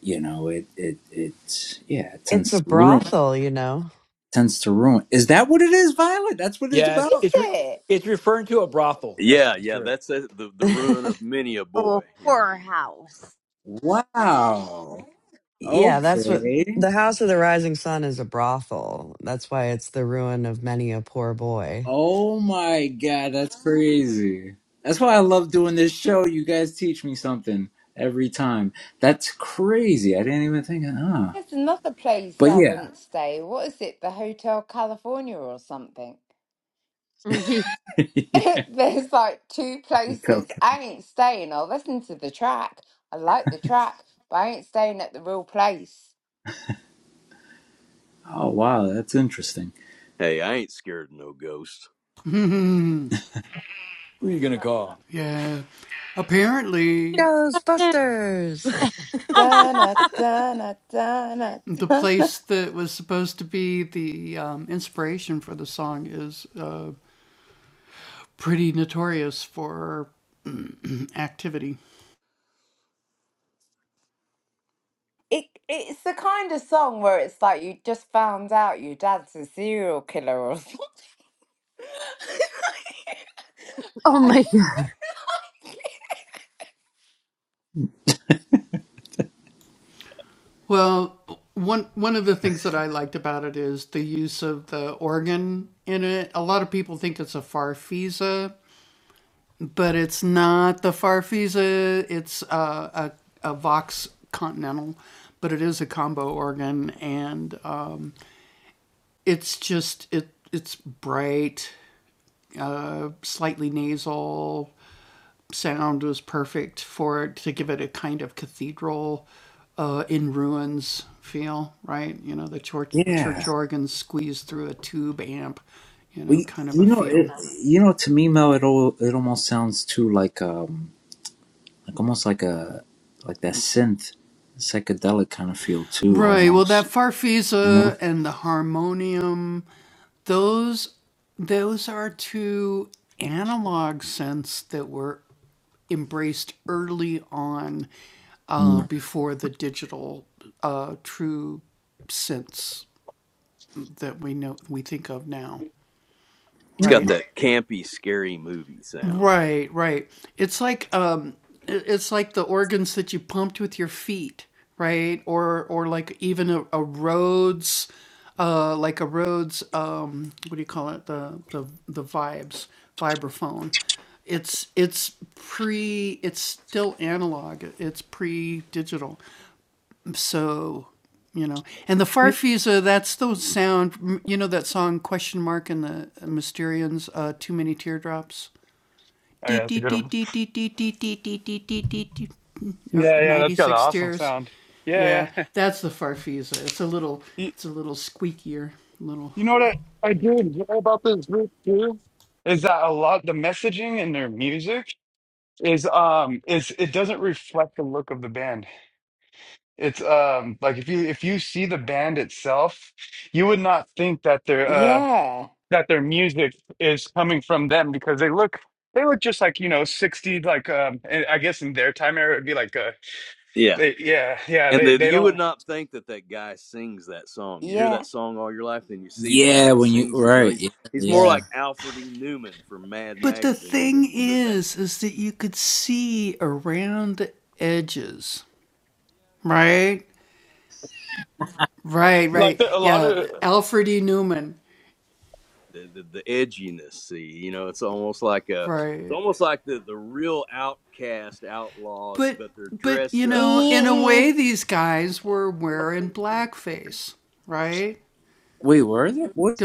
S1: you know it it it yeah it
S2: It's
S1: tends
S2: a
S1: to ruin
S2: brothel, you know.
S1: tends to ruin is that what it is violet that's what it's
S8: Yeah, it's
S4: Is
S1: about
S8: it's, re-
S4: it?
S8: it's referring to a brothel. That's
S7: Yeah,
S8: for
S7: yeah,
S8: sure.
S7: that's a, the
S2: [LAUGHS]
S7: the ruin of many a
S3: Oh,
S7: boy, you know.
S3: whorehouse.
S1: wow
S2: yeah, that's what
S1: okay
S2: the House of the Rising Sun is a brothel. That's why it's the ruin of many a poor boy.
S1: Oh my god, that's crazy. That's why I love doing this show. You guys teach me something every time. That's crazy. I didn't even think of ah.
S4: There's another place
S1: But
S4: I
S1: yeah.
S4: wouldn't stay. What is it? The Hotel California or something?
S3: Mhm.
S1: [LAUGHS]
S4: [LAUGHS] There's like two places.
S1: okay.
S4: I ain't staying. I'll listen to the track. I like the track, but I ain't staying at the real place.
S1: Oh wow, that's interesting.
S7: Hey, I ain't scared of no ghost.
S8: Who are you gonna call?
S3: Yeah.
S2: Ghostbusters. [LAUGHS]
S4: Dun-na, dun-na, dun-na, dun-na. It it's the kind of song where it's like you just found out your dad's a serial killer or something. [LAUGHS]
S3: Oh my god.
S1: Yeah. we you you know, it, you know, to me, Mel, it all it almost sounds too like um, like almost like a like that synth psychedelic kind of feel too, almost. You know? Mm.
S7: It's got that campy, scary movie sound.
S10: Oh, yeah, that's a good one. Yeah, yeah, that's got an awesome sound. Yeah, yeah. [LAUGHS] You know what I, I do enjoy about this group too is that a lot the messaging in their music is um is it doesn't reflect the look of the band. It's um like if you if you see the band itself, you would not think that their uh
S4: Yeah,
S10: that their music is coming from them because they look they look just like you know 60 like um and I guess in their time era it'd be like uh
S7: Yeah.
S10: they yeah yeah
S7: And
S10: they
S7: the,
S10: they
S7: you would
S10: don't
S7: not think that that guy sings that song. You hear
S4: yeah.
S7: that song all your life, then you see the guy
S1: Yeah,
S7: that
S1: when you
S7: sings it. You know,
S1: right,
S7: he's
S1: yeah,
S7: he's more
S1: yeah.
S7: like Alfred E. Newman from Mad Magazine than than that.
S10: like the, a lot of
S7: The, the, the edginess, see, you know, it's almost like a, it's almost like the the real outcast outlaws, but they're dressed up, you know.
S4: [LAUGHS]
S1: Wait, were there? What?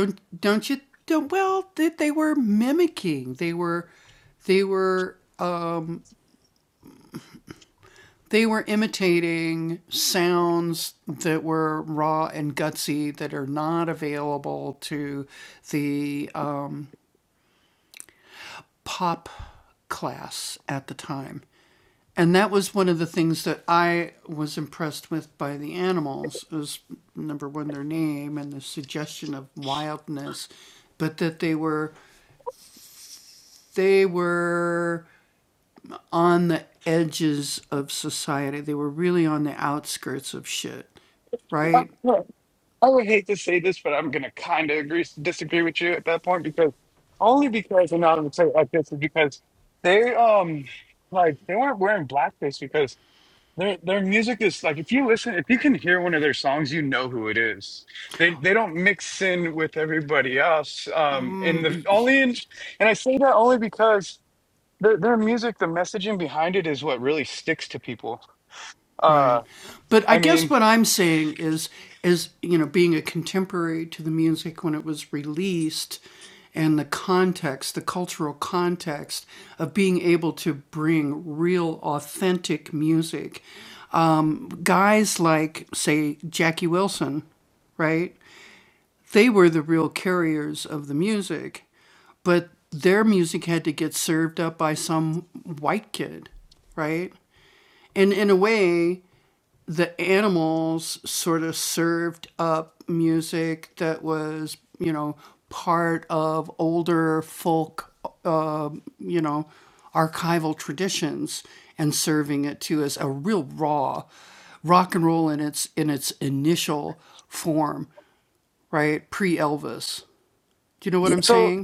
S10: [LAUGHS] I would hate to say this, but I'm gonna kind of agree disagree with you at that point because only because and I would say it like this is because they um like they weren't wearing blackface because their their music is like if you listen if you can hear one of their songs you know who it is they they don't mix in with everybody else um in the only in, and I say that only because their their music the messaging behind it is what really sticks to people uh I mean So,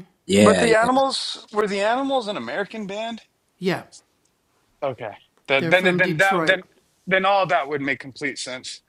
S10: but
S1: Yeah,
S10: the
S1: yeah.
S10: animals were the animals an American band? Okay, that then then that then then all that would make complete sense.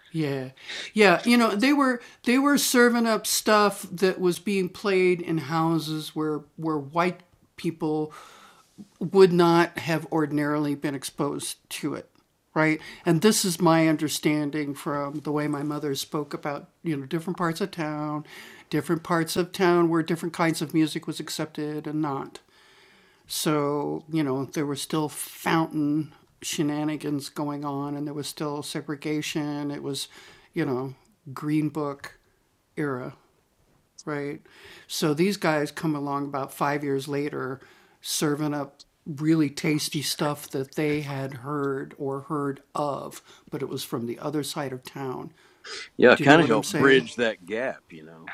S7: Yeah, kind of help bridge that gap, you know.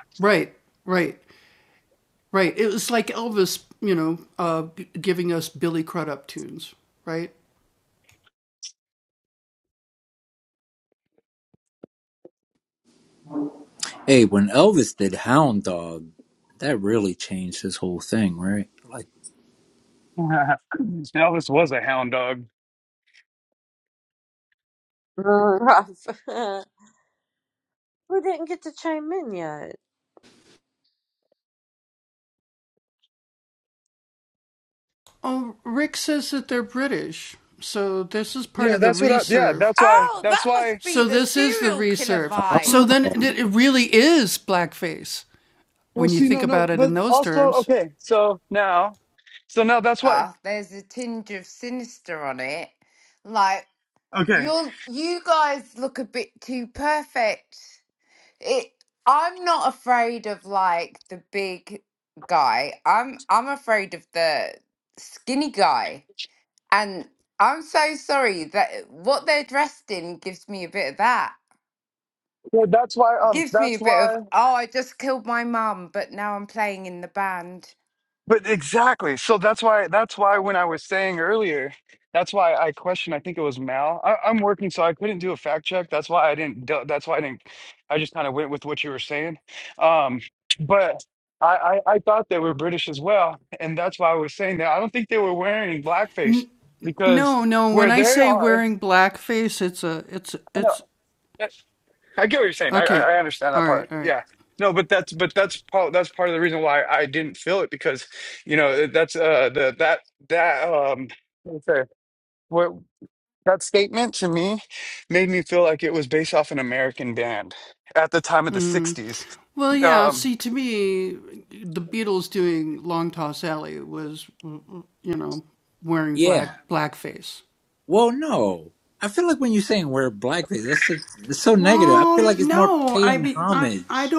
S1: Hey, when Elvis did Hound Dog, that really changed his whole thing, right? Like,
S10: [LAUGHS] Elvis was a hound dog.
S3: Rough. [LAUGHS] Who didn't get to chime in yet?
S10: Yeah, that's what. I, yeah, that's why.
S4: Oh,
S10: That's
S4: that
S10: why.
S4: must be the serial killer vibe.
S1: oh,
S10: Well, see, no, no, but also okay. So now, so now that's why.
S4: stuff, there's a tinge of sinister on it. Like
S10: Okay.
S4: you, you guys look a bit too perfect. It. I'm not afraid of like the big guy. I'm I'm afraid of the skinny guy. And I'm so sorry that what they're dressed in gives me a bit of that.
S10: So that's why. Um,
S4: Gives me
S10: that's
S4: a bit
S10: why.
S4: of oh, I just killed my mum, but now I'm playing in the band.
S10: But exactly. So that's why that's why when I was saying earlier, that's why I questioned, I think it was Mal. I, I'm working, so I couldn't do a fact check. That's why I didn't do- that's why I didn't I just kind of went with what you were saying. Um, but I, I I thought they were British as well, and that's why I was saying that. I don't think they were wearing blackface because where they are, I know. I get what you're saying. I, I I understand that part. Yeah. No, but that's but that's part that's part of the reason why I didn't feel it because you know that's uh the that that um okay what that statement to me made me feel like it was based off an American band at the time of the '60s. Um,
S1: yeah. Well, no. I feel like when you're saying wear blackface, that's so, it's so negative. I feel like it's more paying homage.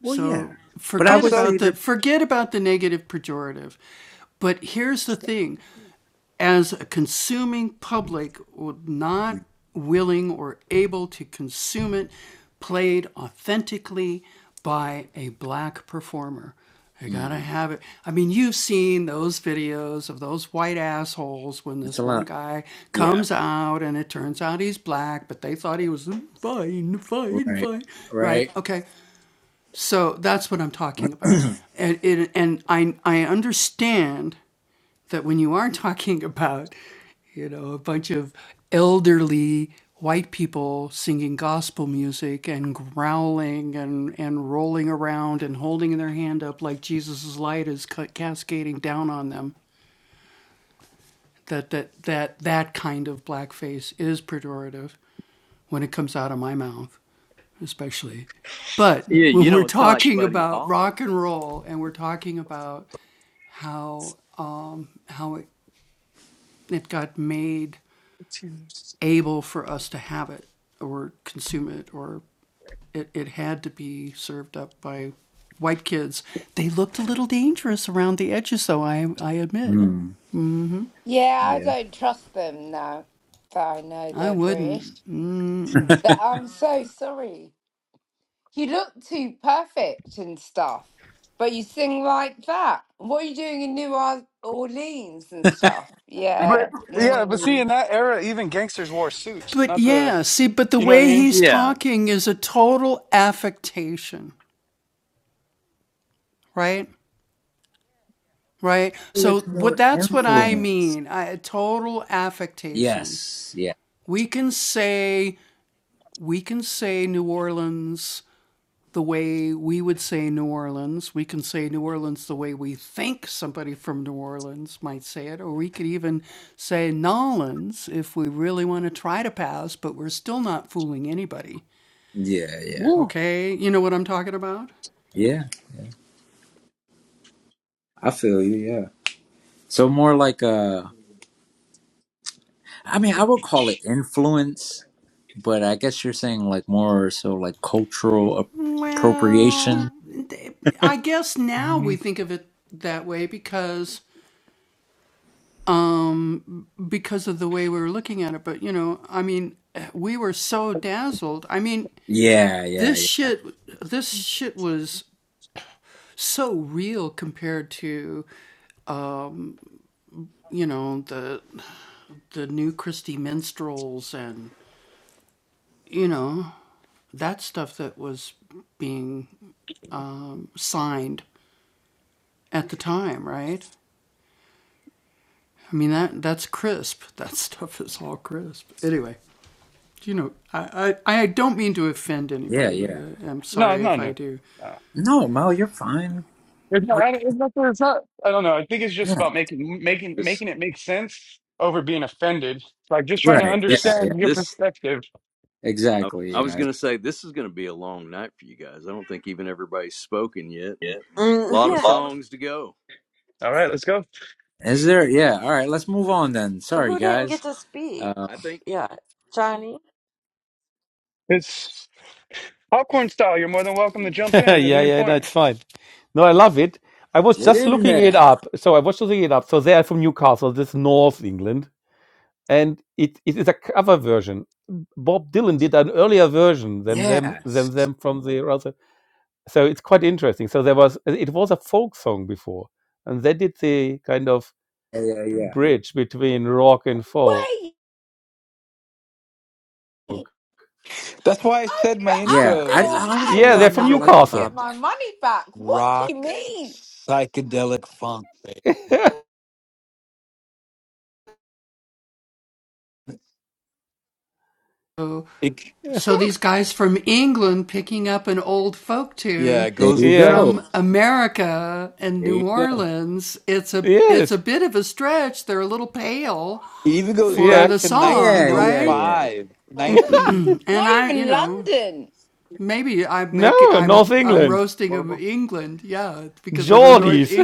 S1: Well, yeah. But I would
S10: also,
S1: say they're. Mm, it's a lot. Yeah. Right. Right. [CLEARS THROAT]
S7: Yeah, you know, it's kind of like Buddy Holly.
S1: Mm,
S4: Yeah, I
S1: yeah.
S4: don't trust them now that I know they're British. But I'm so sorry. You look too perfect and stuff, but you sing like that. What are you doing in New Or- Orleans and stuff?
S10: but
S4: Yeah.
S10: yeah, but see
S4: Mm.
S10: in that era, even gangsters wore suits. Not the you know what I mean?
S7: Yeah,
S1: It's more influence. Yes. Yeah. Yeah. Yeah.
S10: Woo.
S1: Yeah. I feel you. Yeah. So more like a. I mean, I would call it influence, but I guess you're saying like more so like cultural appropriation.
S10: Mhm.
S1: Yeah, yeah, yeah, yeah, yeah.
S10: No, no, no. Uh,
S1: No, Mo, you're fine.
S10: It's not,
S1: Or-
S10: I don't- it's not, it's not, I don't know. I think it's just
S1: Yeah,
S10: about making making
S7: this
S10: making it make sense over being offended. Like just trying to
S1: right. Yeah,
S7: this
S1: yeah,
S10: understand your
S7: this
S10: perspective.
S7: I,
S1: exactly.
S7: I was
S1: Yeah.
S7: going to say this is going to be a long night for you guys. I don't think even everybody's spoken yet,
S3: Yeah.
S7: and a
S3: Mm,
S7: lot of
S3: yeah. Lana?
S7: songs to go.
S10: All right, let's go.
S1: Is there? Yeah. All right. Let's move on then. Sorry,
S3: Who didn't
S1: guys.
S3: get to speak
S1: Um,
S7: I think.
S3: yet? Johnny?
S10: It's popcorn style. You're more than welcome to
S9: [LAUGHS]
S10: jump
S9: yeah,
S10: in at any
S9: yeah, no,
S10: point.
S9: it's fine. No, I love it. I was
S1: get
S9: just
S1: in
S9: looking it
S1: there.
S9: up. So I was just looking it up. So they are from Newcastle, this North England, and it, it is a cover version. Bob Dylan did an earlier version than them than
S1: Yes.
S9: them from the other. so it's quite interesting. So there was it was a folk song before, and they did the kind of
S1: Yeah, yeah, yeah.
S9: bridge between rock and folk.
S4: Wait, I, fe-
S8: That's why I said in my
S4: I
S1: Yeah.
S8: intro. It
S1: I,
S4: feel
S8: was
S1: I honestly,
S9: Yeah,
S1: yo,
S4: had.
S1: I
S9: they're from
S1: never
S8: folk.
S4: I
S1: liked
S4: need
S1: the
S4: to get
S9: Newcastle.
S1: Bob.
S4: my money back. What do you
S8: rock,
S4: mean?
S8: psychedelic funk. thing.
S9: [LAUGHS] yeah.
S8: It, yeah, it
S1: There
S8: goes
S1: you
S8: it
S1: go. There you go.
S9: Yes.
S8: even goes back to
S9: Yes.
S1: Yeah, yeah, yeah.
S8: 1905,
S9: [LAUGHS]
S4: Wow.
S8: 19
S4: Not even London.
S9: no, North
S8: my
S9: England.
S8: portable.
S9: Geordies. [LAUGHS]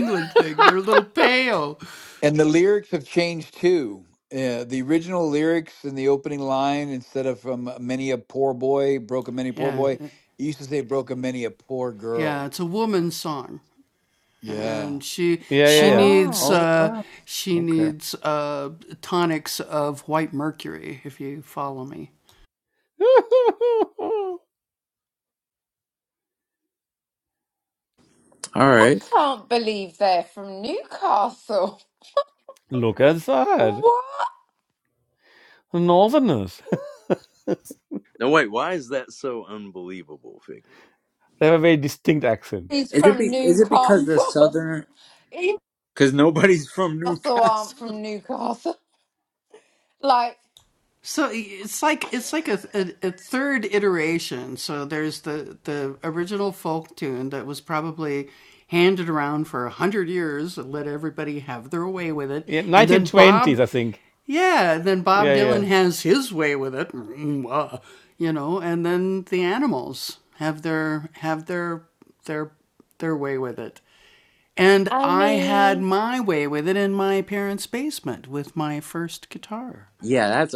S8: And the lyrics have changed too. Uh, the original lyrics in the opening line, instead of from many a poor boy, broke a many poor boy, it used to say broke a many a poor girl. Yeah.
S9: yeah, yeah,
S4: Ah.
S1: Oh wow. Okay.
S9: yeah.
S1: All right.
S4: Can't believe they're from Newcastle. [LAUGHS]
S9: [LAUGHS] Look at that.
S4: What?
S9: Northerners.
S7: No, wait. Why is that so unbelievable, Figment?
S9: [LAUGHS] they have a very distinct accent.
S4: He's
S1: Is it
S4: from
S1: be, is it because the
S4: Newcastle. [LAUGHS]
S1: southern?
S4: He
S1: Because nobody's from
S4: Newcastle aren't
S1: Newcastle. [LAUGHS]
S4: from Newcastle. [LAUGHS] Like,
S9: Yeah, 1920s, I think. Yeah,
S4: I mean,
S1: Yeah, that's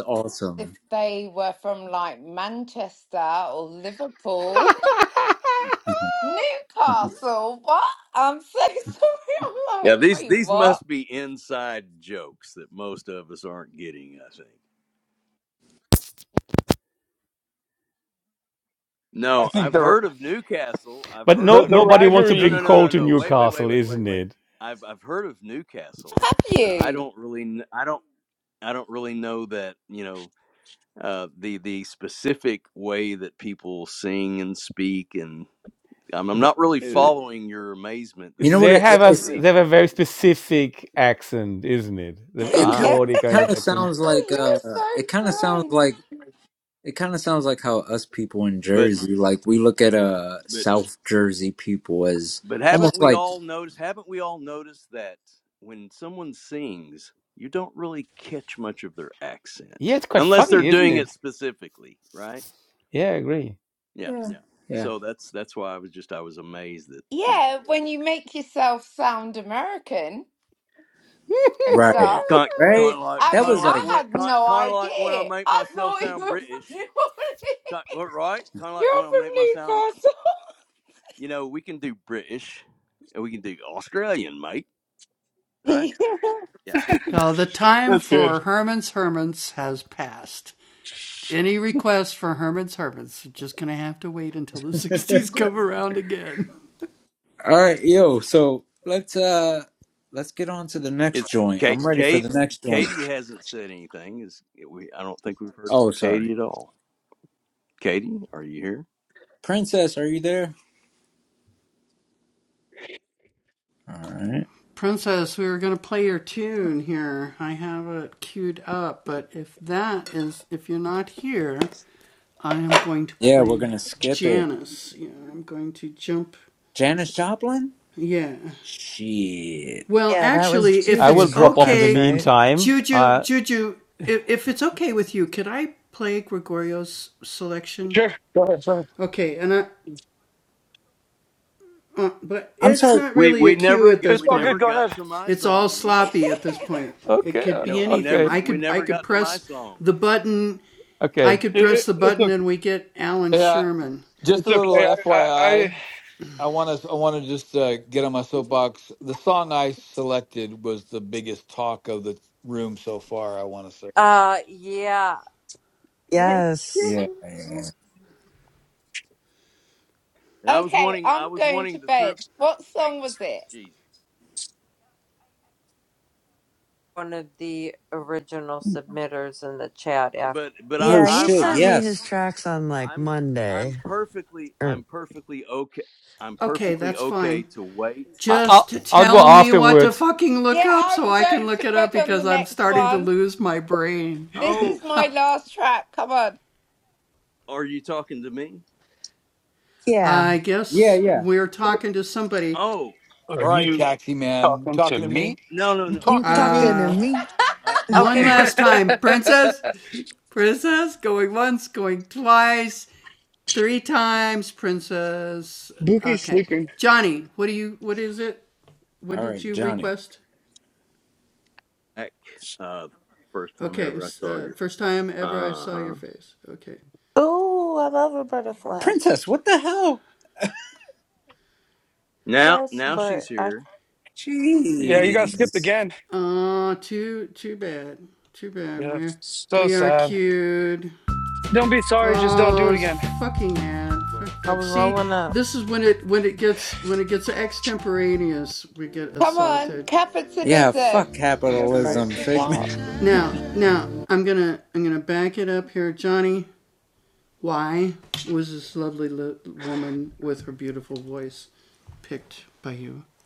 S4: if
S1: awesome.
S4: they were from like Manchester or Liverpool,
S9: yeah. [LAUGHS]
S1: [LAUGHS]
S4: [LAUGHS] Newcastle. What? I'm so [LAUGHS] sorry. I'm
S7: Yeah,
S4: like,
S7: these
S4: wait,
S7: these
S4: what?
S7: must be inside jokes that most of us aren't getting. I think.
S10: I
S7: No,
S10: think
S7: I've
S10: the
S7: heard of Newcastle. I've
S9: But
S7: heard
S10: the
S9: no,
S7: of
S10: the
S7: New.
S9: nobody wants to
S7: No,
S9: bring
S10: rivalry.
S7: no, no,
S9: coal
S7: no,
S9: to
S7: no. Wait, wait, wait,
S9: Newcastle,
S7: wait, wait,
S9: isn't
S7: wait.
S9: it?
S7: I've I've heard of Newcastle,
S4: Have
S7: but I
S4: you?
S7: don't really. kn- I don't. I don't really know that. You know. uh, the the specific way that people sing and speak, and I'm, I'm
S9: They,
S7: not really
S9: uh,
S7: following your amazement
S1: You
S7: that
S1: know
S7: these
S1: what?
S9: they
S1: It,
S9: have
S7: guys
S9: a
S7: could
S1: it's
S7: be
S9: they have a
S7: from
S9: very specific accent, isn't it?
S4: [LAUGHS]
S9: The, a
S1: it kind
S7: ah,
S4: yeah,
S1: of
S9: Geordie
S1: it
S9: kind
S1: kind
S9: of
S1: of
S9: accent.
S1: sounds
S4: Oh,
S1: like
S4: you're
S1: uh,
S4: so
S1: it kind of sounds
S4: kind.
S1: like it kind of sounds like how us people in
S7: but
S1: Jersey, like we look at uh
S7: but
S1: South Jersey people as
S7: but haven't
S1: almost
S7: we
S1: like
S7: all noticed? Haven't we all noticed that when someone sings, you don't really catch much of their accent
S9: Yeah, it's quite
S7: unless they're
S9: funny, isn't
S7: doing it
S9: it?
S7: specifically, right?
S9: Yeah, I agree.
S7: Yeah,
S1: yeah,
S7: yeah.
S1: yeah,
S7: So that's that's why I was just I was amazed that you know
S4: Yeah, when you make yourself sound American
S9: [LAUGHS]
S4: and
S1: right,
S4: stuff.
S7: kind kind
S1: right.
S7: of like
S4: I
S1: That
S4: mean,
S7: kind of
S1: was
S7: like
S1: like
S4: I
S7: when
S4: had
S7: kind
S4: no
S7: kind of like when I
S4: idea.
S7: make
S4: I
S7: myself
S4: thought [LAUGHS] you
S7: sound
S4: were from [LAUGHS]
S7: British.
S4: New Orleans.
S7: well, Right? Kind of like
S4: You're
S7: when I make my sound. You know, we can do British and we can do Australian, mate.
S4: from
S7: Right?
S4: Newcastle. [LAUGHS]
S7: Yeah.
S10: That's good.
S1: all right, yo. So let's uh let's get on to the
S7: It's
S1: next joint.
S7: Kate.
S1: I'm ready for
S7: Kate.
S1: the next joint.
S7: Katie hasn't said anything. Is eh, we? I don't think we've heard
S1: Oh,
S7: from
S1: sorry.
S7: Katie at all. Katie, are you here?
S1: Princess, are you there? All right. Yeah, we're gonna skip it. Janis Joplin? Shit.
S2: yeah, that was
S9: I will
S2: Juju's
S9: drop off in the
S2: request, right?
S9: meantime. Uh,
S10: Sure, go ahead. Sorry.
S1: I'm sorry.
S7: We we never get
S10: It's
S7: we
S10: all good.
S7: never
S10: Go
S7: got
S10: ahead.
S7: to my song either.
S4: [LAUGHS]
S9: okay,
S7: You
S9: uh,
S7: know, we
S9: okay,
S7: never we never got to my song,
S9: okay.
S10: It, it, it's okay.
S8: Yeah. Just
S10: It's
S8: a little
S10: okay. I, I,
S8: FYI.
S10: I
S8: I want to I want to just uh, get on my soapbox. The song I selected was the biggest talk of the room so far. I want to say,
S3: Uh, yeah. [LAUGHS]
S2: Yes.
S1: Yeah. yeah.
S7: and I was
S4: okay,
S7: wanting
S4: I'm
S7: I was
S4: going
S7: wanting
S4: to
S7: to throw
S4: bed. What song was it?
S7: Jesus,
S3: One of the original submitters in the chat
S7: but but I,
S1: Oh
S2: Yeah, he
S7: I'm
S1: shit.
S7: I'm
S2: sent me his
S1: Yes.
S2: tracks on like
S7: I'm I'm
S2: Monday.
S7: perfectly
S2: Or
S7: I'm perfectly okay. I'm perfectly okay to wait.
S9: I, I'll I'll go afterwards.
S4: Yeah, I'm going to bed on the next one. This is
S7: Oh,
S4: my last track. Come on.
S7: are you talking to me?
S2: yeah,
S1: Yeah. Yeah.
S7: Oh,
S10: are
S8: all right,
S10: you
S8: Taxi Man, you
S10: talking to
S8: talking to me?
S10: me?
S7: no, no,
S8: You
S7: no.
S2: you
S8: talking to me?
S2: talking to me,
S4: [LAUGHS]
S7: Uh,
S3: Okay, we're
S10: [LAUGHS] Bookie's sleeping.
S1: All right, Johnny.
S7: heck, uh, first time ever I saw your. Uh huh.
S12: Ooh, I love Roberta Flack.
S1: Princess, what the hell?
S7: Now,
S12: Princess,
S7: now she's
S12: but I
S7: here.
S10: Yeah, you got skipped
S1: Jeez.
S10: again. Yeah, so sad. Don't be sorry, just don't do it again.
S12: I was rolling up.
S4: Come on.
S1: Yeah.
S4: Capitalism.
S1: Fuck
S4: You're supposed
S1: capitalism,
S4: to shout.
S1: Figment. [LAUGHS]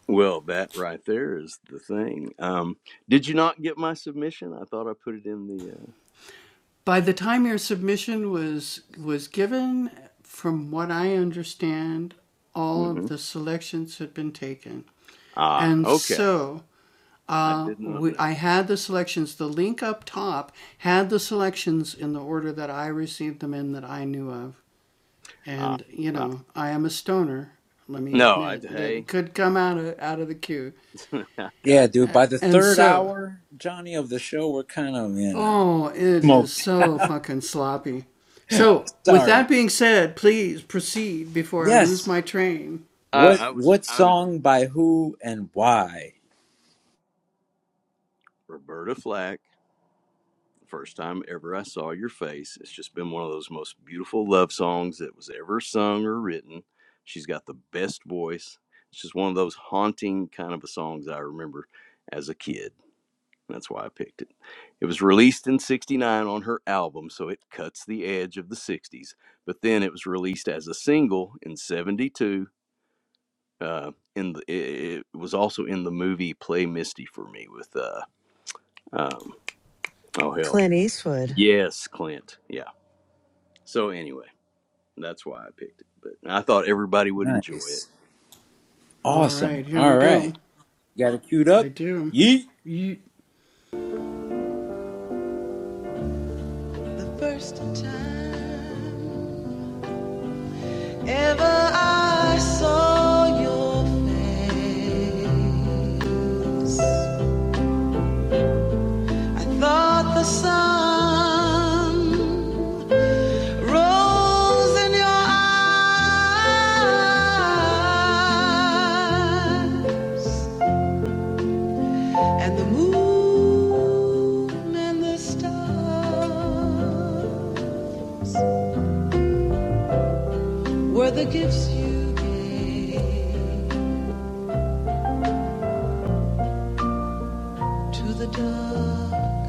S7: Well, that right there is the thing. Um, did you not get my submission? I thought I put it in the. Uh, hmm Ah, okay. I did not know. Ah, ah. no. I hey, [LAUGHS] I,
S1: Yeah, dude. By the third hour, Johnny of the show, we're kind of you know smoked. [LAUGHS] sorry. Yes.
S7: I
S1: What
S7: I was
S1: what
S7: I was
S1: song by who and why?
S7: Roberta Flack, the first time ever I saw your face. It's just been one of those most beautiful love songs that was ever sung or written. She's got the best voice. It's just one of those haunting kind of a songs I remember as a kid. That's why I picked it. It was released in 69 on her album, so it cuts the edge of the 60s. But then it was released as a single in 72. Uh, in the, it, it was also in the movie Play Misty for Me with, uh, um, oh hell,
S2: Clint Eastwood?
S7: Yes, Clint. Yeah. So anyway, that's why I picked it. But I thought everybody would enjoy
S1: Nice.
S7: it.
S1: Awesome. All right. Got it queued up. Yeet.
S5: I thought the sun Rose in your eyes, and the moon and the stars were the gifts you gave to the dark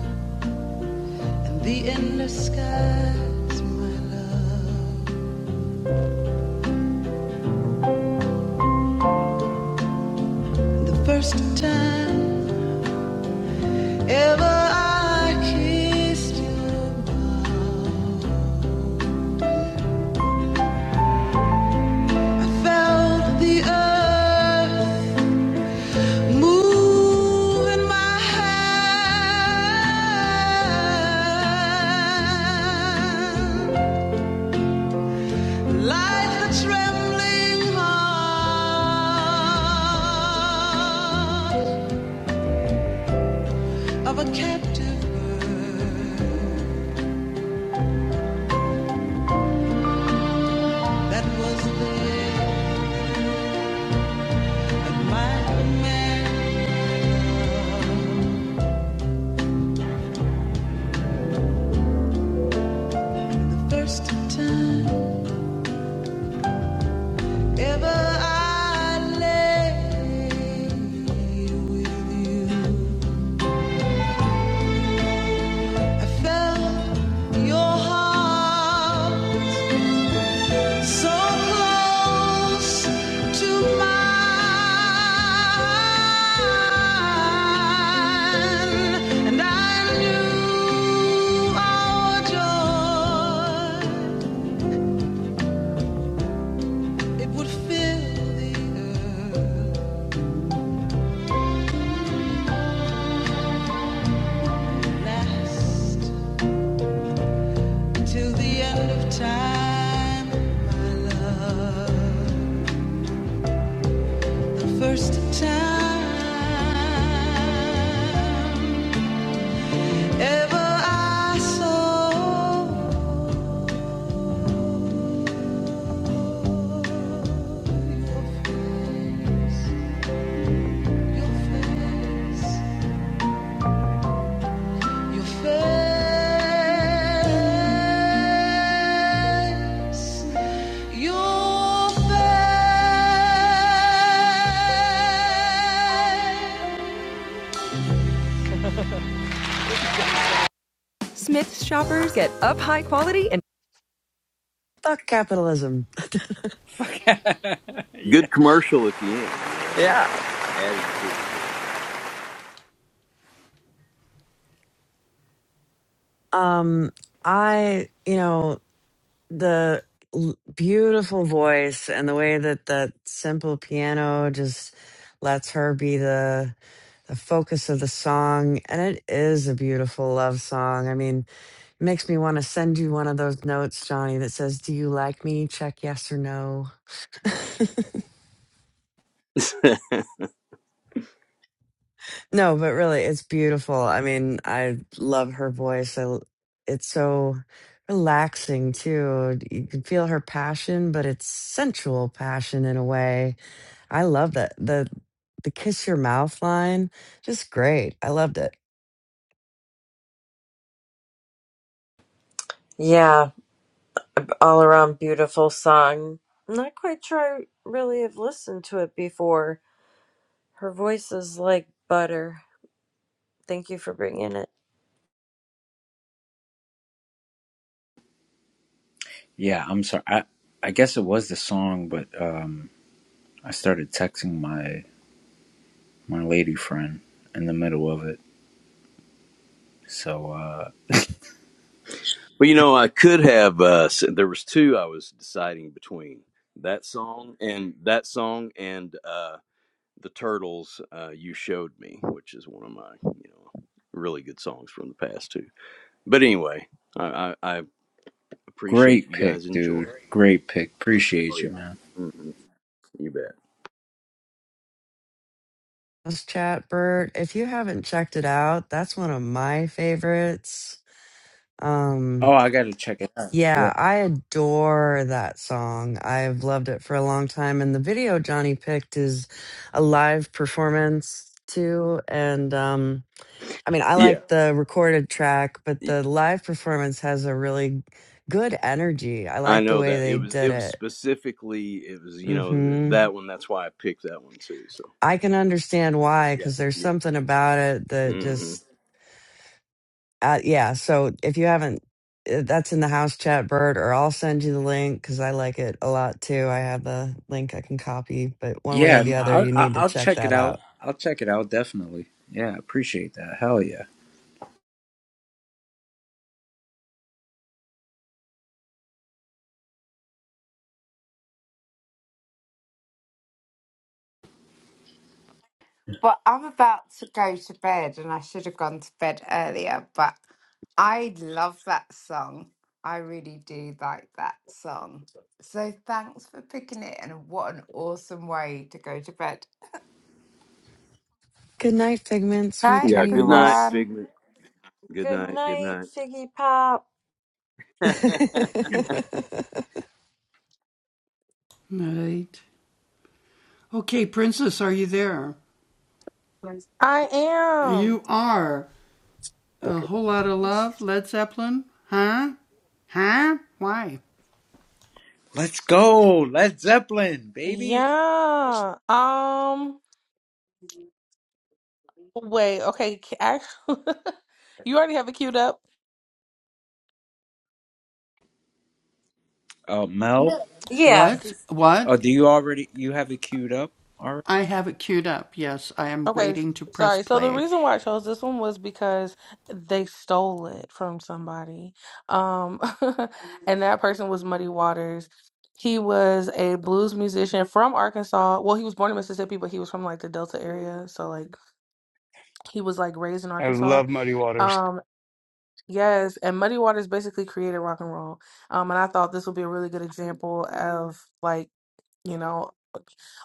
S5: and the endless skies, my love. The first time ever I kissed you, I felt the earth. Moving my hand like the trembling heart of a captive bird that was there at my command the first time ever I lay with you. I felt your heart so close to mine, and I knew our joy it would fill the earth, last till the end of time, my love. First time ever I saw your face, your face, your face. your face. Smith's shoppers get up high quality and
S2: Fuck capitalism.
S1: [LAUGHS] yeah.
S7: Good commercial at the end, you know, that was
S2: Yeah.
S7: added to
S2: Um, I you know the l- beautiful voice and the way that that simple piano just lets her be the the focus of the song and it is a beautiful love song i mean it makes me want to send you one of those notes johnny that says do you like me check yes or no
S7: it. There.
S2: No, but really, it's beautiful. I mean, I love her voice. I, l- it's so relaxing too. You can feel her passion, but it's sensual passion in a way. I love that the the kiss your mouth line. Just great. I loved it.
S3: yeah, all around beautiful song. Not quite sure I really have listened to it before. Her voice is like butter. Thank you for bringing it.
S1: Yeah, I'm sorry. I, I guess it was the song, but um, I started texting my my lady friend in the middle of it. So uh,
S7: [LAUGHS] well, you know, I could have. Uh, s- there was two I was deciding between that song and that song and uh, the Turtles. Uh, you showed me, which is one of my, you know, really good songs from the past too. But anyway, I, I, I appreciate
S1: great
S7: you guys
S1: pick,
S7: enjoy.
S1: dude.
S7: it.
S1: Great pick.
S7: Oh
S1: Appreciate
S7: yeah.
S1: you, man.
S7: hmm You bet.
S2: Let's chat, Bert. If you haven't checked it out, that's one of my favorites. Um,
S1: Oh, I gotta check it out. Yeah.
S2: Yeah, I adore that song. I've loved it for a long time. And the video Johnny picked is a live performance too. And um, I mean, I
S7: Yeah.
S2: like the recorded track, but the live performance has a really good energy. I
S7: I
S2: like the
S7: know
S2: way
S7: that it
S2: they
S7: was it
S2: did
S7: was
S2: it.
S7: specifically it was you know
S2: hmm
S7: that one. That's why I picked that one too. So
S2: I can understand why,
S7: Yeah,
S2: because there's
S7: yeah.
S2: something about it that
S7: hmm
S2: just Uh, yeah. So if you haven't, uh, that's in the house chat, Bird, or I'll send you the link because I like it a lot too. I have the link I can copy, but one way
S1: Yeah.
S2: or
S1: No,
S2: the other,
S1: I'll,
S2: you
S1: I'll
S2: need to
S1: I'll
S2: check
S1: check it
S2: that
S1: out.
S2: out.
S1: I'll check it out definitely. Yeah. Appreciate that. Hell yeah.
S4: But I'm about to go to bed, and I should have gone to bed earlier, but I love that song. I really do like that song. So thanks for picking it, and what an awesome way to go to bed.
S2: Good night, Figment. Sweet
S4: Night,
S7: yeah. Good night,
S2: dreams.
S4: everyone.
S7: Figment. Good
S3: Good
S7: night. Good
S3: night,
S7: night,
S3: Figgy Pop.
S7: [LAUGHS]
S2: [LAUGHS]
S12: I am.
S1: Let's go. Led Zeppelin, baby.
S12: Yeah. Um. Wait. Okay. Actually, [LAUGHS] you already have it queued up.
S1: Oh, Mel.
S3: Yes,
S1: Oh, do you already you have it queued up? All right.
S12: Okay. Sorry. So the reason why I chose this one was because they stole it from somebody. Um, [LAUGHS] and that person was Muddy Waters. He was a blues musician from Arkansas. Well, he was born in Mississippi, but he was from like the Delta area, so like He was like raised in
S10: I
S12: Arkansas.
S10: love Muddy Waters.
S12: Um, Yes, and Muddy Waters basically created rock and roll. Um, and I thought this would be a really good example of like, you know,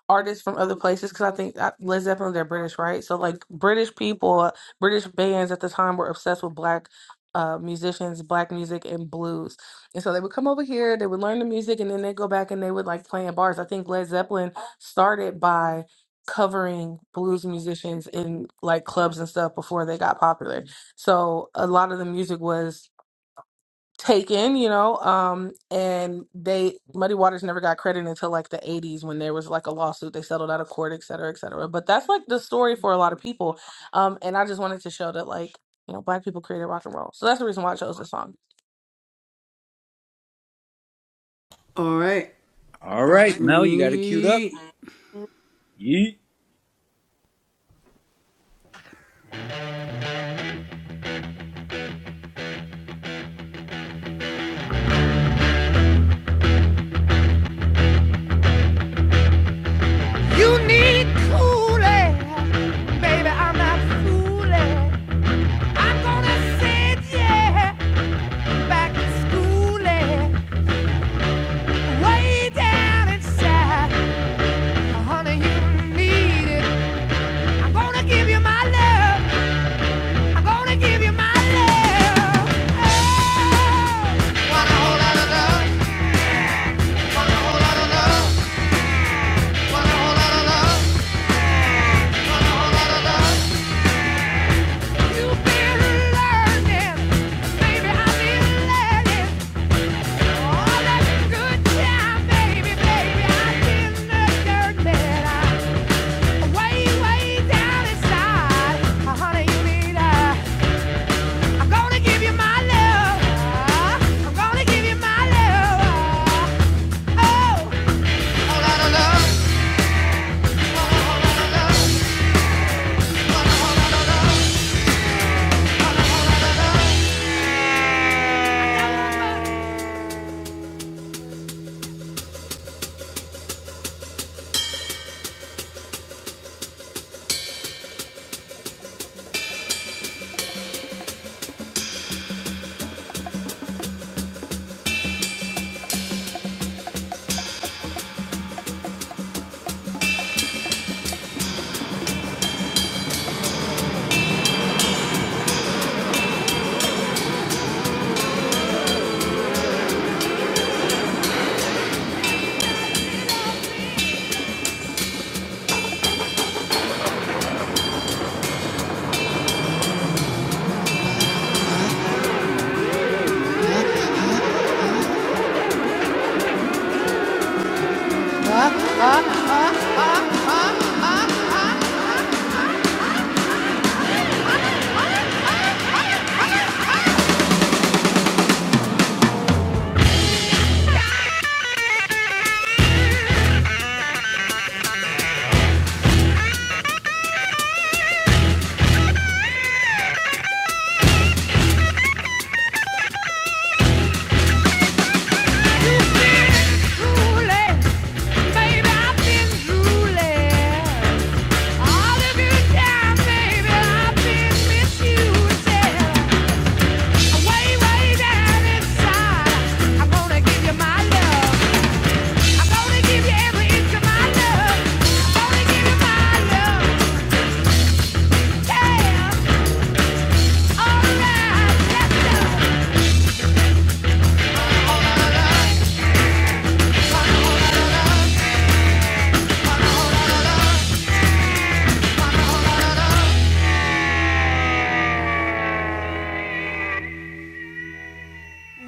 S12: artists from other places because I think uh, Led Zeppelin they're British, right? So like British people, British bands at the time were obsessed with black uh, musicians, black music, and blues. And so they would come over here, they would learn the music, and then they go back and they would like play in bars. I think Led Zeppelin started by covering blues musicians in like clubs and stuff before they got popular. So a lot of the music was taken, you know, um, and they Muddy Waters never got credit until like the 80s when there was like a lawsuit. They settled out of court, et cetera, et cetera. But that's like the story for a lot of people. Um, and I just wanted to show that like, you know, black people created rock and roll. So that's the reason why I chose this song.
S1: All right, Mel, you got it queued up. Yeet.
S5: head back to school and way down inside. Honey, you need it. I'm gonna give you my love. I'm gonna give you my love. Oh, you've been learning. Baby, I've been learning. All that good time, baby, baby, I've been learning. Way, way down inside. Oh, Honey, you need it. I'm gonna give you my love. I'm gonna give you my love. Oh.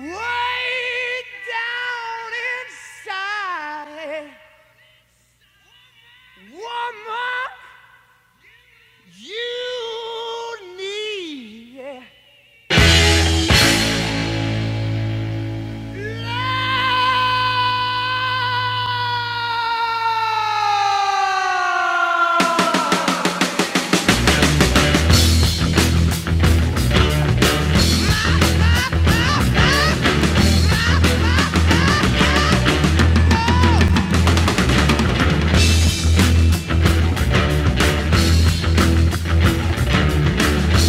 S5: Way down inside, woman. You need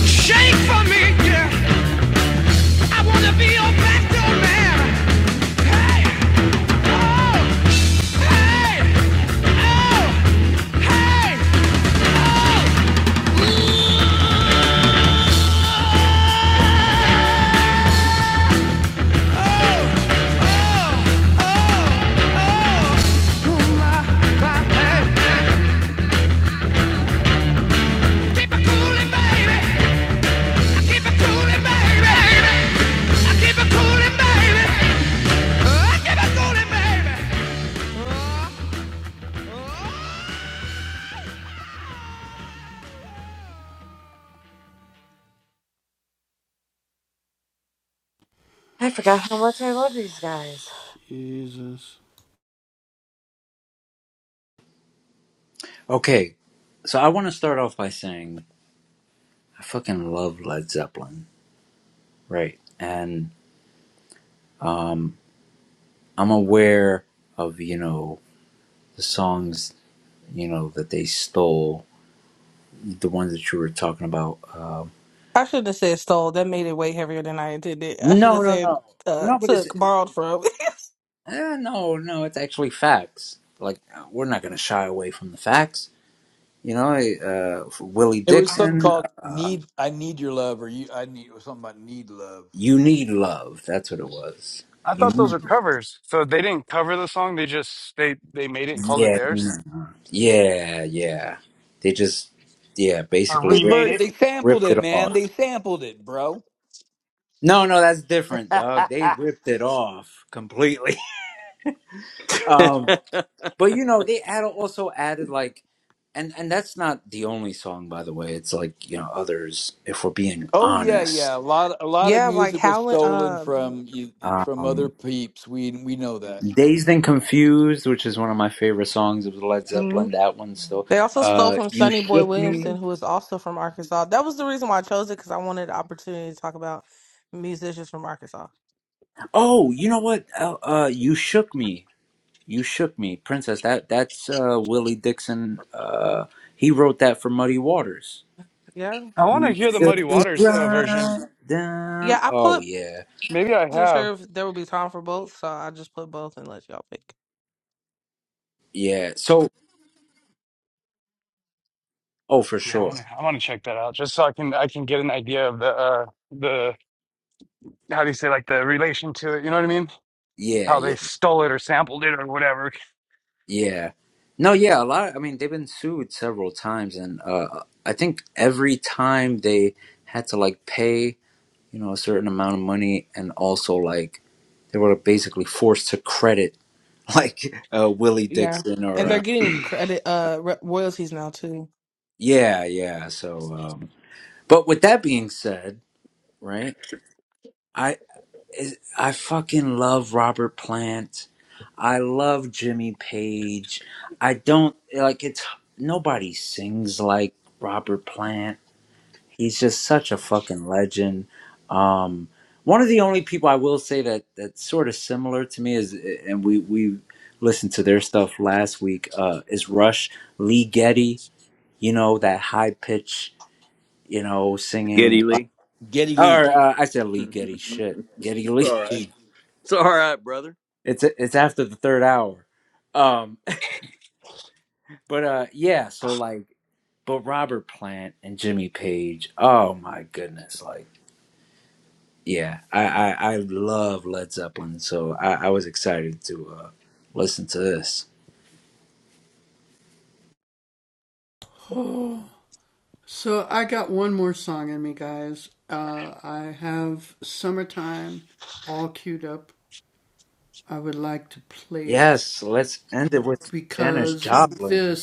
S5: shake for me, yeah. I wanna be your back man. Hey, oh, hey, oh, hey, oh, oh, oh, oh. Keep it coolin', baby. Keep it coolin', baby. I keep it coolin', baby. I keep it coolin', baby.
S3: I forgot how much I love these guys.
S1: Okay. So I want to start off by saying I fucking love Led Zeppelin. Right. And um I'm aware of, you know, the songs, you know, that they stole, the ones that you were talking about. Um
S12: I should have said stole. That made it way heavier than I intended. I should
S1: no,
S12: have
S1: no,
S12: said
S1: no.
S12: uh,
S1: No, but it's
S12: took, borrowed from.
S1: eh, no, no, it's actually facts. Like we're not going to shy away from the facts. You know, uh, Willie
S8: It was something
S1: Dixon.
S8: called
S1: uh,
S8: "Need." I need your love, or you. I need it was something about need love.
S1: You need love. That's what it was.
S10: I
S1: You
S10: thought those
S1: need.
S10: were covers. So they didn't cover the song, they just they they made it and called it
S1: Yeah.
S10: theirs.
S1: no. Yeah. Yeah. They just. Yeah.
S10: Or
S1: Basically
S8: Hey,
S10: remade
S1: ripped it,
S8: Bert,
S10: it.
S8: they sampled
S1: ripped it
S8: it, man.
S1: off.
S8: They sampled it, bro.
S1: No, no, that's different,
S8: [LAUGHS]
S1: dog. They ripped it off completely. [LAUGHS] um, but you know, they add, also added like, and and that's not the only song, by the way. It's like you know others. If we're being
S8: oh yeah, yeah.
S1: honest,
S8: A lot, a
S12: [LAUGHS]
S8: lot of
S12: yeah, like
S8: music was
S12: Howlin'.
S8: stolen from you, from other
S1: um,
S8: peeps. We we know that. Yeah.
S1: "Dazed and Confused," which is one of my favorite songs of Led
S12: Um,
S1: Zeppelin. That one still.
S12: They also stole
S1: Uh,
S12: from
S1: "You
S12: Sonny Boy
S1: Shook Me."
S12: Williamson, who is also from Arkansas. That was the reason why I chose it because I wanted the opportunity to talk about musicians from Arkansas.
S1: Oh, you know what? Uh, uh, you shook me. You shook me, Princess. That that's uh, Willie Dixon. Uh, he wrote that for Muddy Waters.
S12: Yeah.
S10: I want to
S1: You
S10: hear the Muddy
S1: shook me
S10: Waters uh, version.
S1: right
S12: Yeah,
S1: down.
S12: I
S1: Oh
S12: put,
S1: yeah,
S10: Maybe I
S12: wasn't
S10: have.
S12: sure if there would be time for both, so I just put both and let y'all pick.
S1: yeah. So oh for
S10: Yeah, I
S1: sure.
S10: want to I want to check that out just so I can I can get an idea of the uh the how do you say like the relation to it, you know what I mean?
S1: Yeah,
S10: How
S1: yeah,
S10: they stole it or sampled it or whatever.
S1: yeah. No, yeah. A lot. I mean, they've been sued several times, and uh, I think every time they had to like pay, you know, a certain amount of money, and also like they were basically forced to credit [LAUGHS] like uh, Willie
S12: Yeah.
S1: Dixon or
S12: And they're
S1: uh,
S12: getting credit, uh, re- royalties now too.
S1: yeah, yeah. So, um, but with that being said, right? I is- I fucking love Robert Plant. I love Jimmy Page. I don't like it's nobody sings like Robert Plant. He's just such a fucking legend. Um, one of the only people I will say that that's sort of similar to me is, and we we listened to their stuff last week. Uh, is Rush Lee Getty you know, that high pitch, you know, singing.
S7: Getty Lee.
S8: Geddy
S1: Or uh, I said
S7: [LAUGHS]
S1: Lee Getty. Shit, Getty
S7: it's all
S1: Lee. [LAUGHS]
S7: right.
S8: Lee.
S7: It's all right, brother.
S1: It's it's after the third hour. Um, [LAUGHS] but uh, yeah. So like, but Robert Plant and Jimmy Page. Oh my goodness, like. Yeah, I, I, I love Led Zeppelin, so I, I was excited to uh, listen to this. Yes, let's end it with Janis Joplin.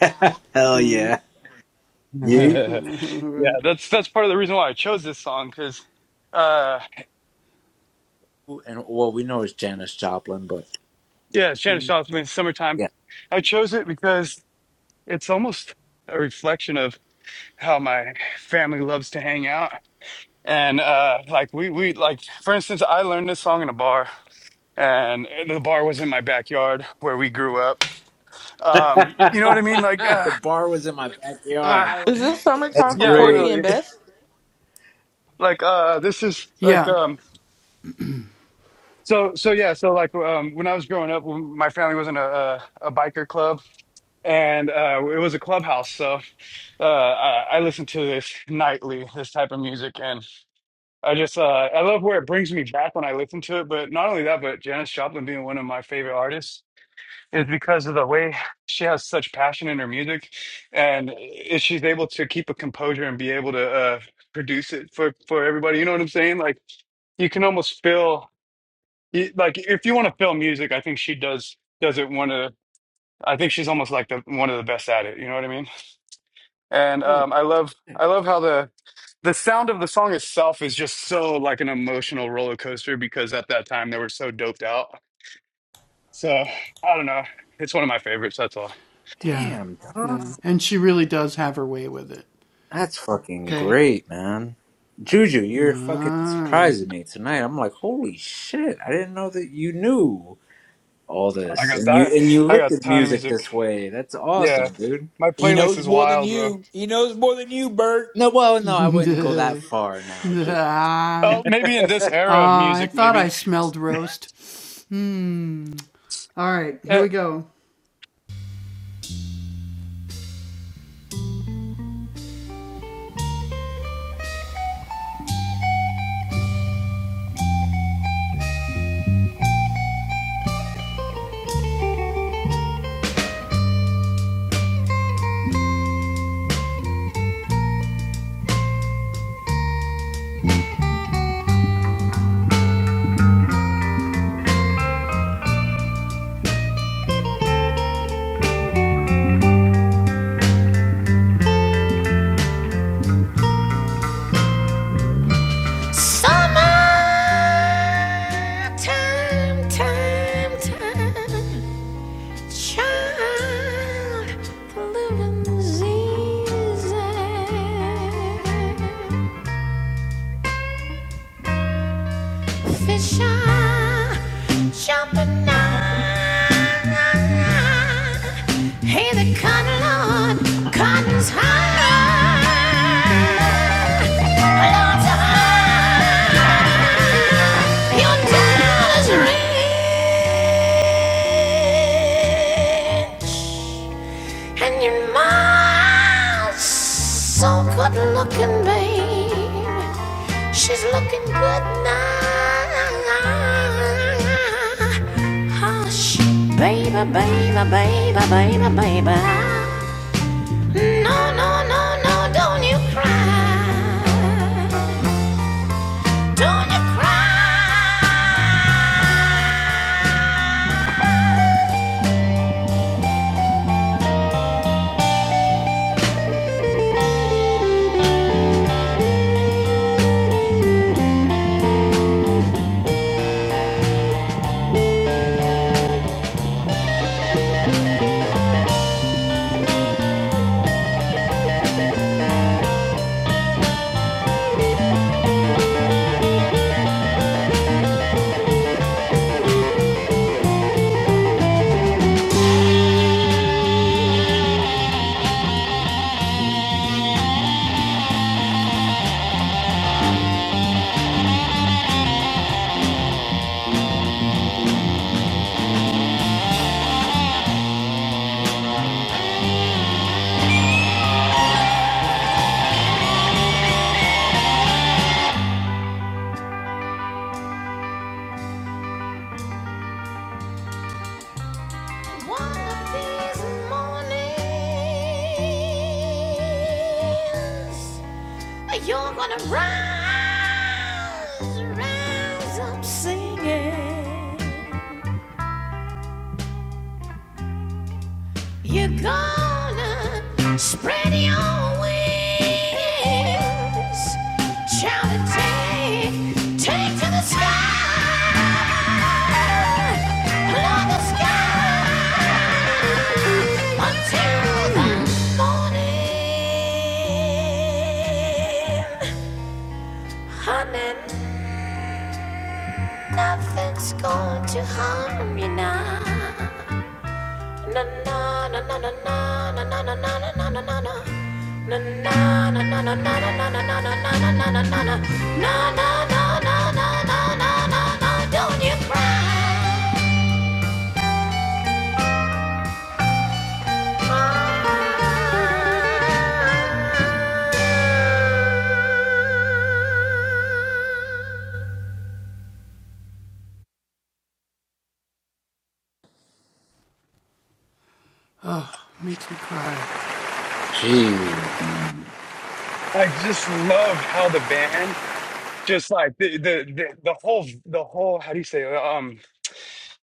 S1: [LAUGHS] Hell yeah.
S10: [LAUGHS]
S1: You
S10: yeah, that's that's part of the reason why I chose this song cuz uh
S1: and well, we know it's Janis Joplin, but
S10: yeah, Shannon Sharp's Summertime.
S1: yeah.
S10: I chose it because it's almost a reflection of how my family loves to hang out. And uh like we we like for instance I learned this song in a bar and the bar was in my backyard where we grew up.
S1: [LAUGHS]
S10: Um you know what I mean like uh,
S1: the bar was in my
S10: uh
S1: backyard.
S12: I- Is this
S1: That's
S12: summertime from
S10: yeah
S12: Porgy
S1: great.
S12: and
S10: literally
S12: Bess?
S10: like uh this is like um so so yeah so like um when I was growing up when my family was in a a, a biker club and uh it was a clubhouse so uh I, I listened to this nightly this type of music and. I just uh, I love where it brings me back when I listen to it. But not only that, but Janis Joplin being one of my favorite artists is because of the way she has such passion in her music, and i- she's able to keep a composure and be able to uh, produce it for for everybody. You know what I'm saying? Like you can almost feel you- like if you want to feel music, I think she does does it one of the- I think she's almost like the one of the best at it. You know what I mean? And um, I love I love how the the sound of the song itself is just so like an emotional roller coaster because at that time they were so doped out. So I don't know. It's one of my favorites. That's all.
S1: Damn, dog. That's fucking great, man. Juju, you're fucking surprising me tonight. I'm like, holy shit! I didn't know that you knew all
S10: I
S1: this,
S10: got
S1: and you
S10: that.
S1: and you
S10: I
S1: looked
S10: got a
S1: at
S10: ton of
S1: music
S10: music.
S1: this way. That's
S10: Yeah,
S1: awesome, dude.
S10: my
S8: He
S10: playlist
S8: knows
S10: is
S8: more than
S10: wild, bro.
S8: you. He knows more than you, Bert.
S1: No, well, no, I wouldn't go that far now, J
S10: Oh, maybe in this era of music, maybe Uh,
S5: Summer time, time, time. Child, the living's easy. Fish are jumping out. Hey, the cotton Lord, cotton's high. Lord's high. Your dollar's rich. And your mom's so good looking, babe. She's looking good now. Hush, baby, baby, baby, baby, baby. No, no, no, no, don't you cry. Don't you cry. One of these mornings. You're gonna rise, rise up singing. You're gonna spread your wings, shout and take, take to the sky, love the sky until the morning, honey. Nothing's going to harm you now. Na na na na na na na na na na na na na na. Na na na na na na na na na na na na na na na. Na na na na na na na na na. Don't you cry.
S1: Jeez, man.
S10: I just love how the band just like the the the, the whole the whole how do you say it? um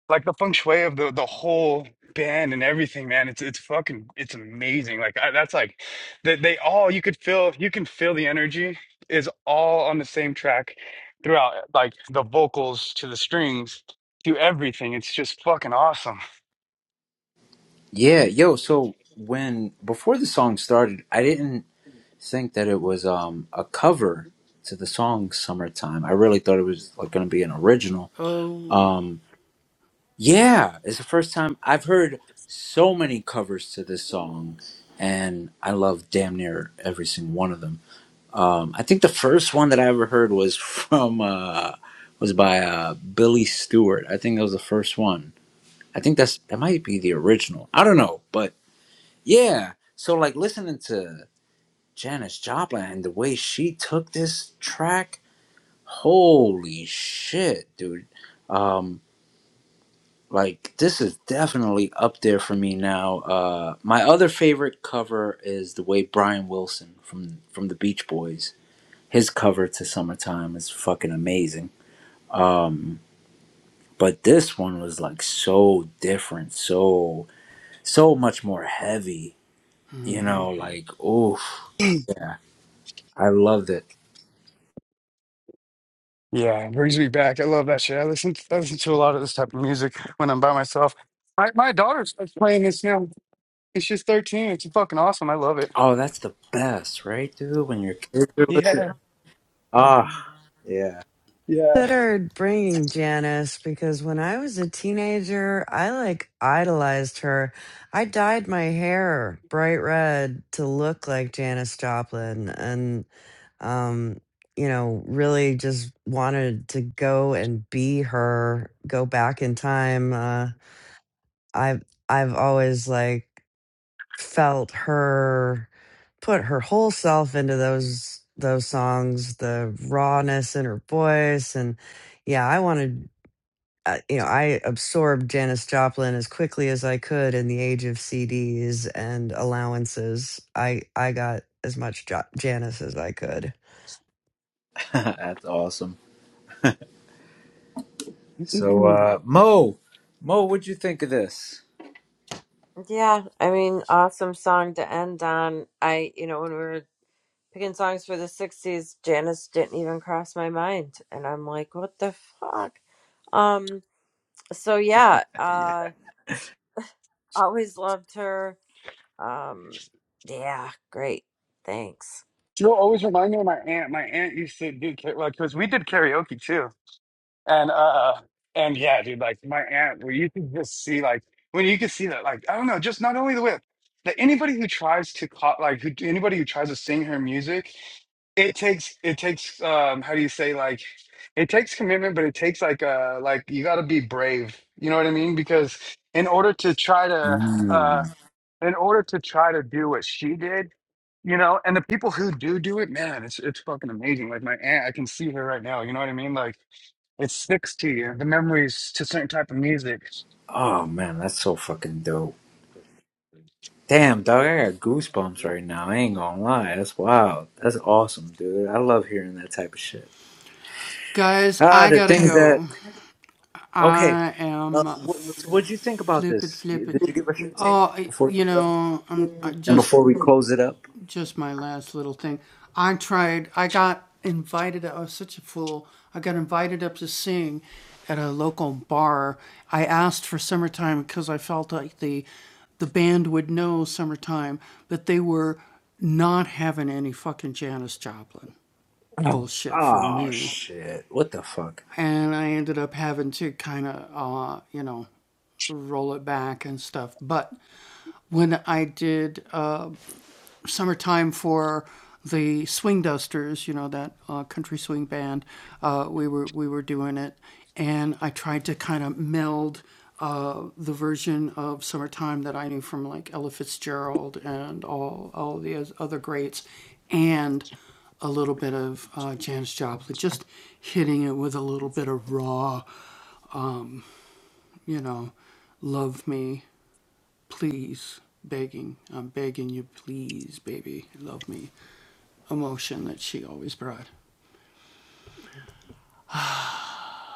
S10: like the feng shui of the the whole band and everything, man. It's it's fucking it's amazing. Like I, that's like they they, all you could feel you can feel the energy is all on the same track throughout like the vocals to the strings to everything. It's just fucking awesome.
S1: Yeah, yo. So when before the song started, I didn't. think that it was um, a cover to the song "Summertime." I really thought it was like going to be an original. Um, yeah, it's the first time I've heard so many covers to this song, and I love damn near every single one of them. Um, I think the first one that I ever heard was from uh, was by uh, Billy Stewart. I think that was the first one. I think that's that might be the original. I don't know, but yeah. So like listening to Janis Joplin and the way she took this track, holy shit, dude. Um, like this is definitely up there for me now. Uh, my other favorite cover is the way Brian Wilson from from the Beach Boys, his cover to "Summertime" is fucking amazing. Um, but this one was like so different, so so much more heavy. You know, like oof, I loved it.
S10: Yeah, it brings me back. I love that shit. I listen I listen to a lot of this type of music when I'm by myself. My my daughter starts playing this now. It's just 13. It's fucking awesome. I love it.
S1: Oh, that's the best, right, dude? When your kids are [LAUGHS]
S10: Yeah.
S1: listening. Ah, yeah,
S10: Yeah.
S2: considered bringing Janice because when I was a teenager, I like idolized her. I dyed my hair bright red to look like Janice Joplin and um you know, really just wanted to go and be her, go back in time. Uh I've I've always like felt her put her whole self into those those songs the rawness in her voice and yeah i wanted uh, you know i absorbed janis joplin as quickly as i could in the age of cds and allowances i i got as much jo- janis as i could
S1: [LAUGHS] that's awesome. So, uh, Mo, Mo, what'd you think of this?
S3: Yeah, I mean, awesome song to end on. I, you know, when we were picking songs for the '60s, Janice didn't even cross my mind, and I'm like, what the fuck? Um, so yeah, uh, always loved her Um, yeah, great. Thanks.
S10: You know, always remind me of my aunt. My aunt used to do ka- like because we did karaoke too, and uh, uh, and yeah, dude, like my aunt, where you could just see like when you could see that, like I don't know, just not only the whip that anybody who tries to co- like who anybody who tries to sing her music, it takes it takes um how do you say like it takes commitment, but it takes like uh like you got to be brave. You know what I mean? Because in order to try to uh
S1: Mm.
S10: in order to try to do what she did, you know, and the people who do do it, man, it's it's fucking amazing. Like my aunt, I can see her right now. You know what I mean? Like it sticks to you. The memories to certain type of music.
S1: Oh man, that's so fucking dope. Damn, dog, I got goosebumps right now. I ain't gonna lie. That's wild. That's awesome, dude. I love hearing that type of shit. Ah, the things that. Okay, uh, what, so what'd you think about this? You- Did you give us your take before you go? And before we close it up?
S10: Mhm.
S1: Oh shit! What the fuck?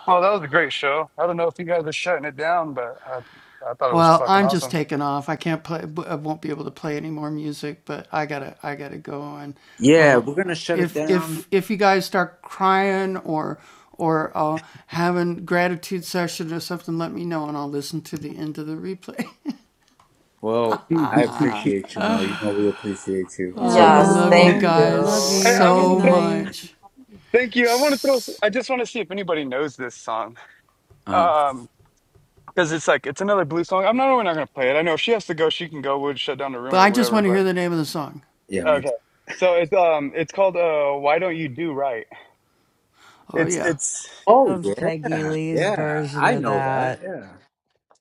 S10: Well, that was a great show. I don't know if you guys are shutting it down, but I I thought it was fucking awesome.
S1: Yeah, we're gonna shut it down. Well,
S10: [LAUGHS]
S1: I
S10: I,
S1: appreciate you, Mel. You know we appreciate you. We're
S2: yeah
S1: so
S3: Yes,
S1: grateful.
S3: thank
S2: mel love
S3: you.
S2: you
S10: I want
S2: good
S10: to throw.
S2: night
S10: Thank you. I want to throw. s- I just want to see if anybody knows this song.
S1: Uh,
S10: Um, because it's like it's another blues song. I'm not. We're not gonna play it. I know if she has to go, she can go. We'll shut down the room or whatever. But.
S1: yeah, me
S10: Okay.
S1: too.
S10: So it's um it's called uh Why Don't You Do Right? It's it's
S1: Oh
S2: love peggy
S1: yeah,
S2: lee's
S1: yeah.
S2: version
S1: I
S2: of
S1: know that.
S2: that
S1: Yeah.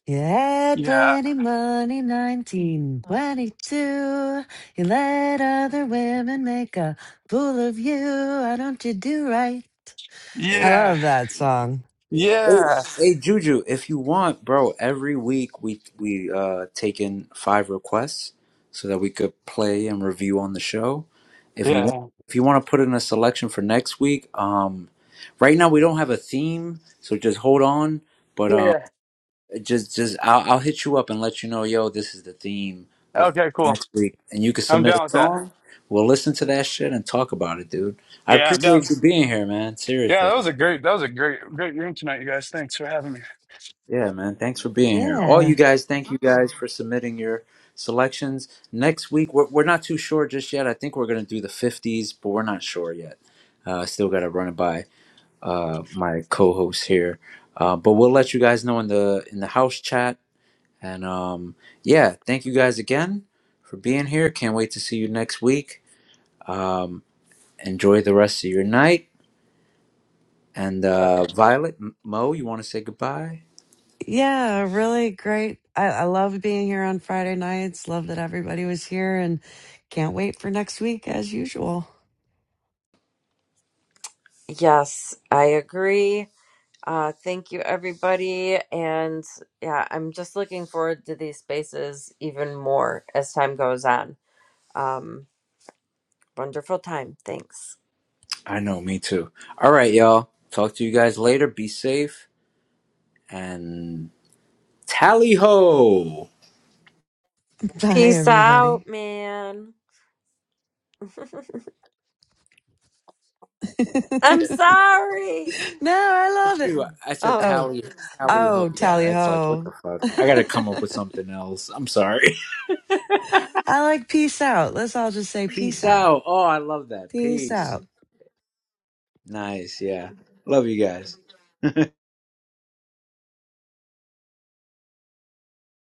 S2: Yeah,
S10: yeah.
S2: plenty money, 1922. You let other women make a fool of you. Why don't you do right?
S1: Hey,
S2: I
S10: Yeah.
S2: love that song.
S1: hey,
S10: Yeah.
S1: hey, Juju, if you want, bro, every week we we uh take in five requests so that we could play and review on the show. If you want,
S10: Yeah.
S1: if you want to put in a selection for next week, um, right now we don't have a theme, so just hold on. But um.
S10: Yeah.
S1: just just I'll, I'll hit you up and let you know yo this is the theme of
S10: Okay, cool.
S1: next week and you can
S10: I'm
S1: submit a
S10: down with that.
S1: song we'll listen to that shit and talk about it dude i
S10: Yeah, I'm
S1: appreciate
S10: down.
S1: you being here man
S10: Yeah,
S1: seriously
S10: that was a great that was a great great room tonight, you guys. Thanks for having me.
S1: yeah man thanks for being here all you
S2: Yeah.
S1: guys thank you guys for submitting your selections next week we're, we're not too sure just yet i think we're gonna do the 50s but we're not sure yet uh, i still gotta run it by uh, my co-host here uh, but we'll let you guys know in the in the house chat And um, yeah, thank you guys again for being here. Can't wait to see you next week. Um, enjoy the rest of your night. And
S10: All right,
S1: uh,
S10: y'all.
S1: Violet, M- Mo, you want to say goodbye?
S2: Yeah, really great. I, I love being here on Friday nights. Love that everybody was here and can't wait for next week as usual.
S3: Yes, I agree. Uh, thank you, everybody. And yeah, I'm just looking forward to these spaces even more as time goes on. Um, wonderful time. Thanks.
S1: I know, me too. All right, y'all. Talk to you guys later. Be safe and tally ho.
S2: [LAUGHS] Bye,
S3: Peace out,
S2: everybody.
S3: man. [LAUGHS]
S2: [LAUGHS] no,
S3: I'm sorry.
S2: I love it.
S1: Shoot, I said
S3: Oh.
S2: Oh,
S1: tally tally ho.
S2: oh,
S1: Yeah,
S2: tally
S1: that's like what the
S2: ho.
S1: fuck. I gotta come
S2: [LAUGHS]
S1: up with something else. I'm sorry.
S2: I like peace out. Let's all just say
S1: [LAUGHS] Peace
S2: peace out.
S1: out. Oh, I love that.
S2: Peace out.
S1: Peace. Nice. Yeah. Love you guys.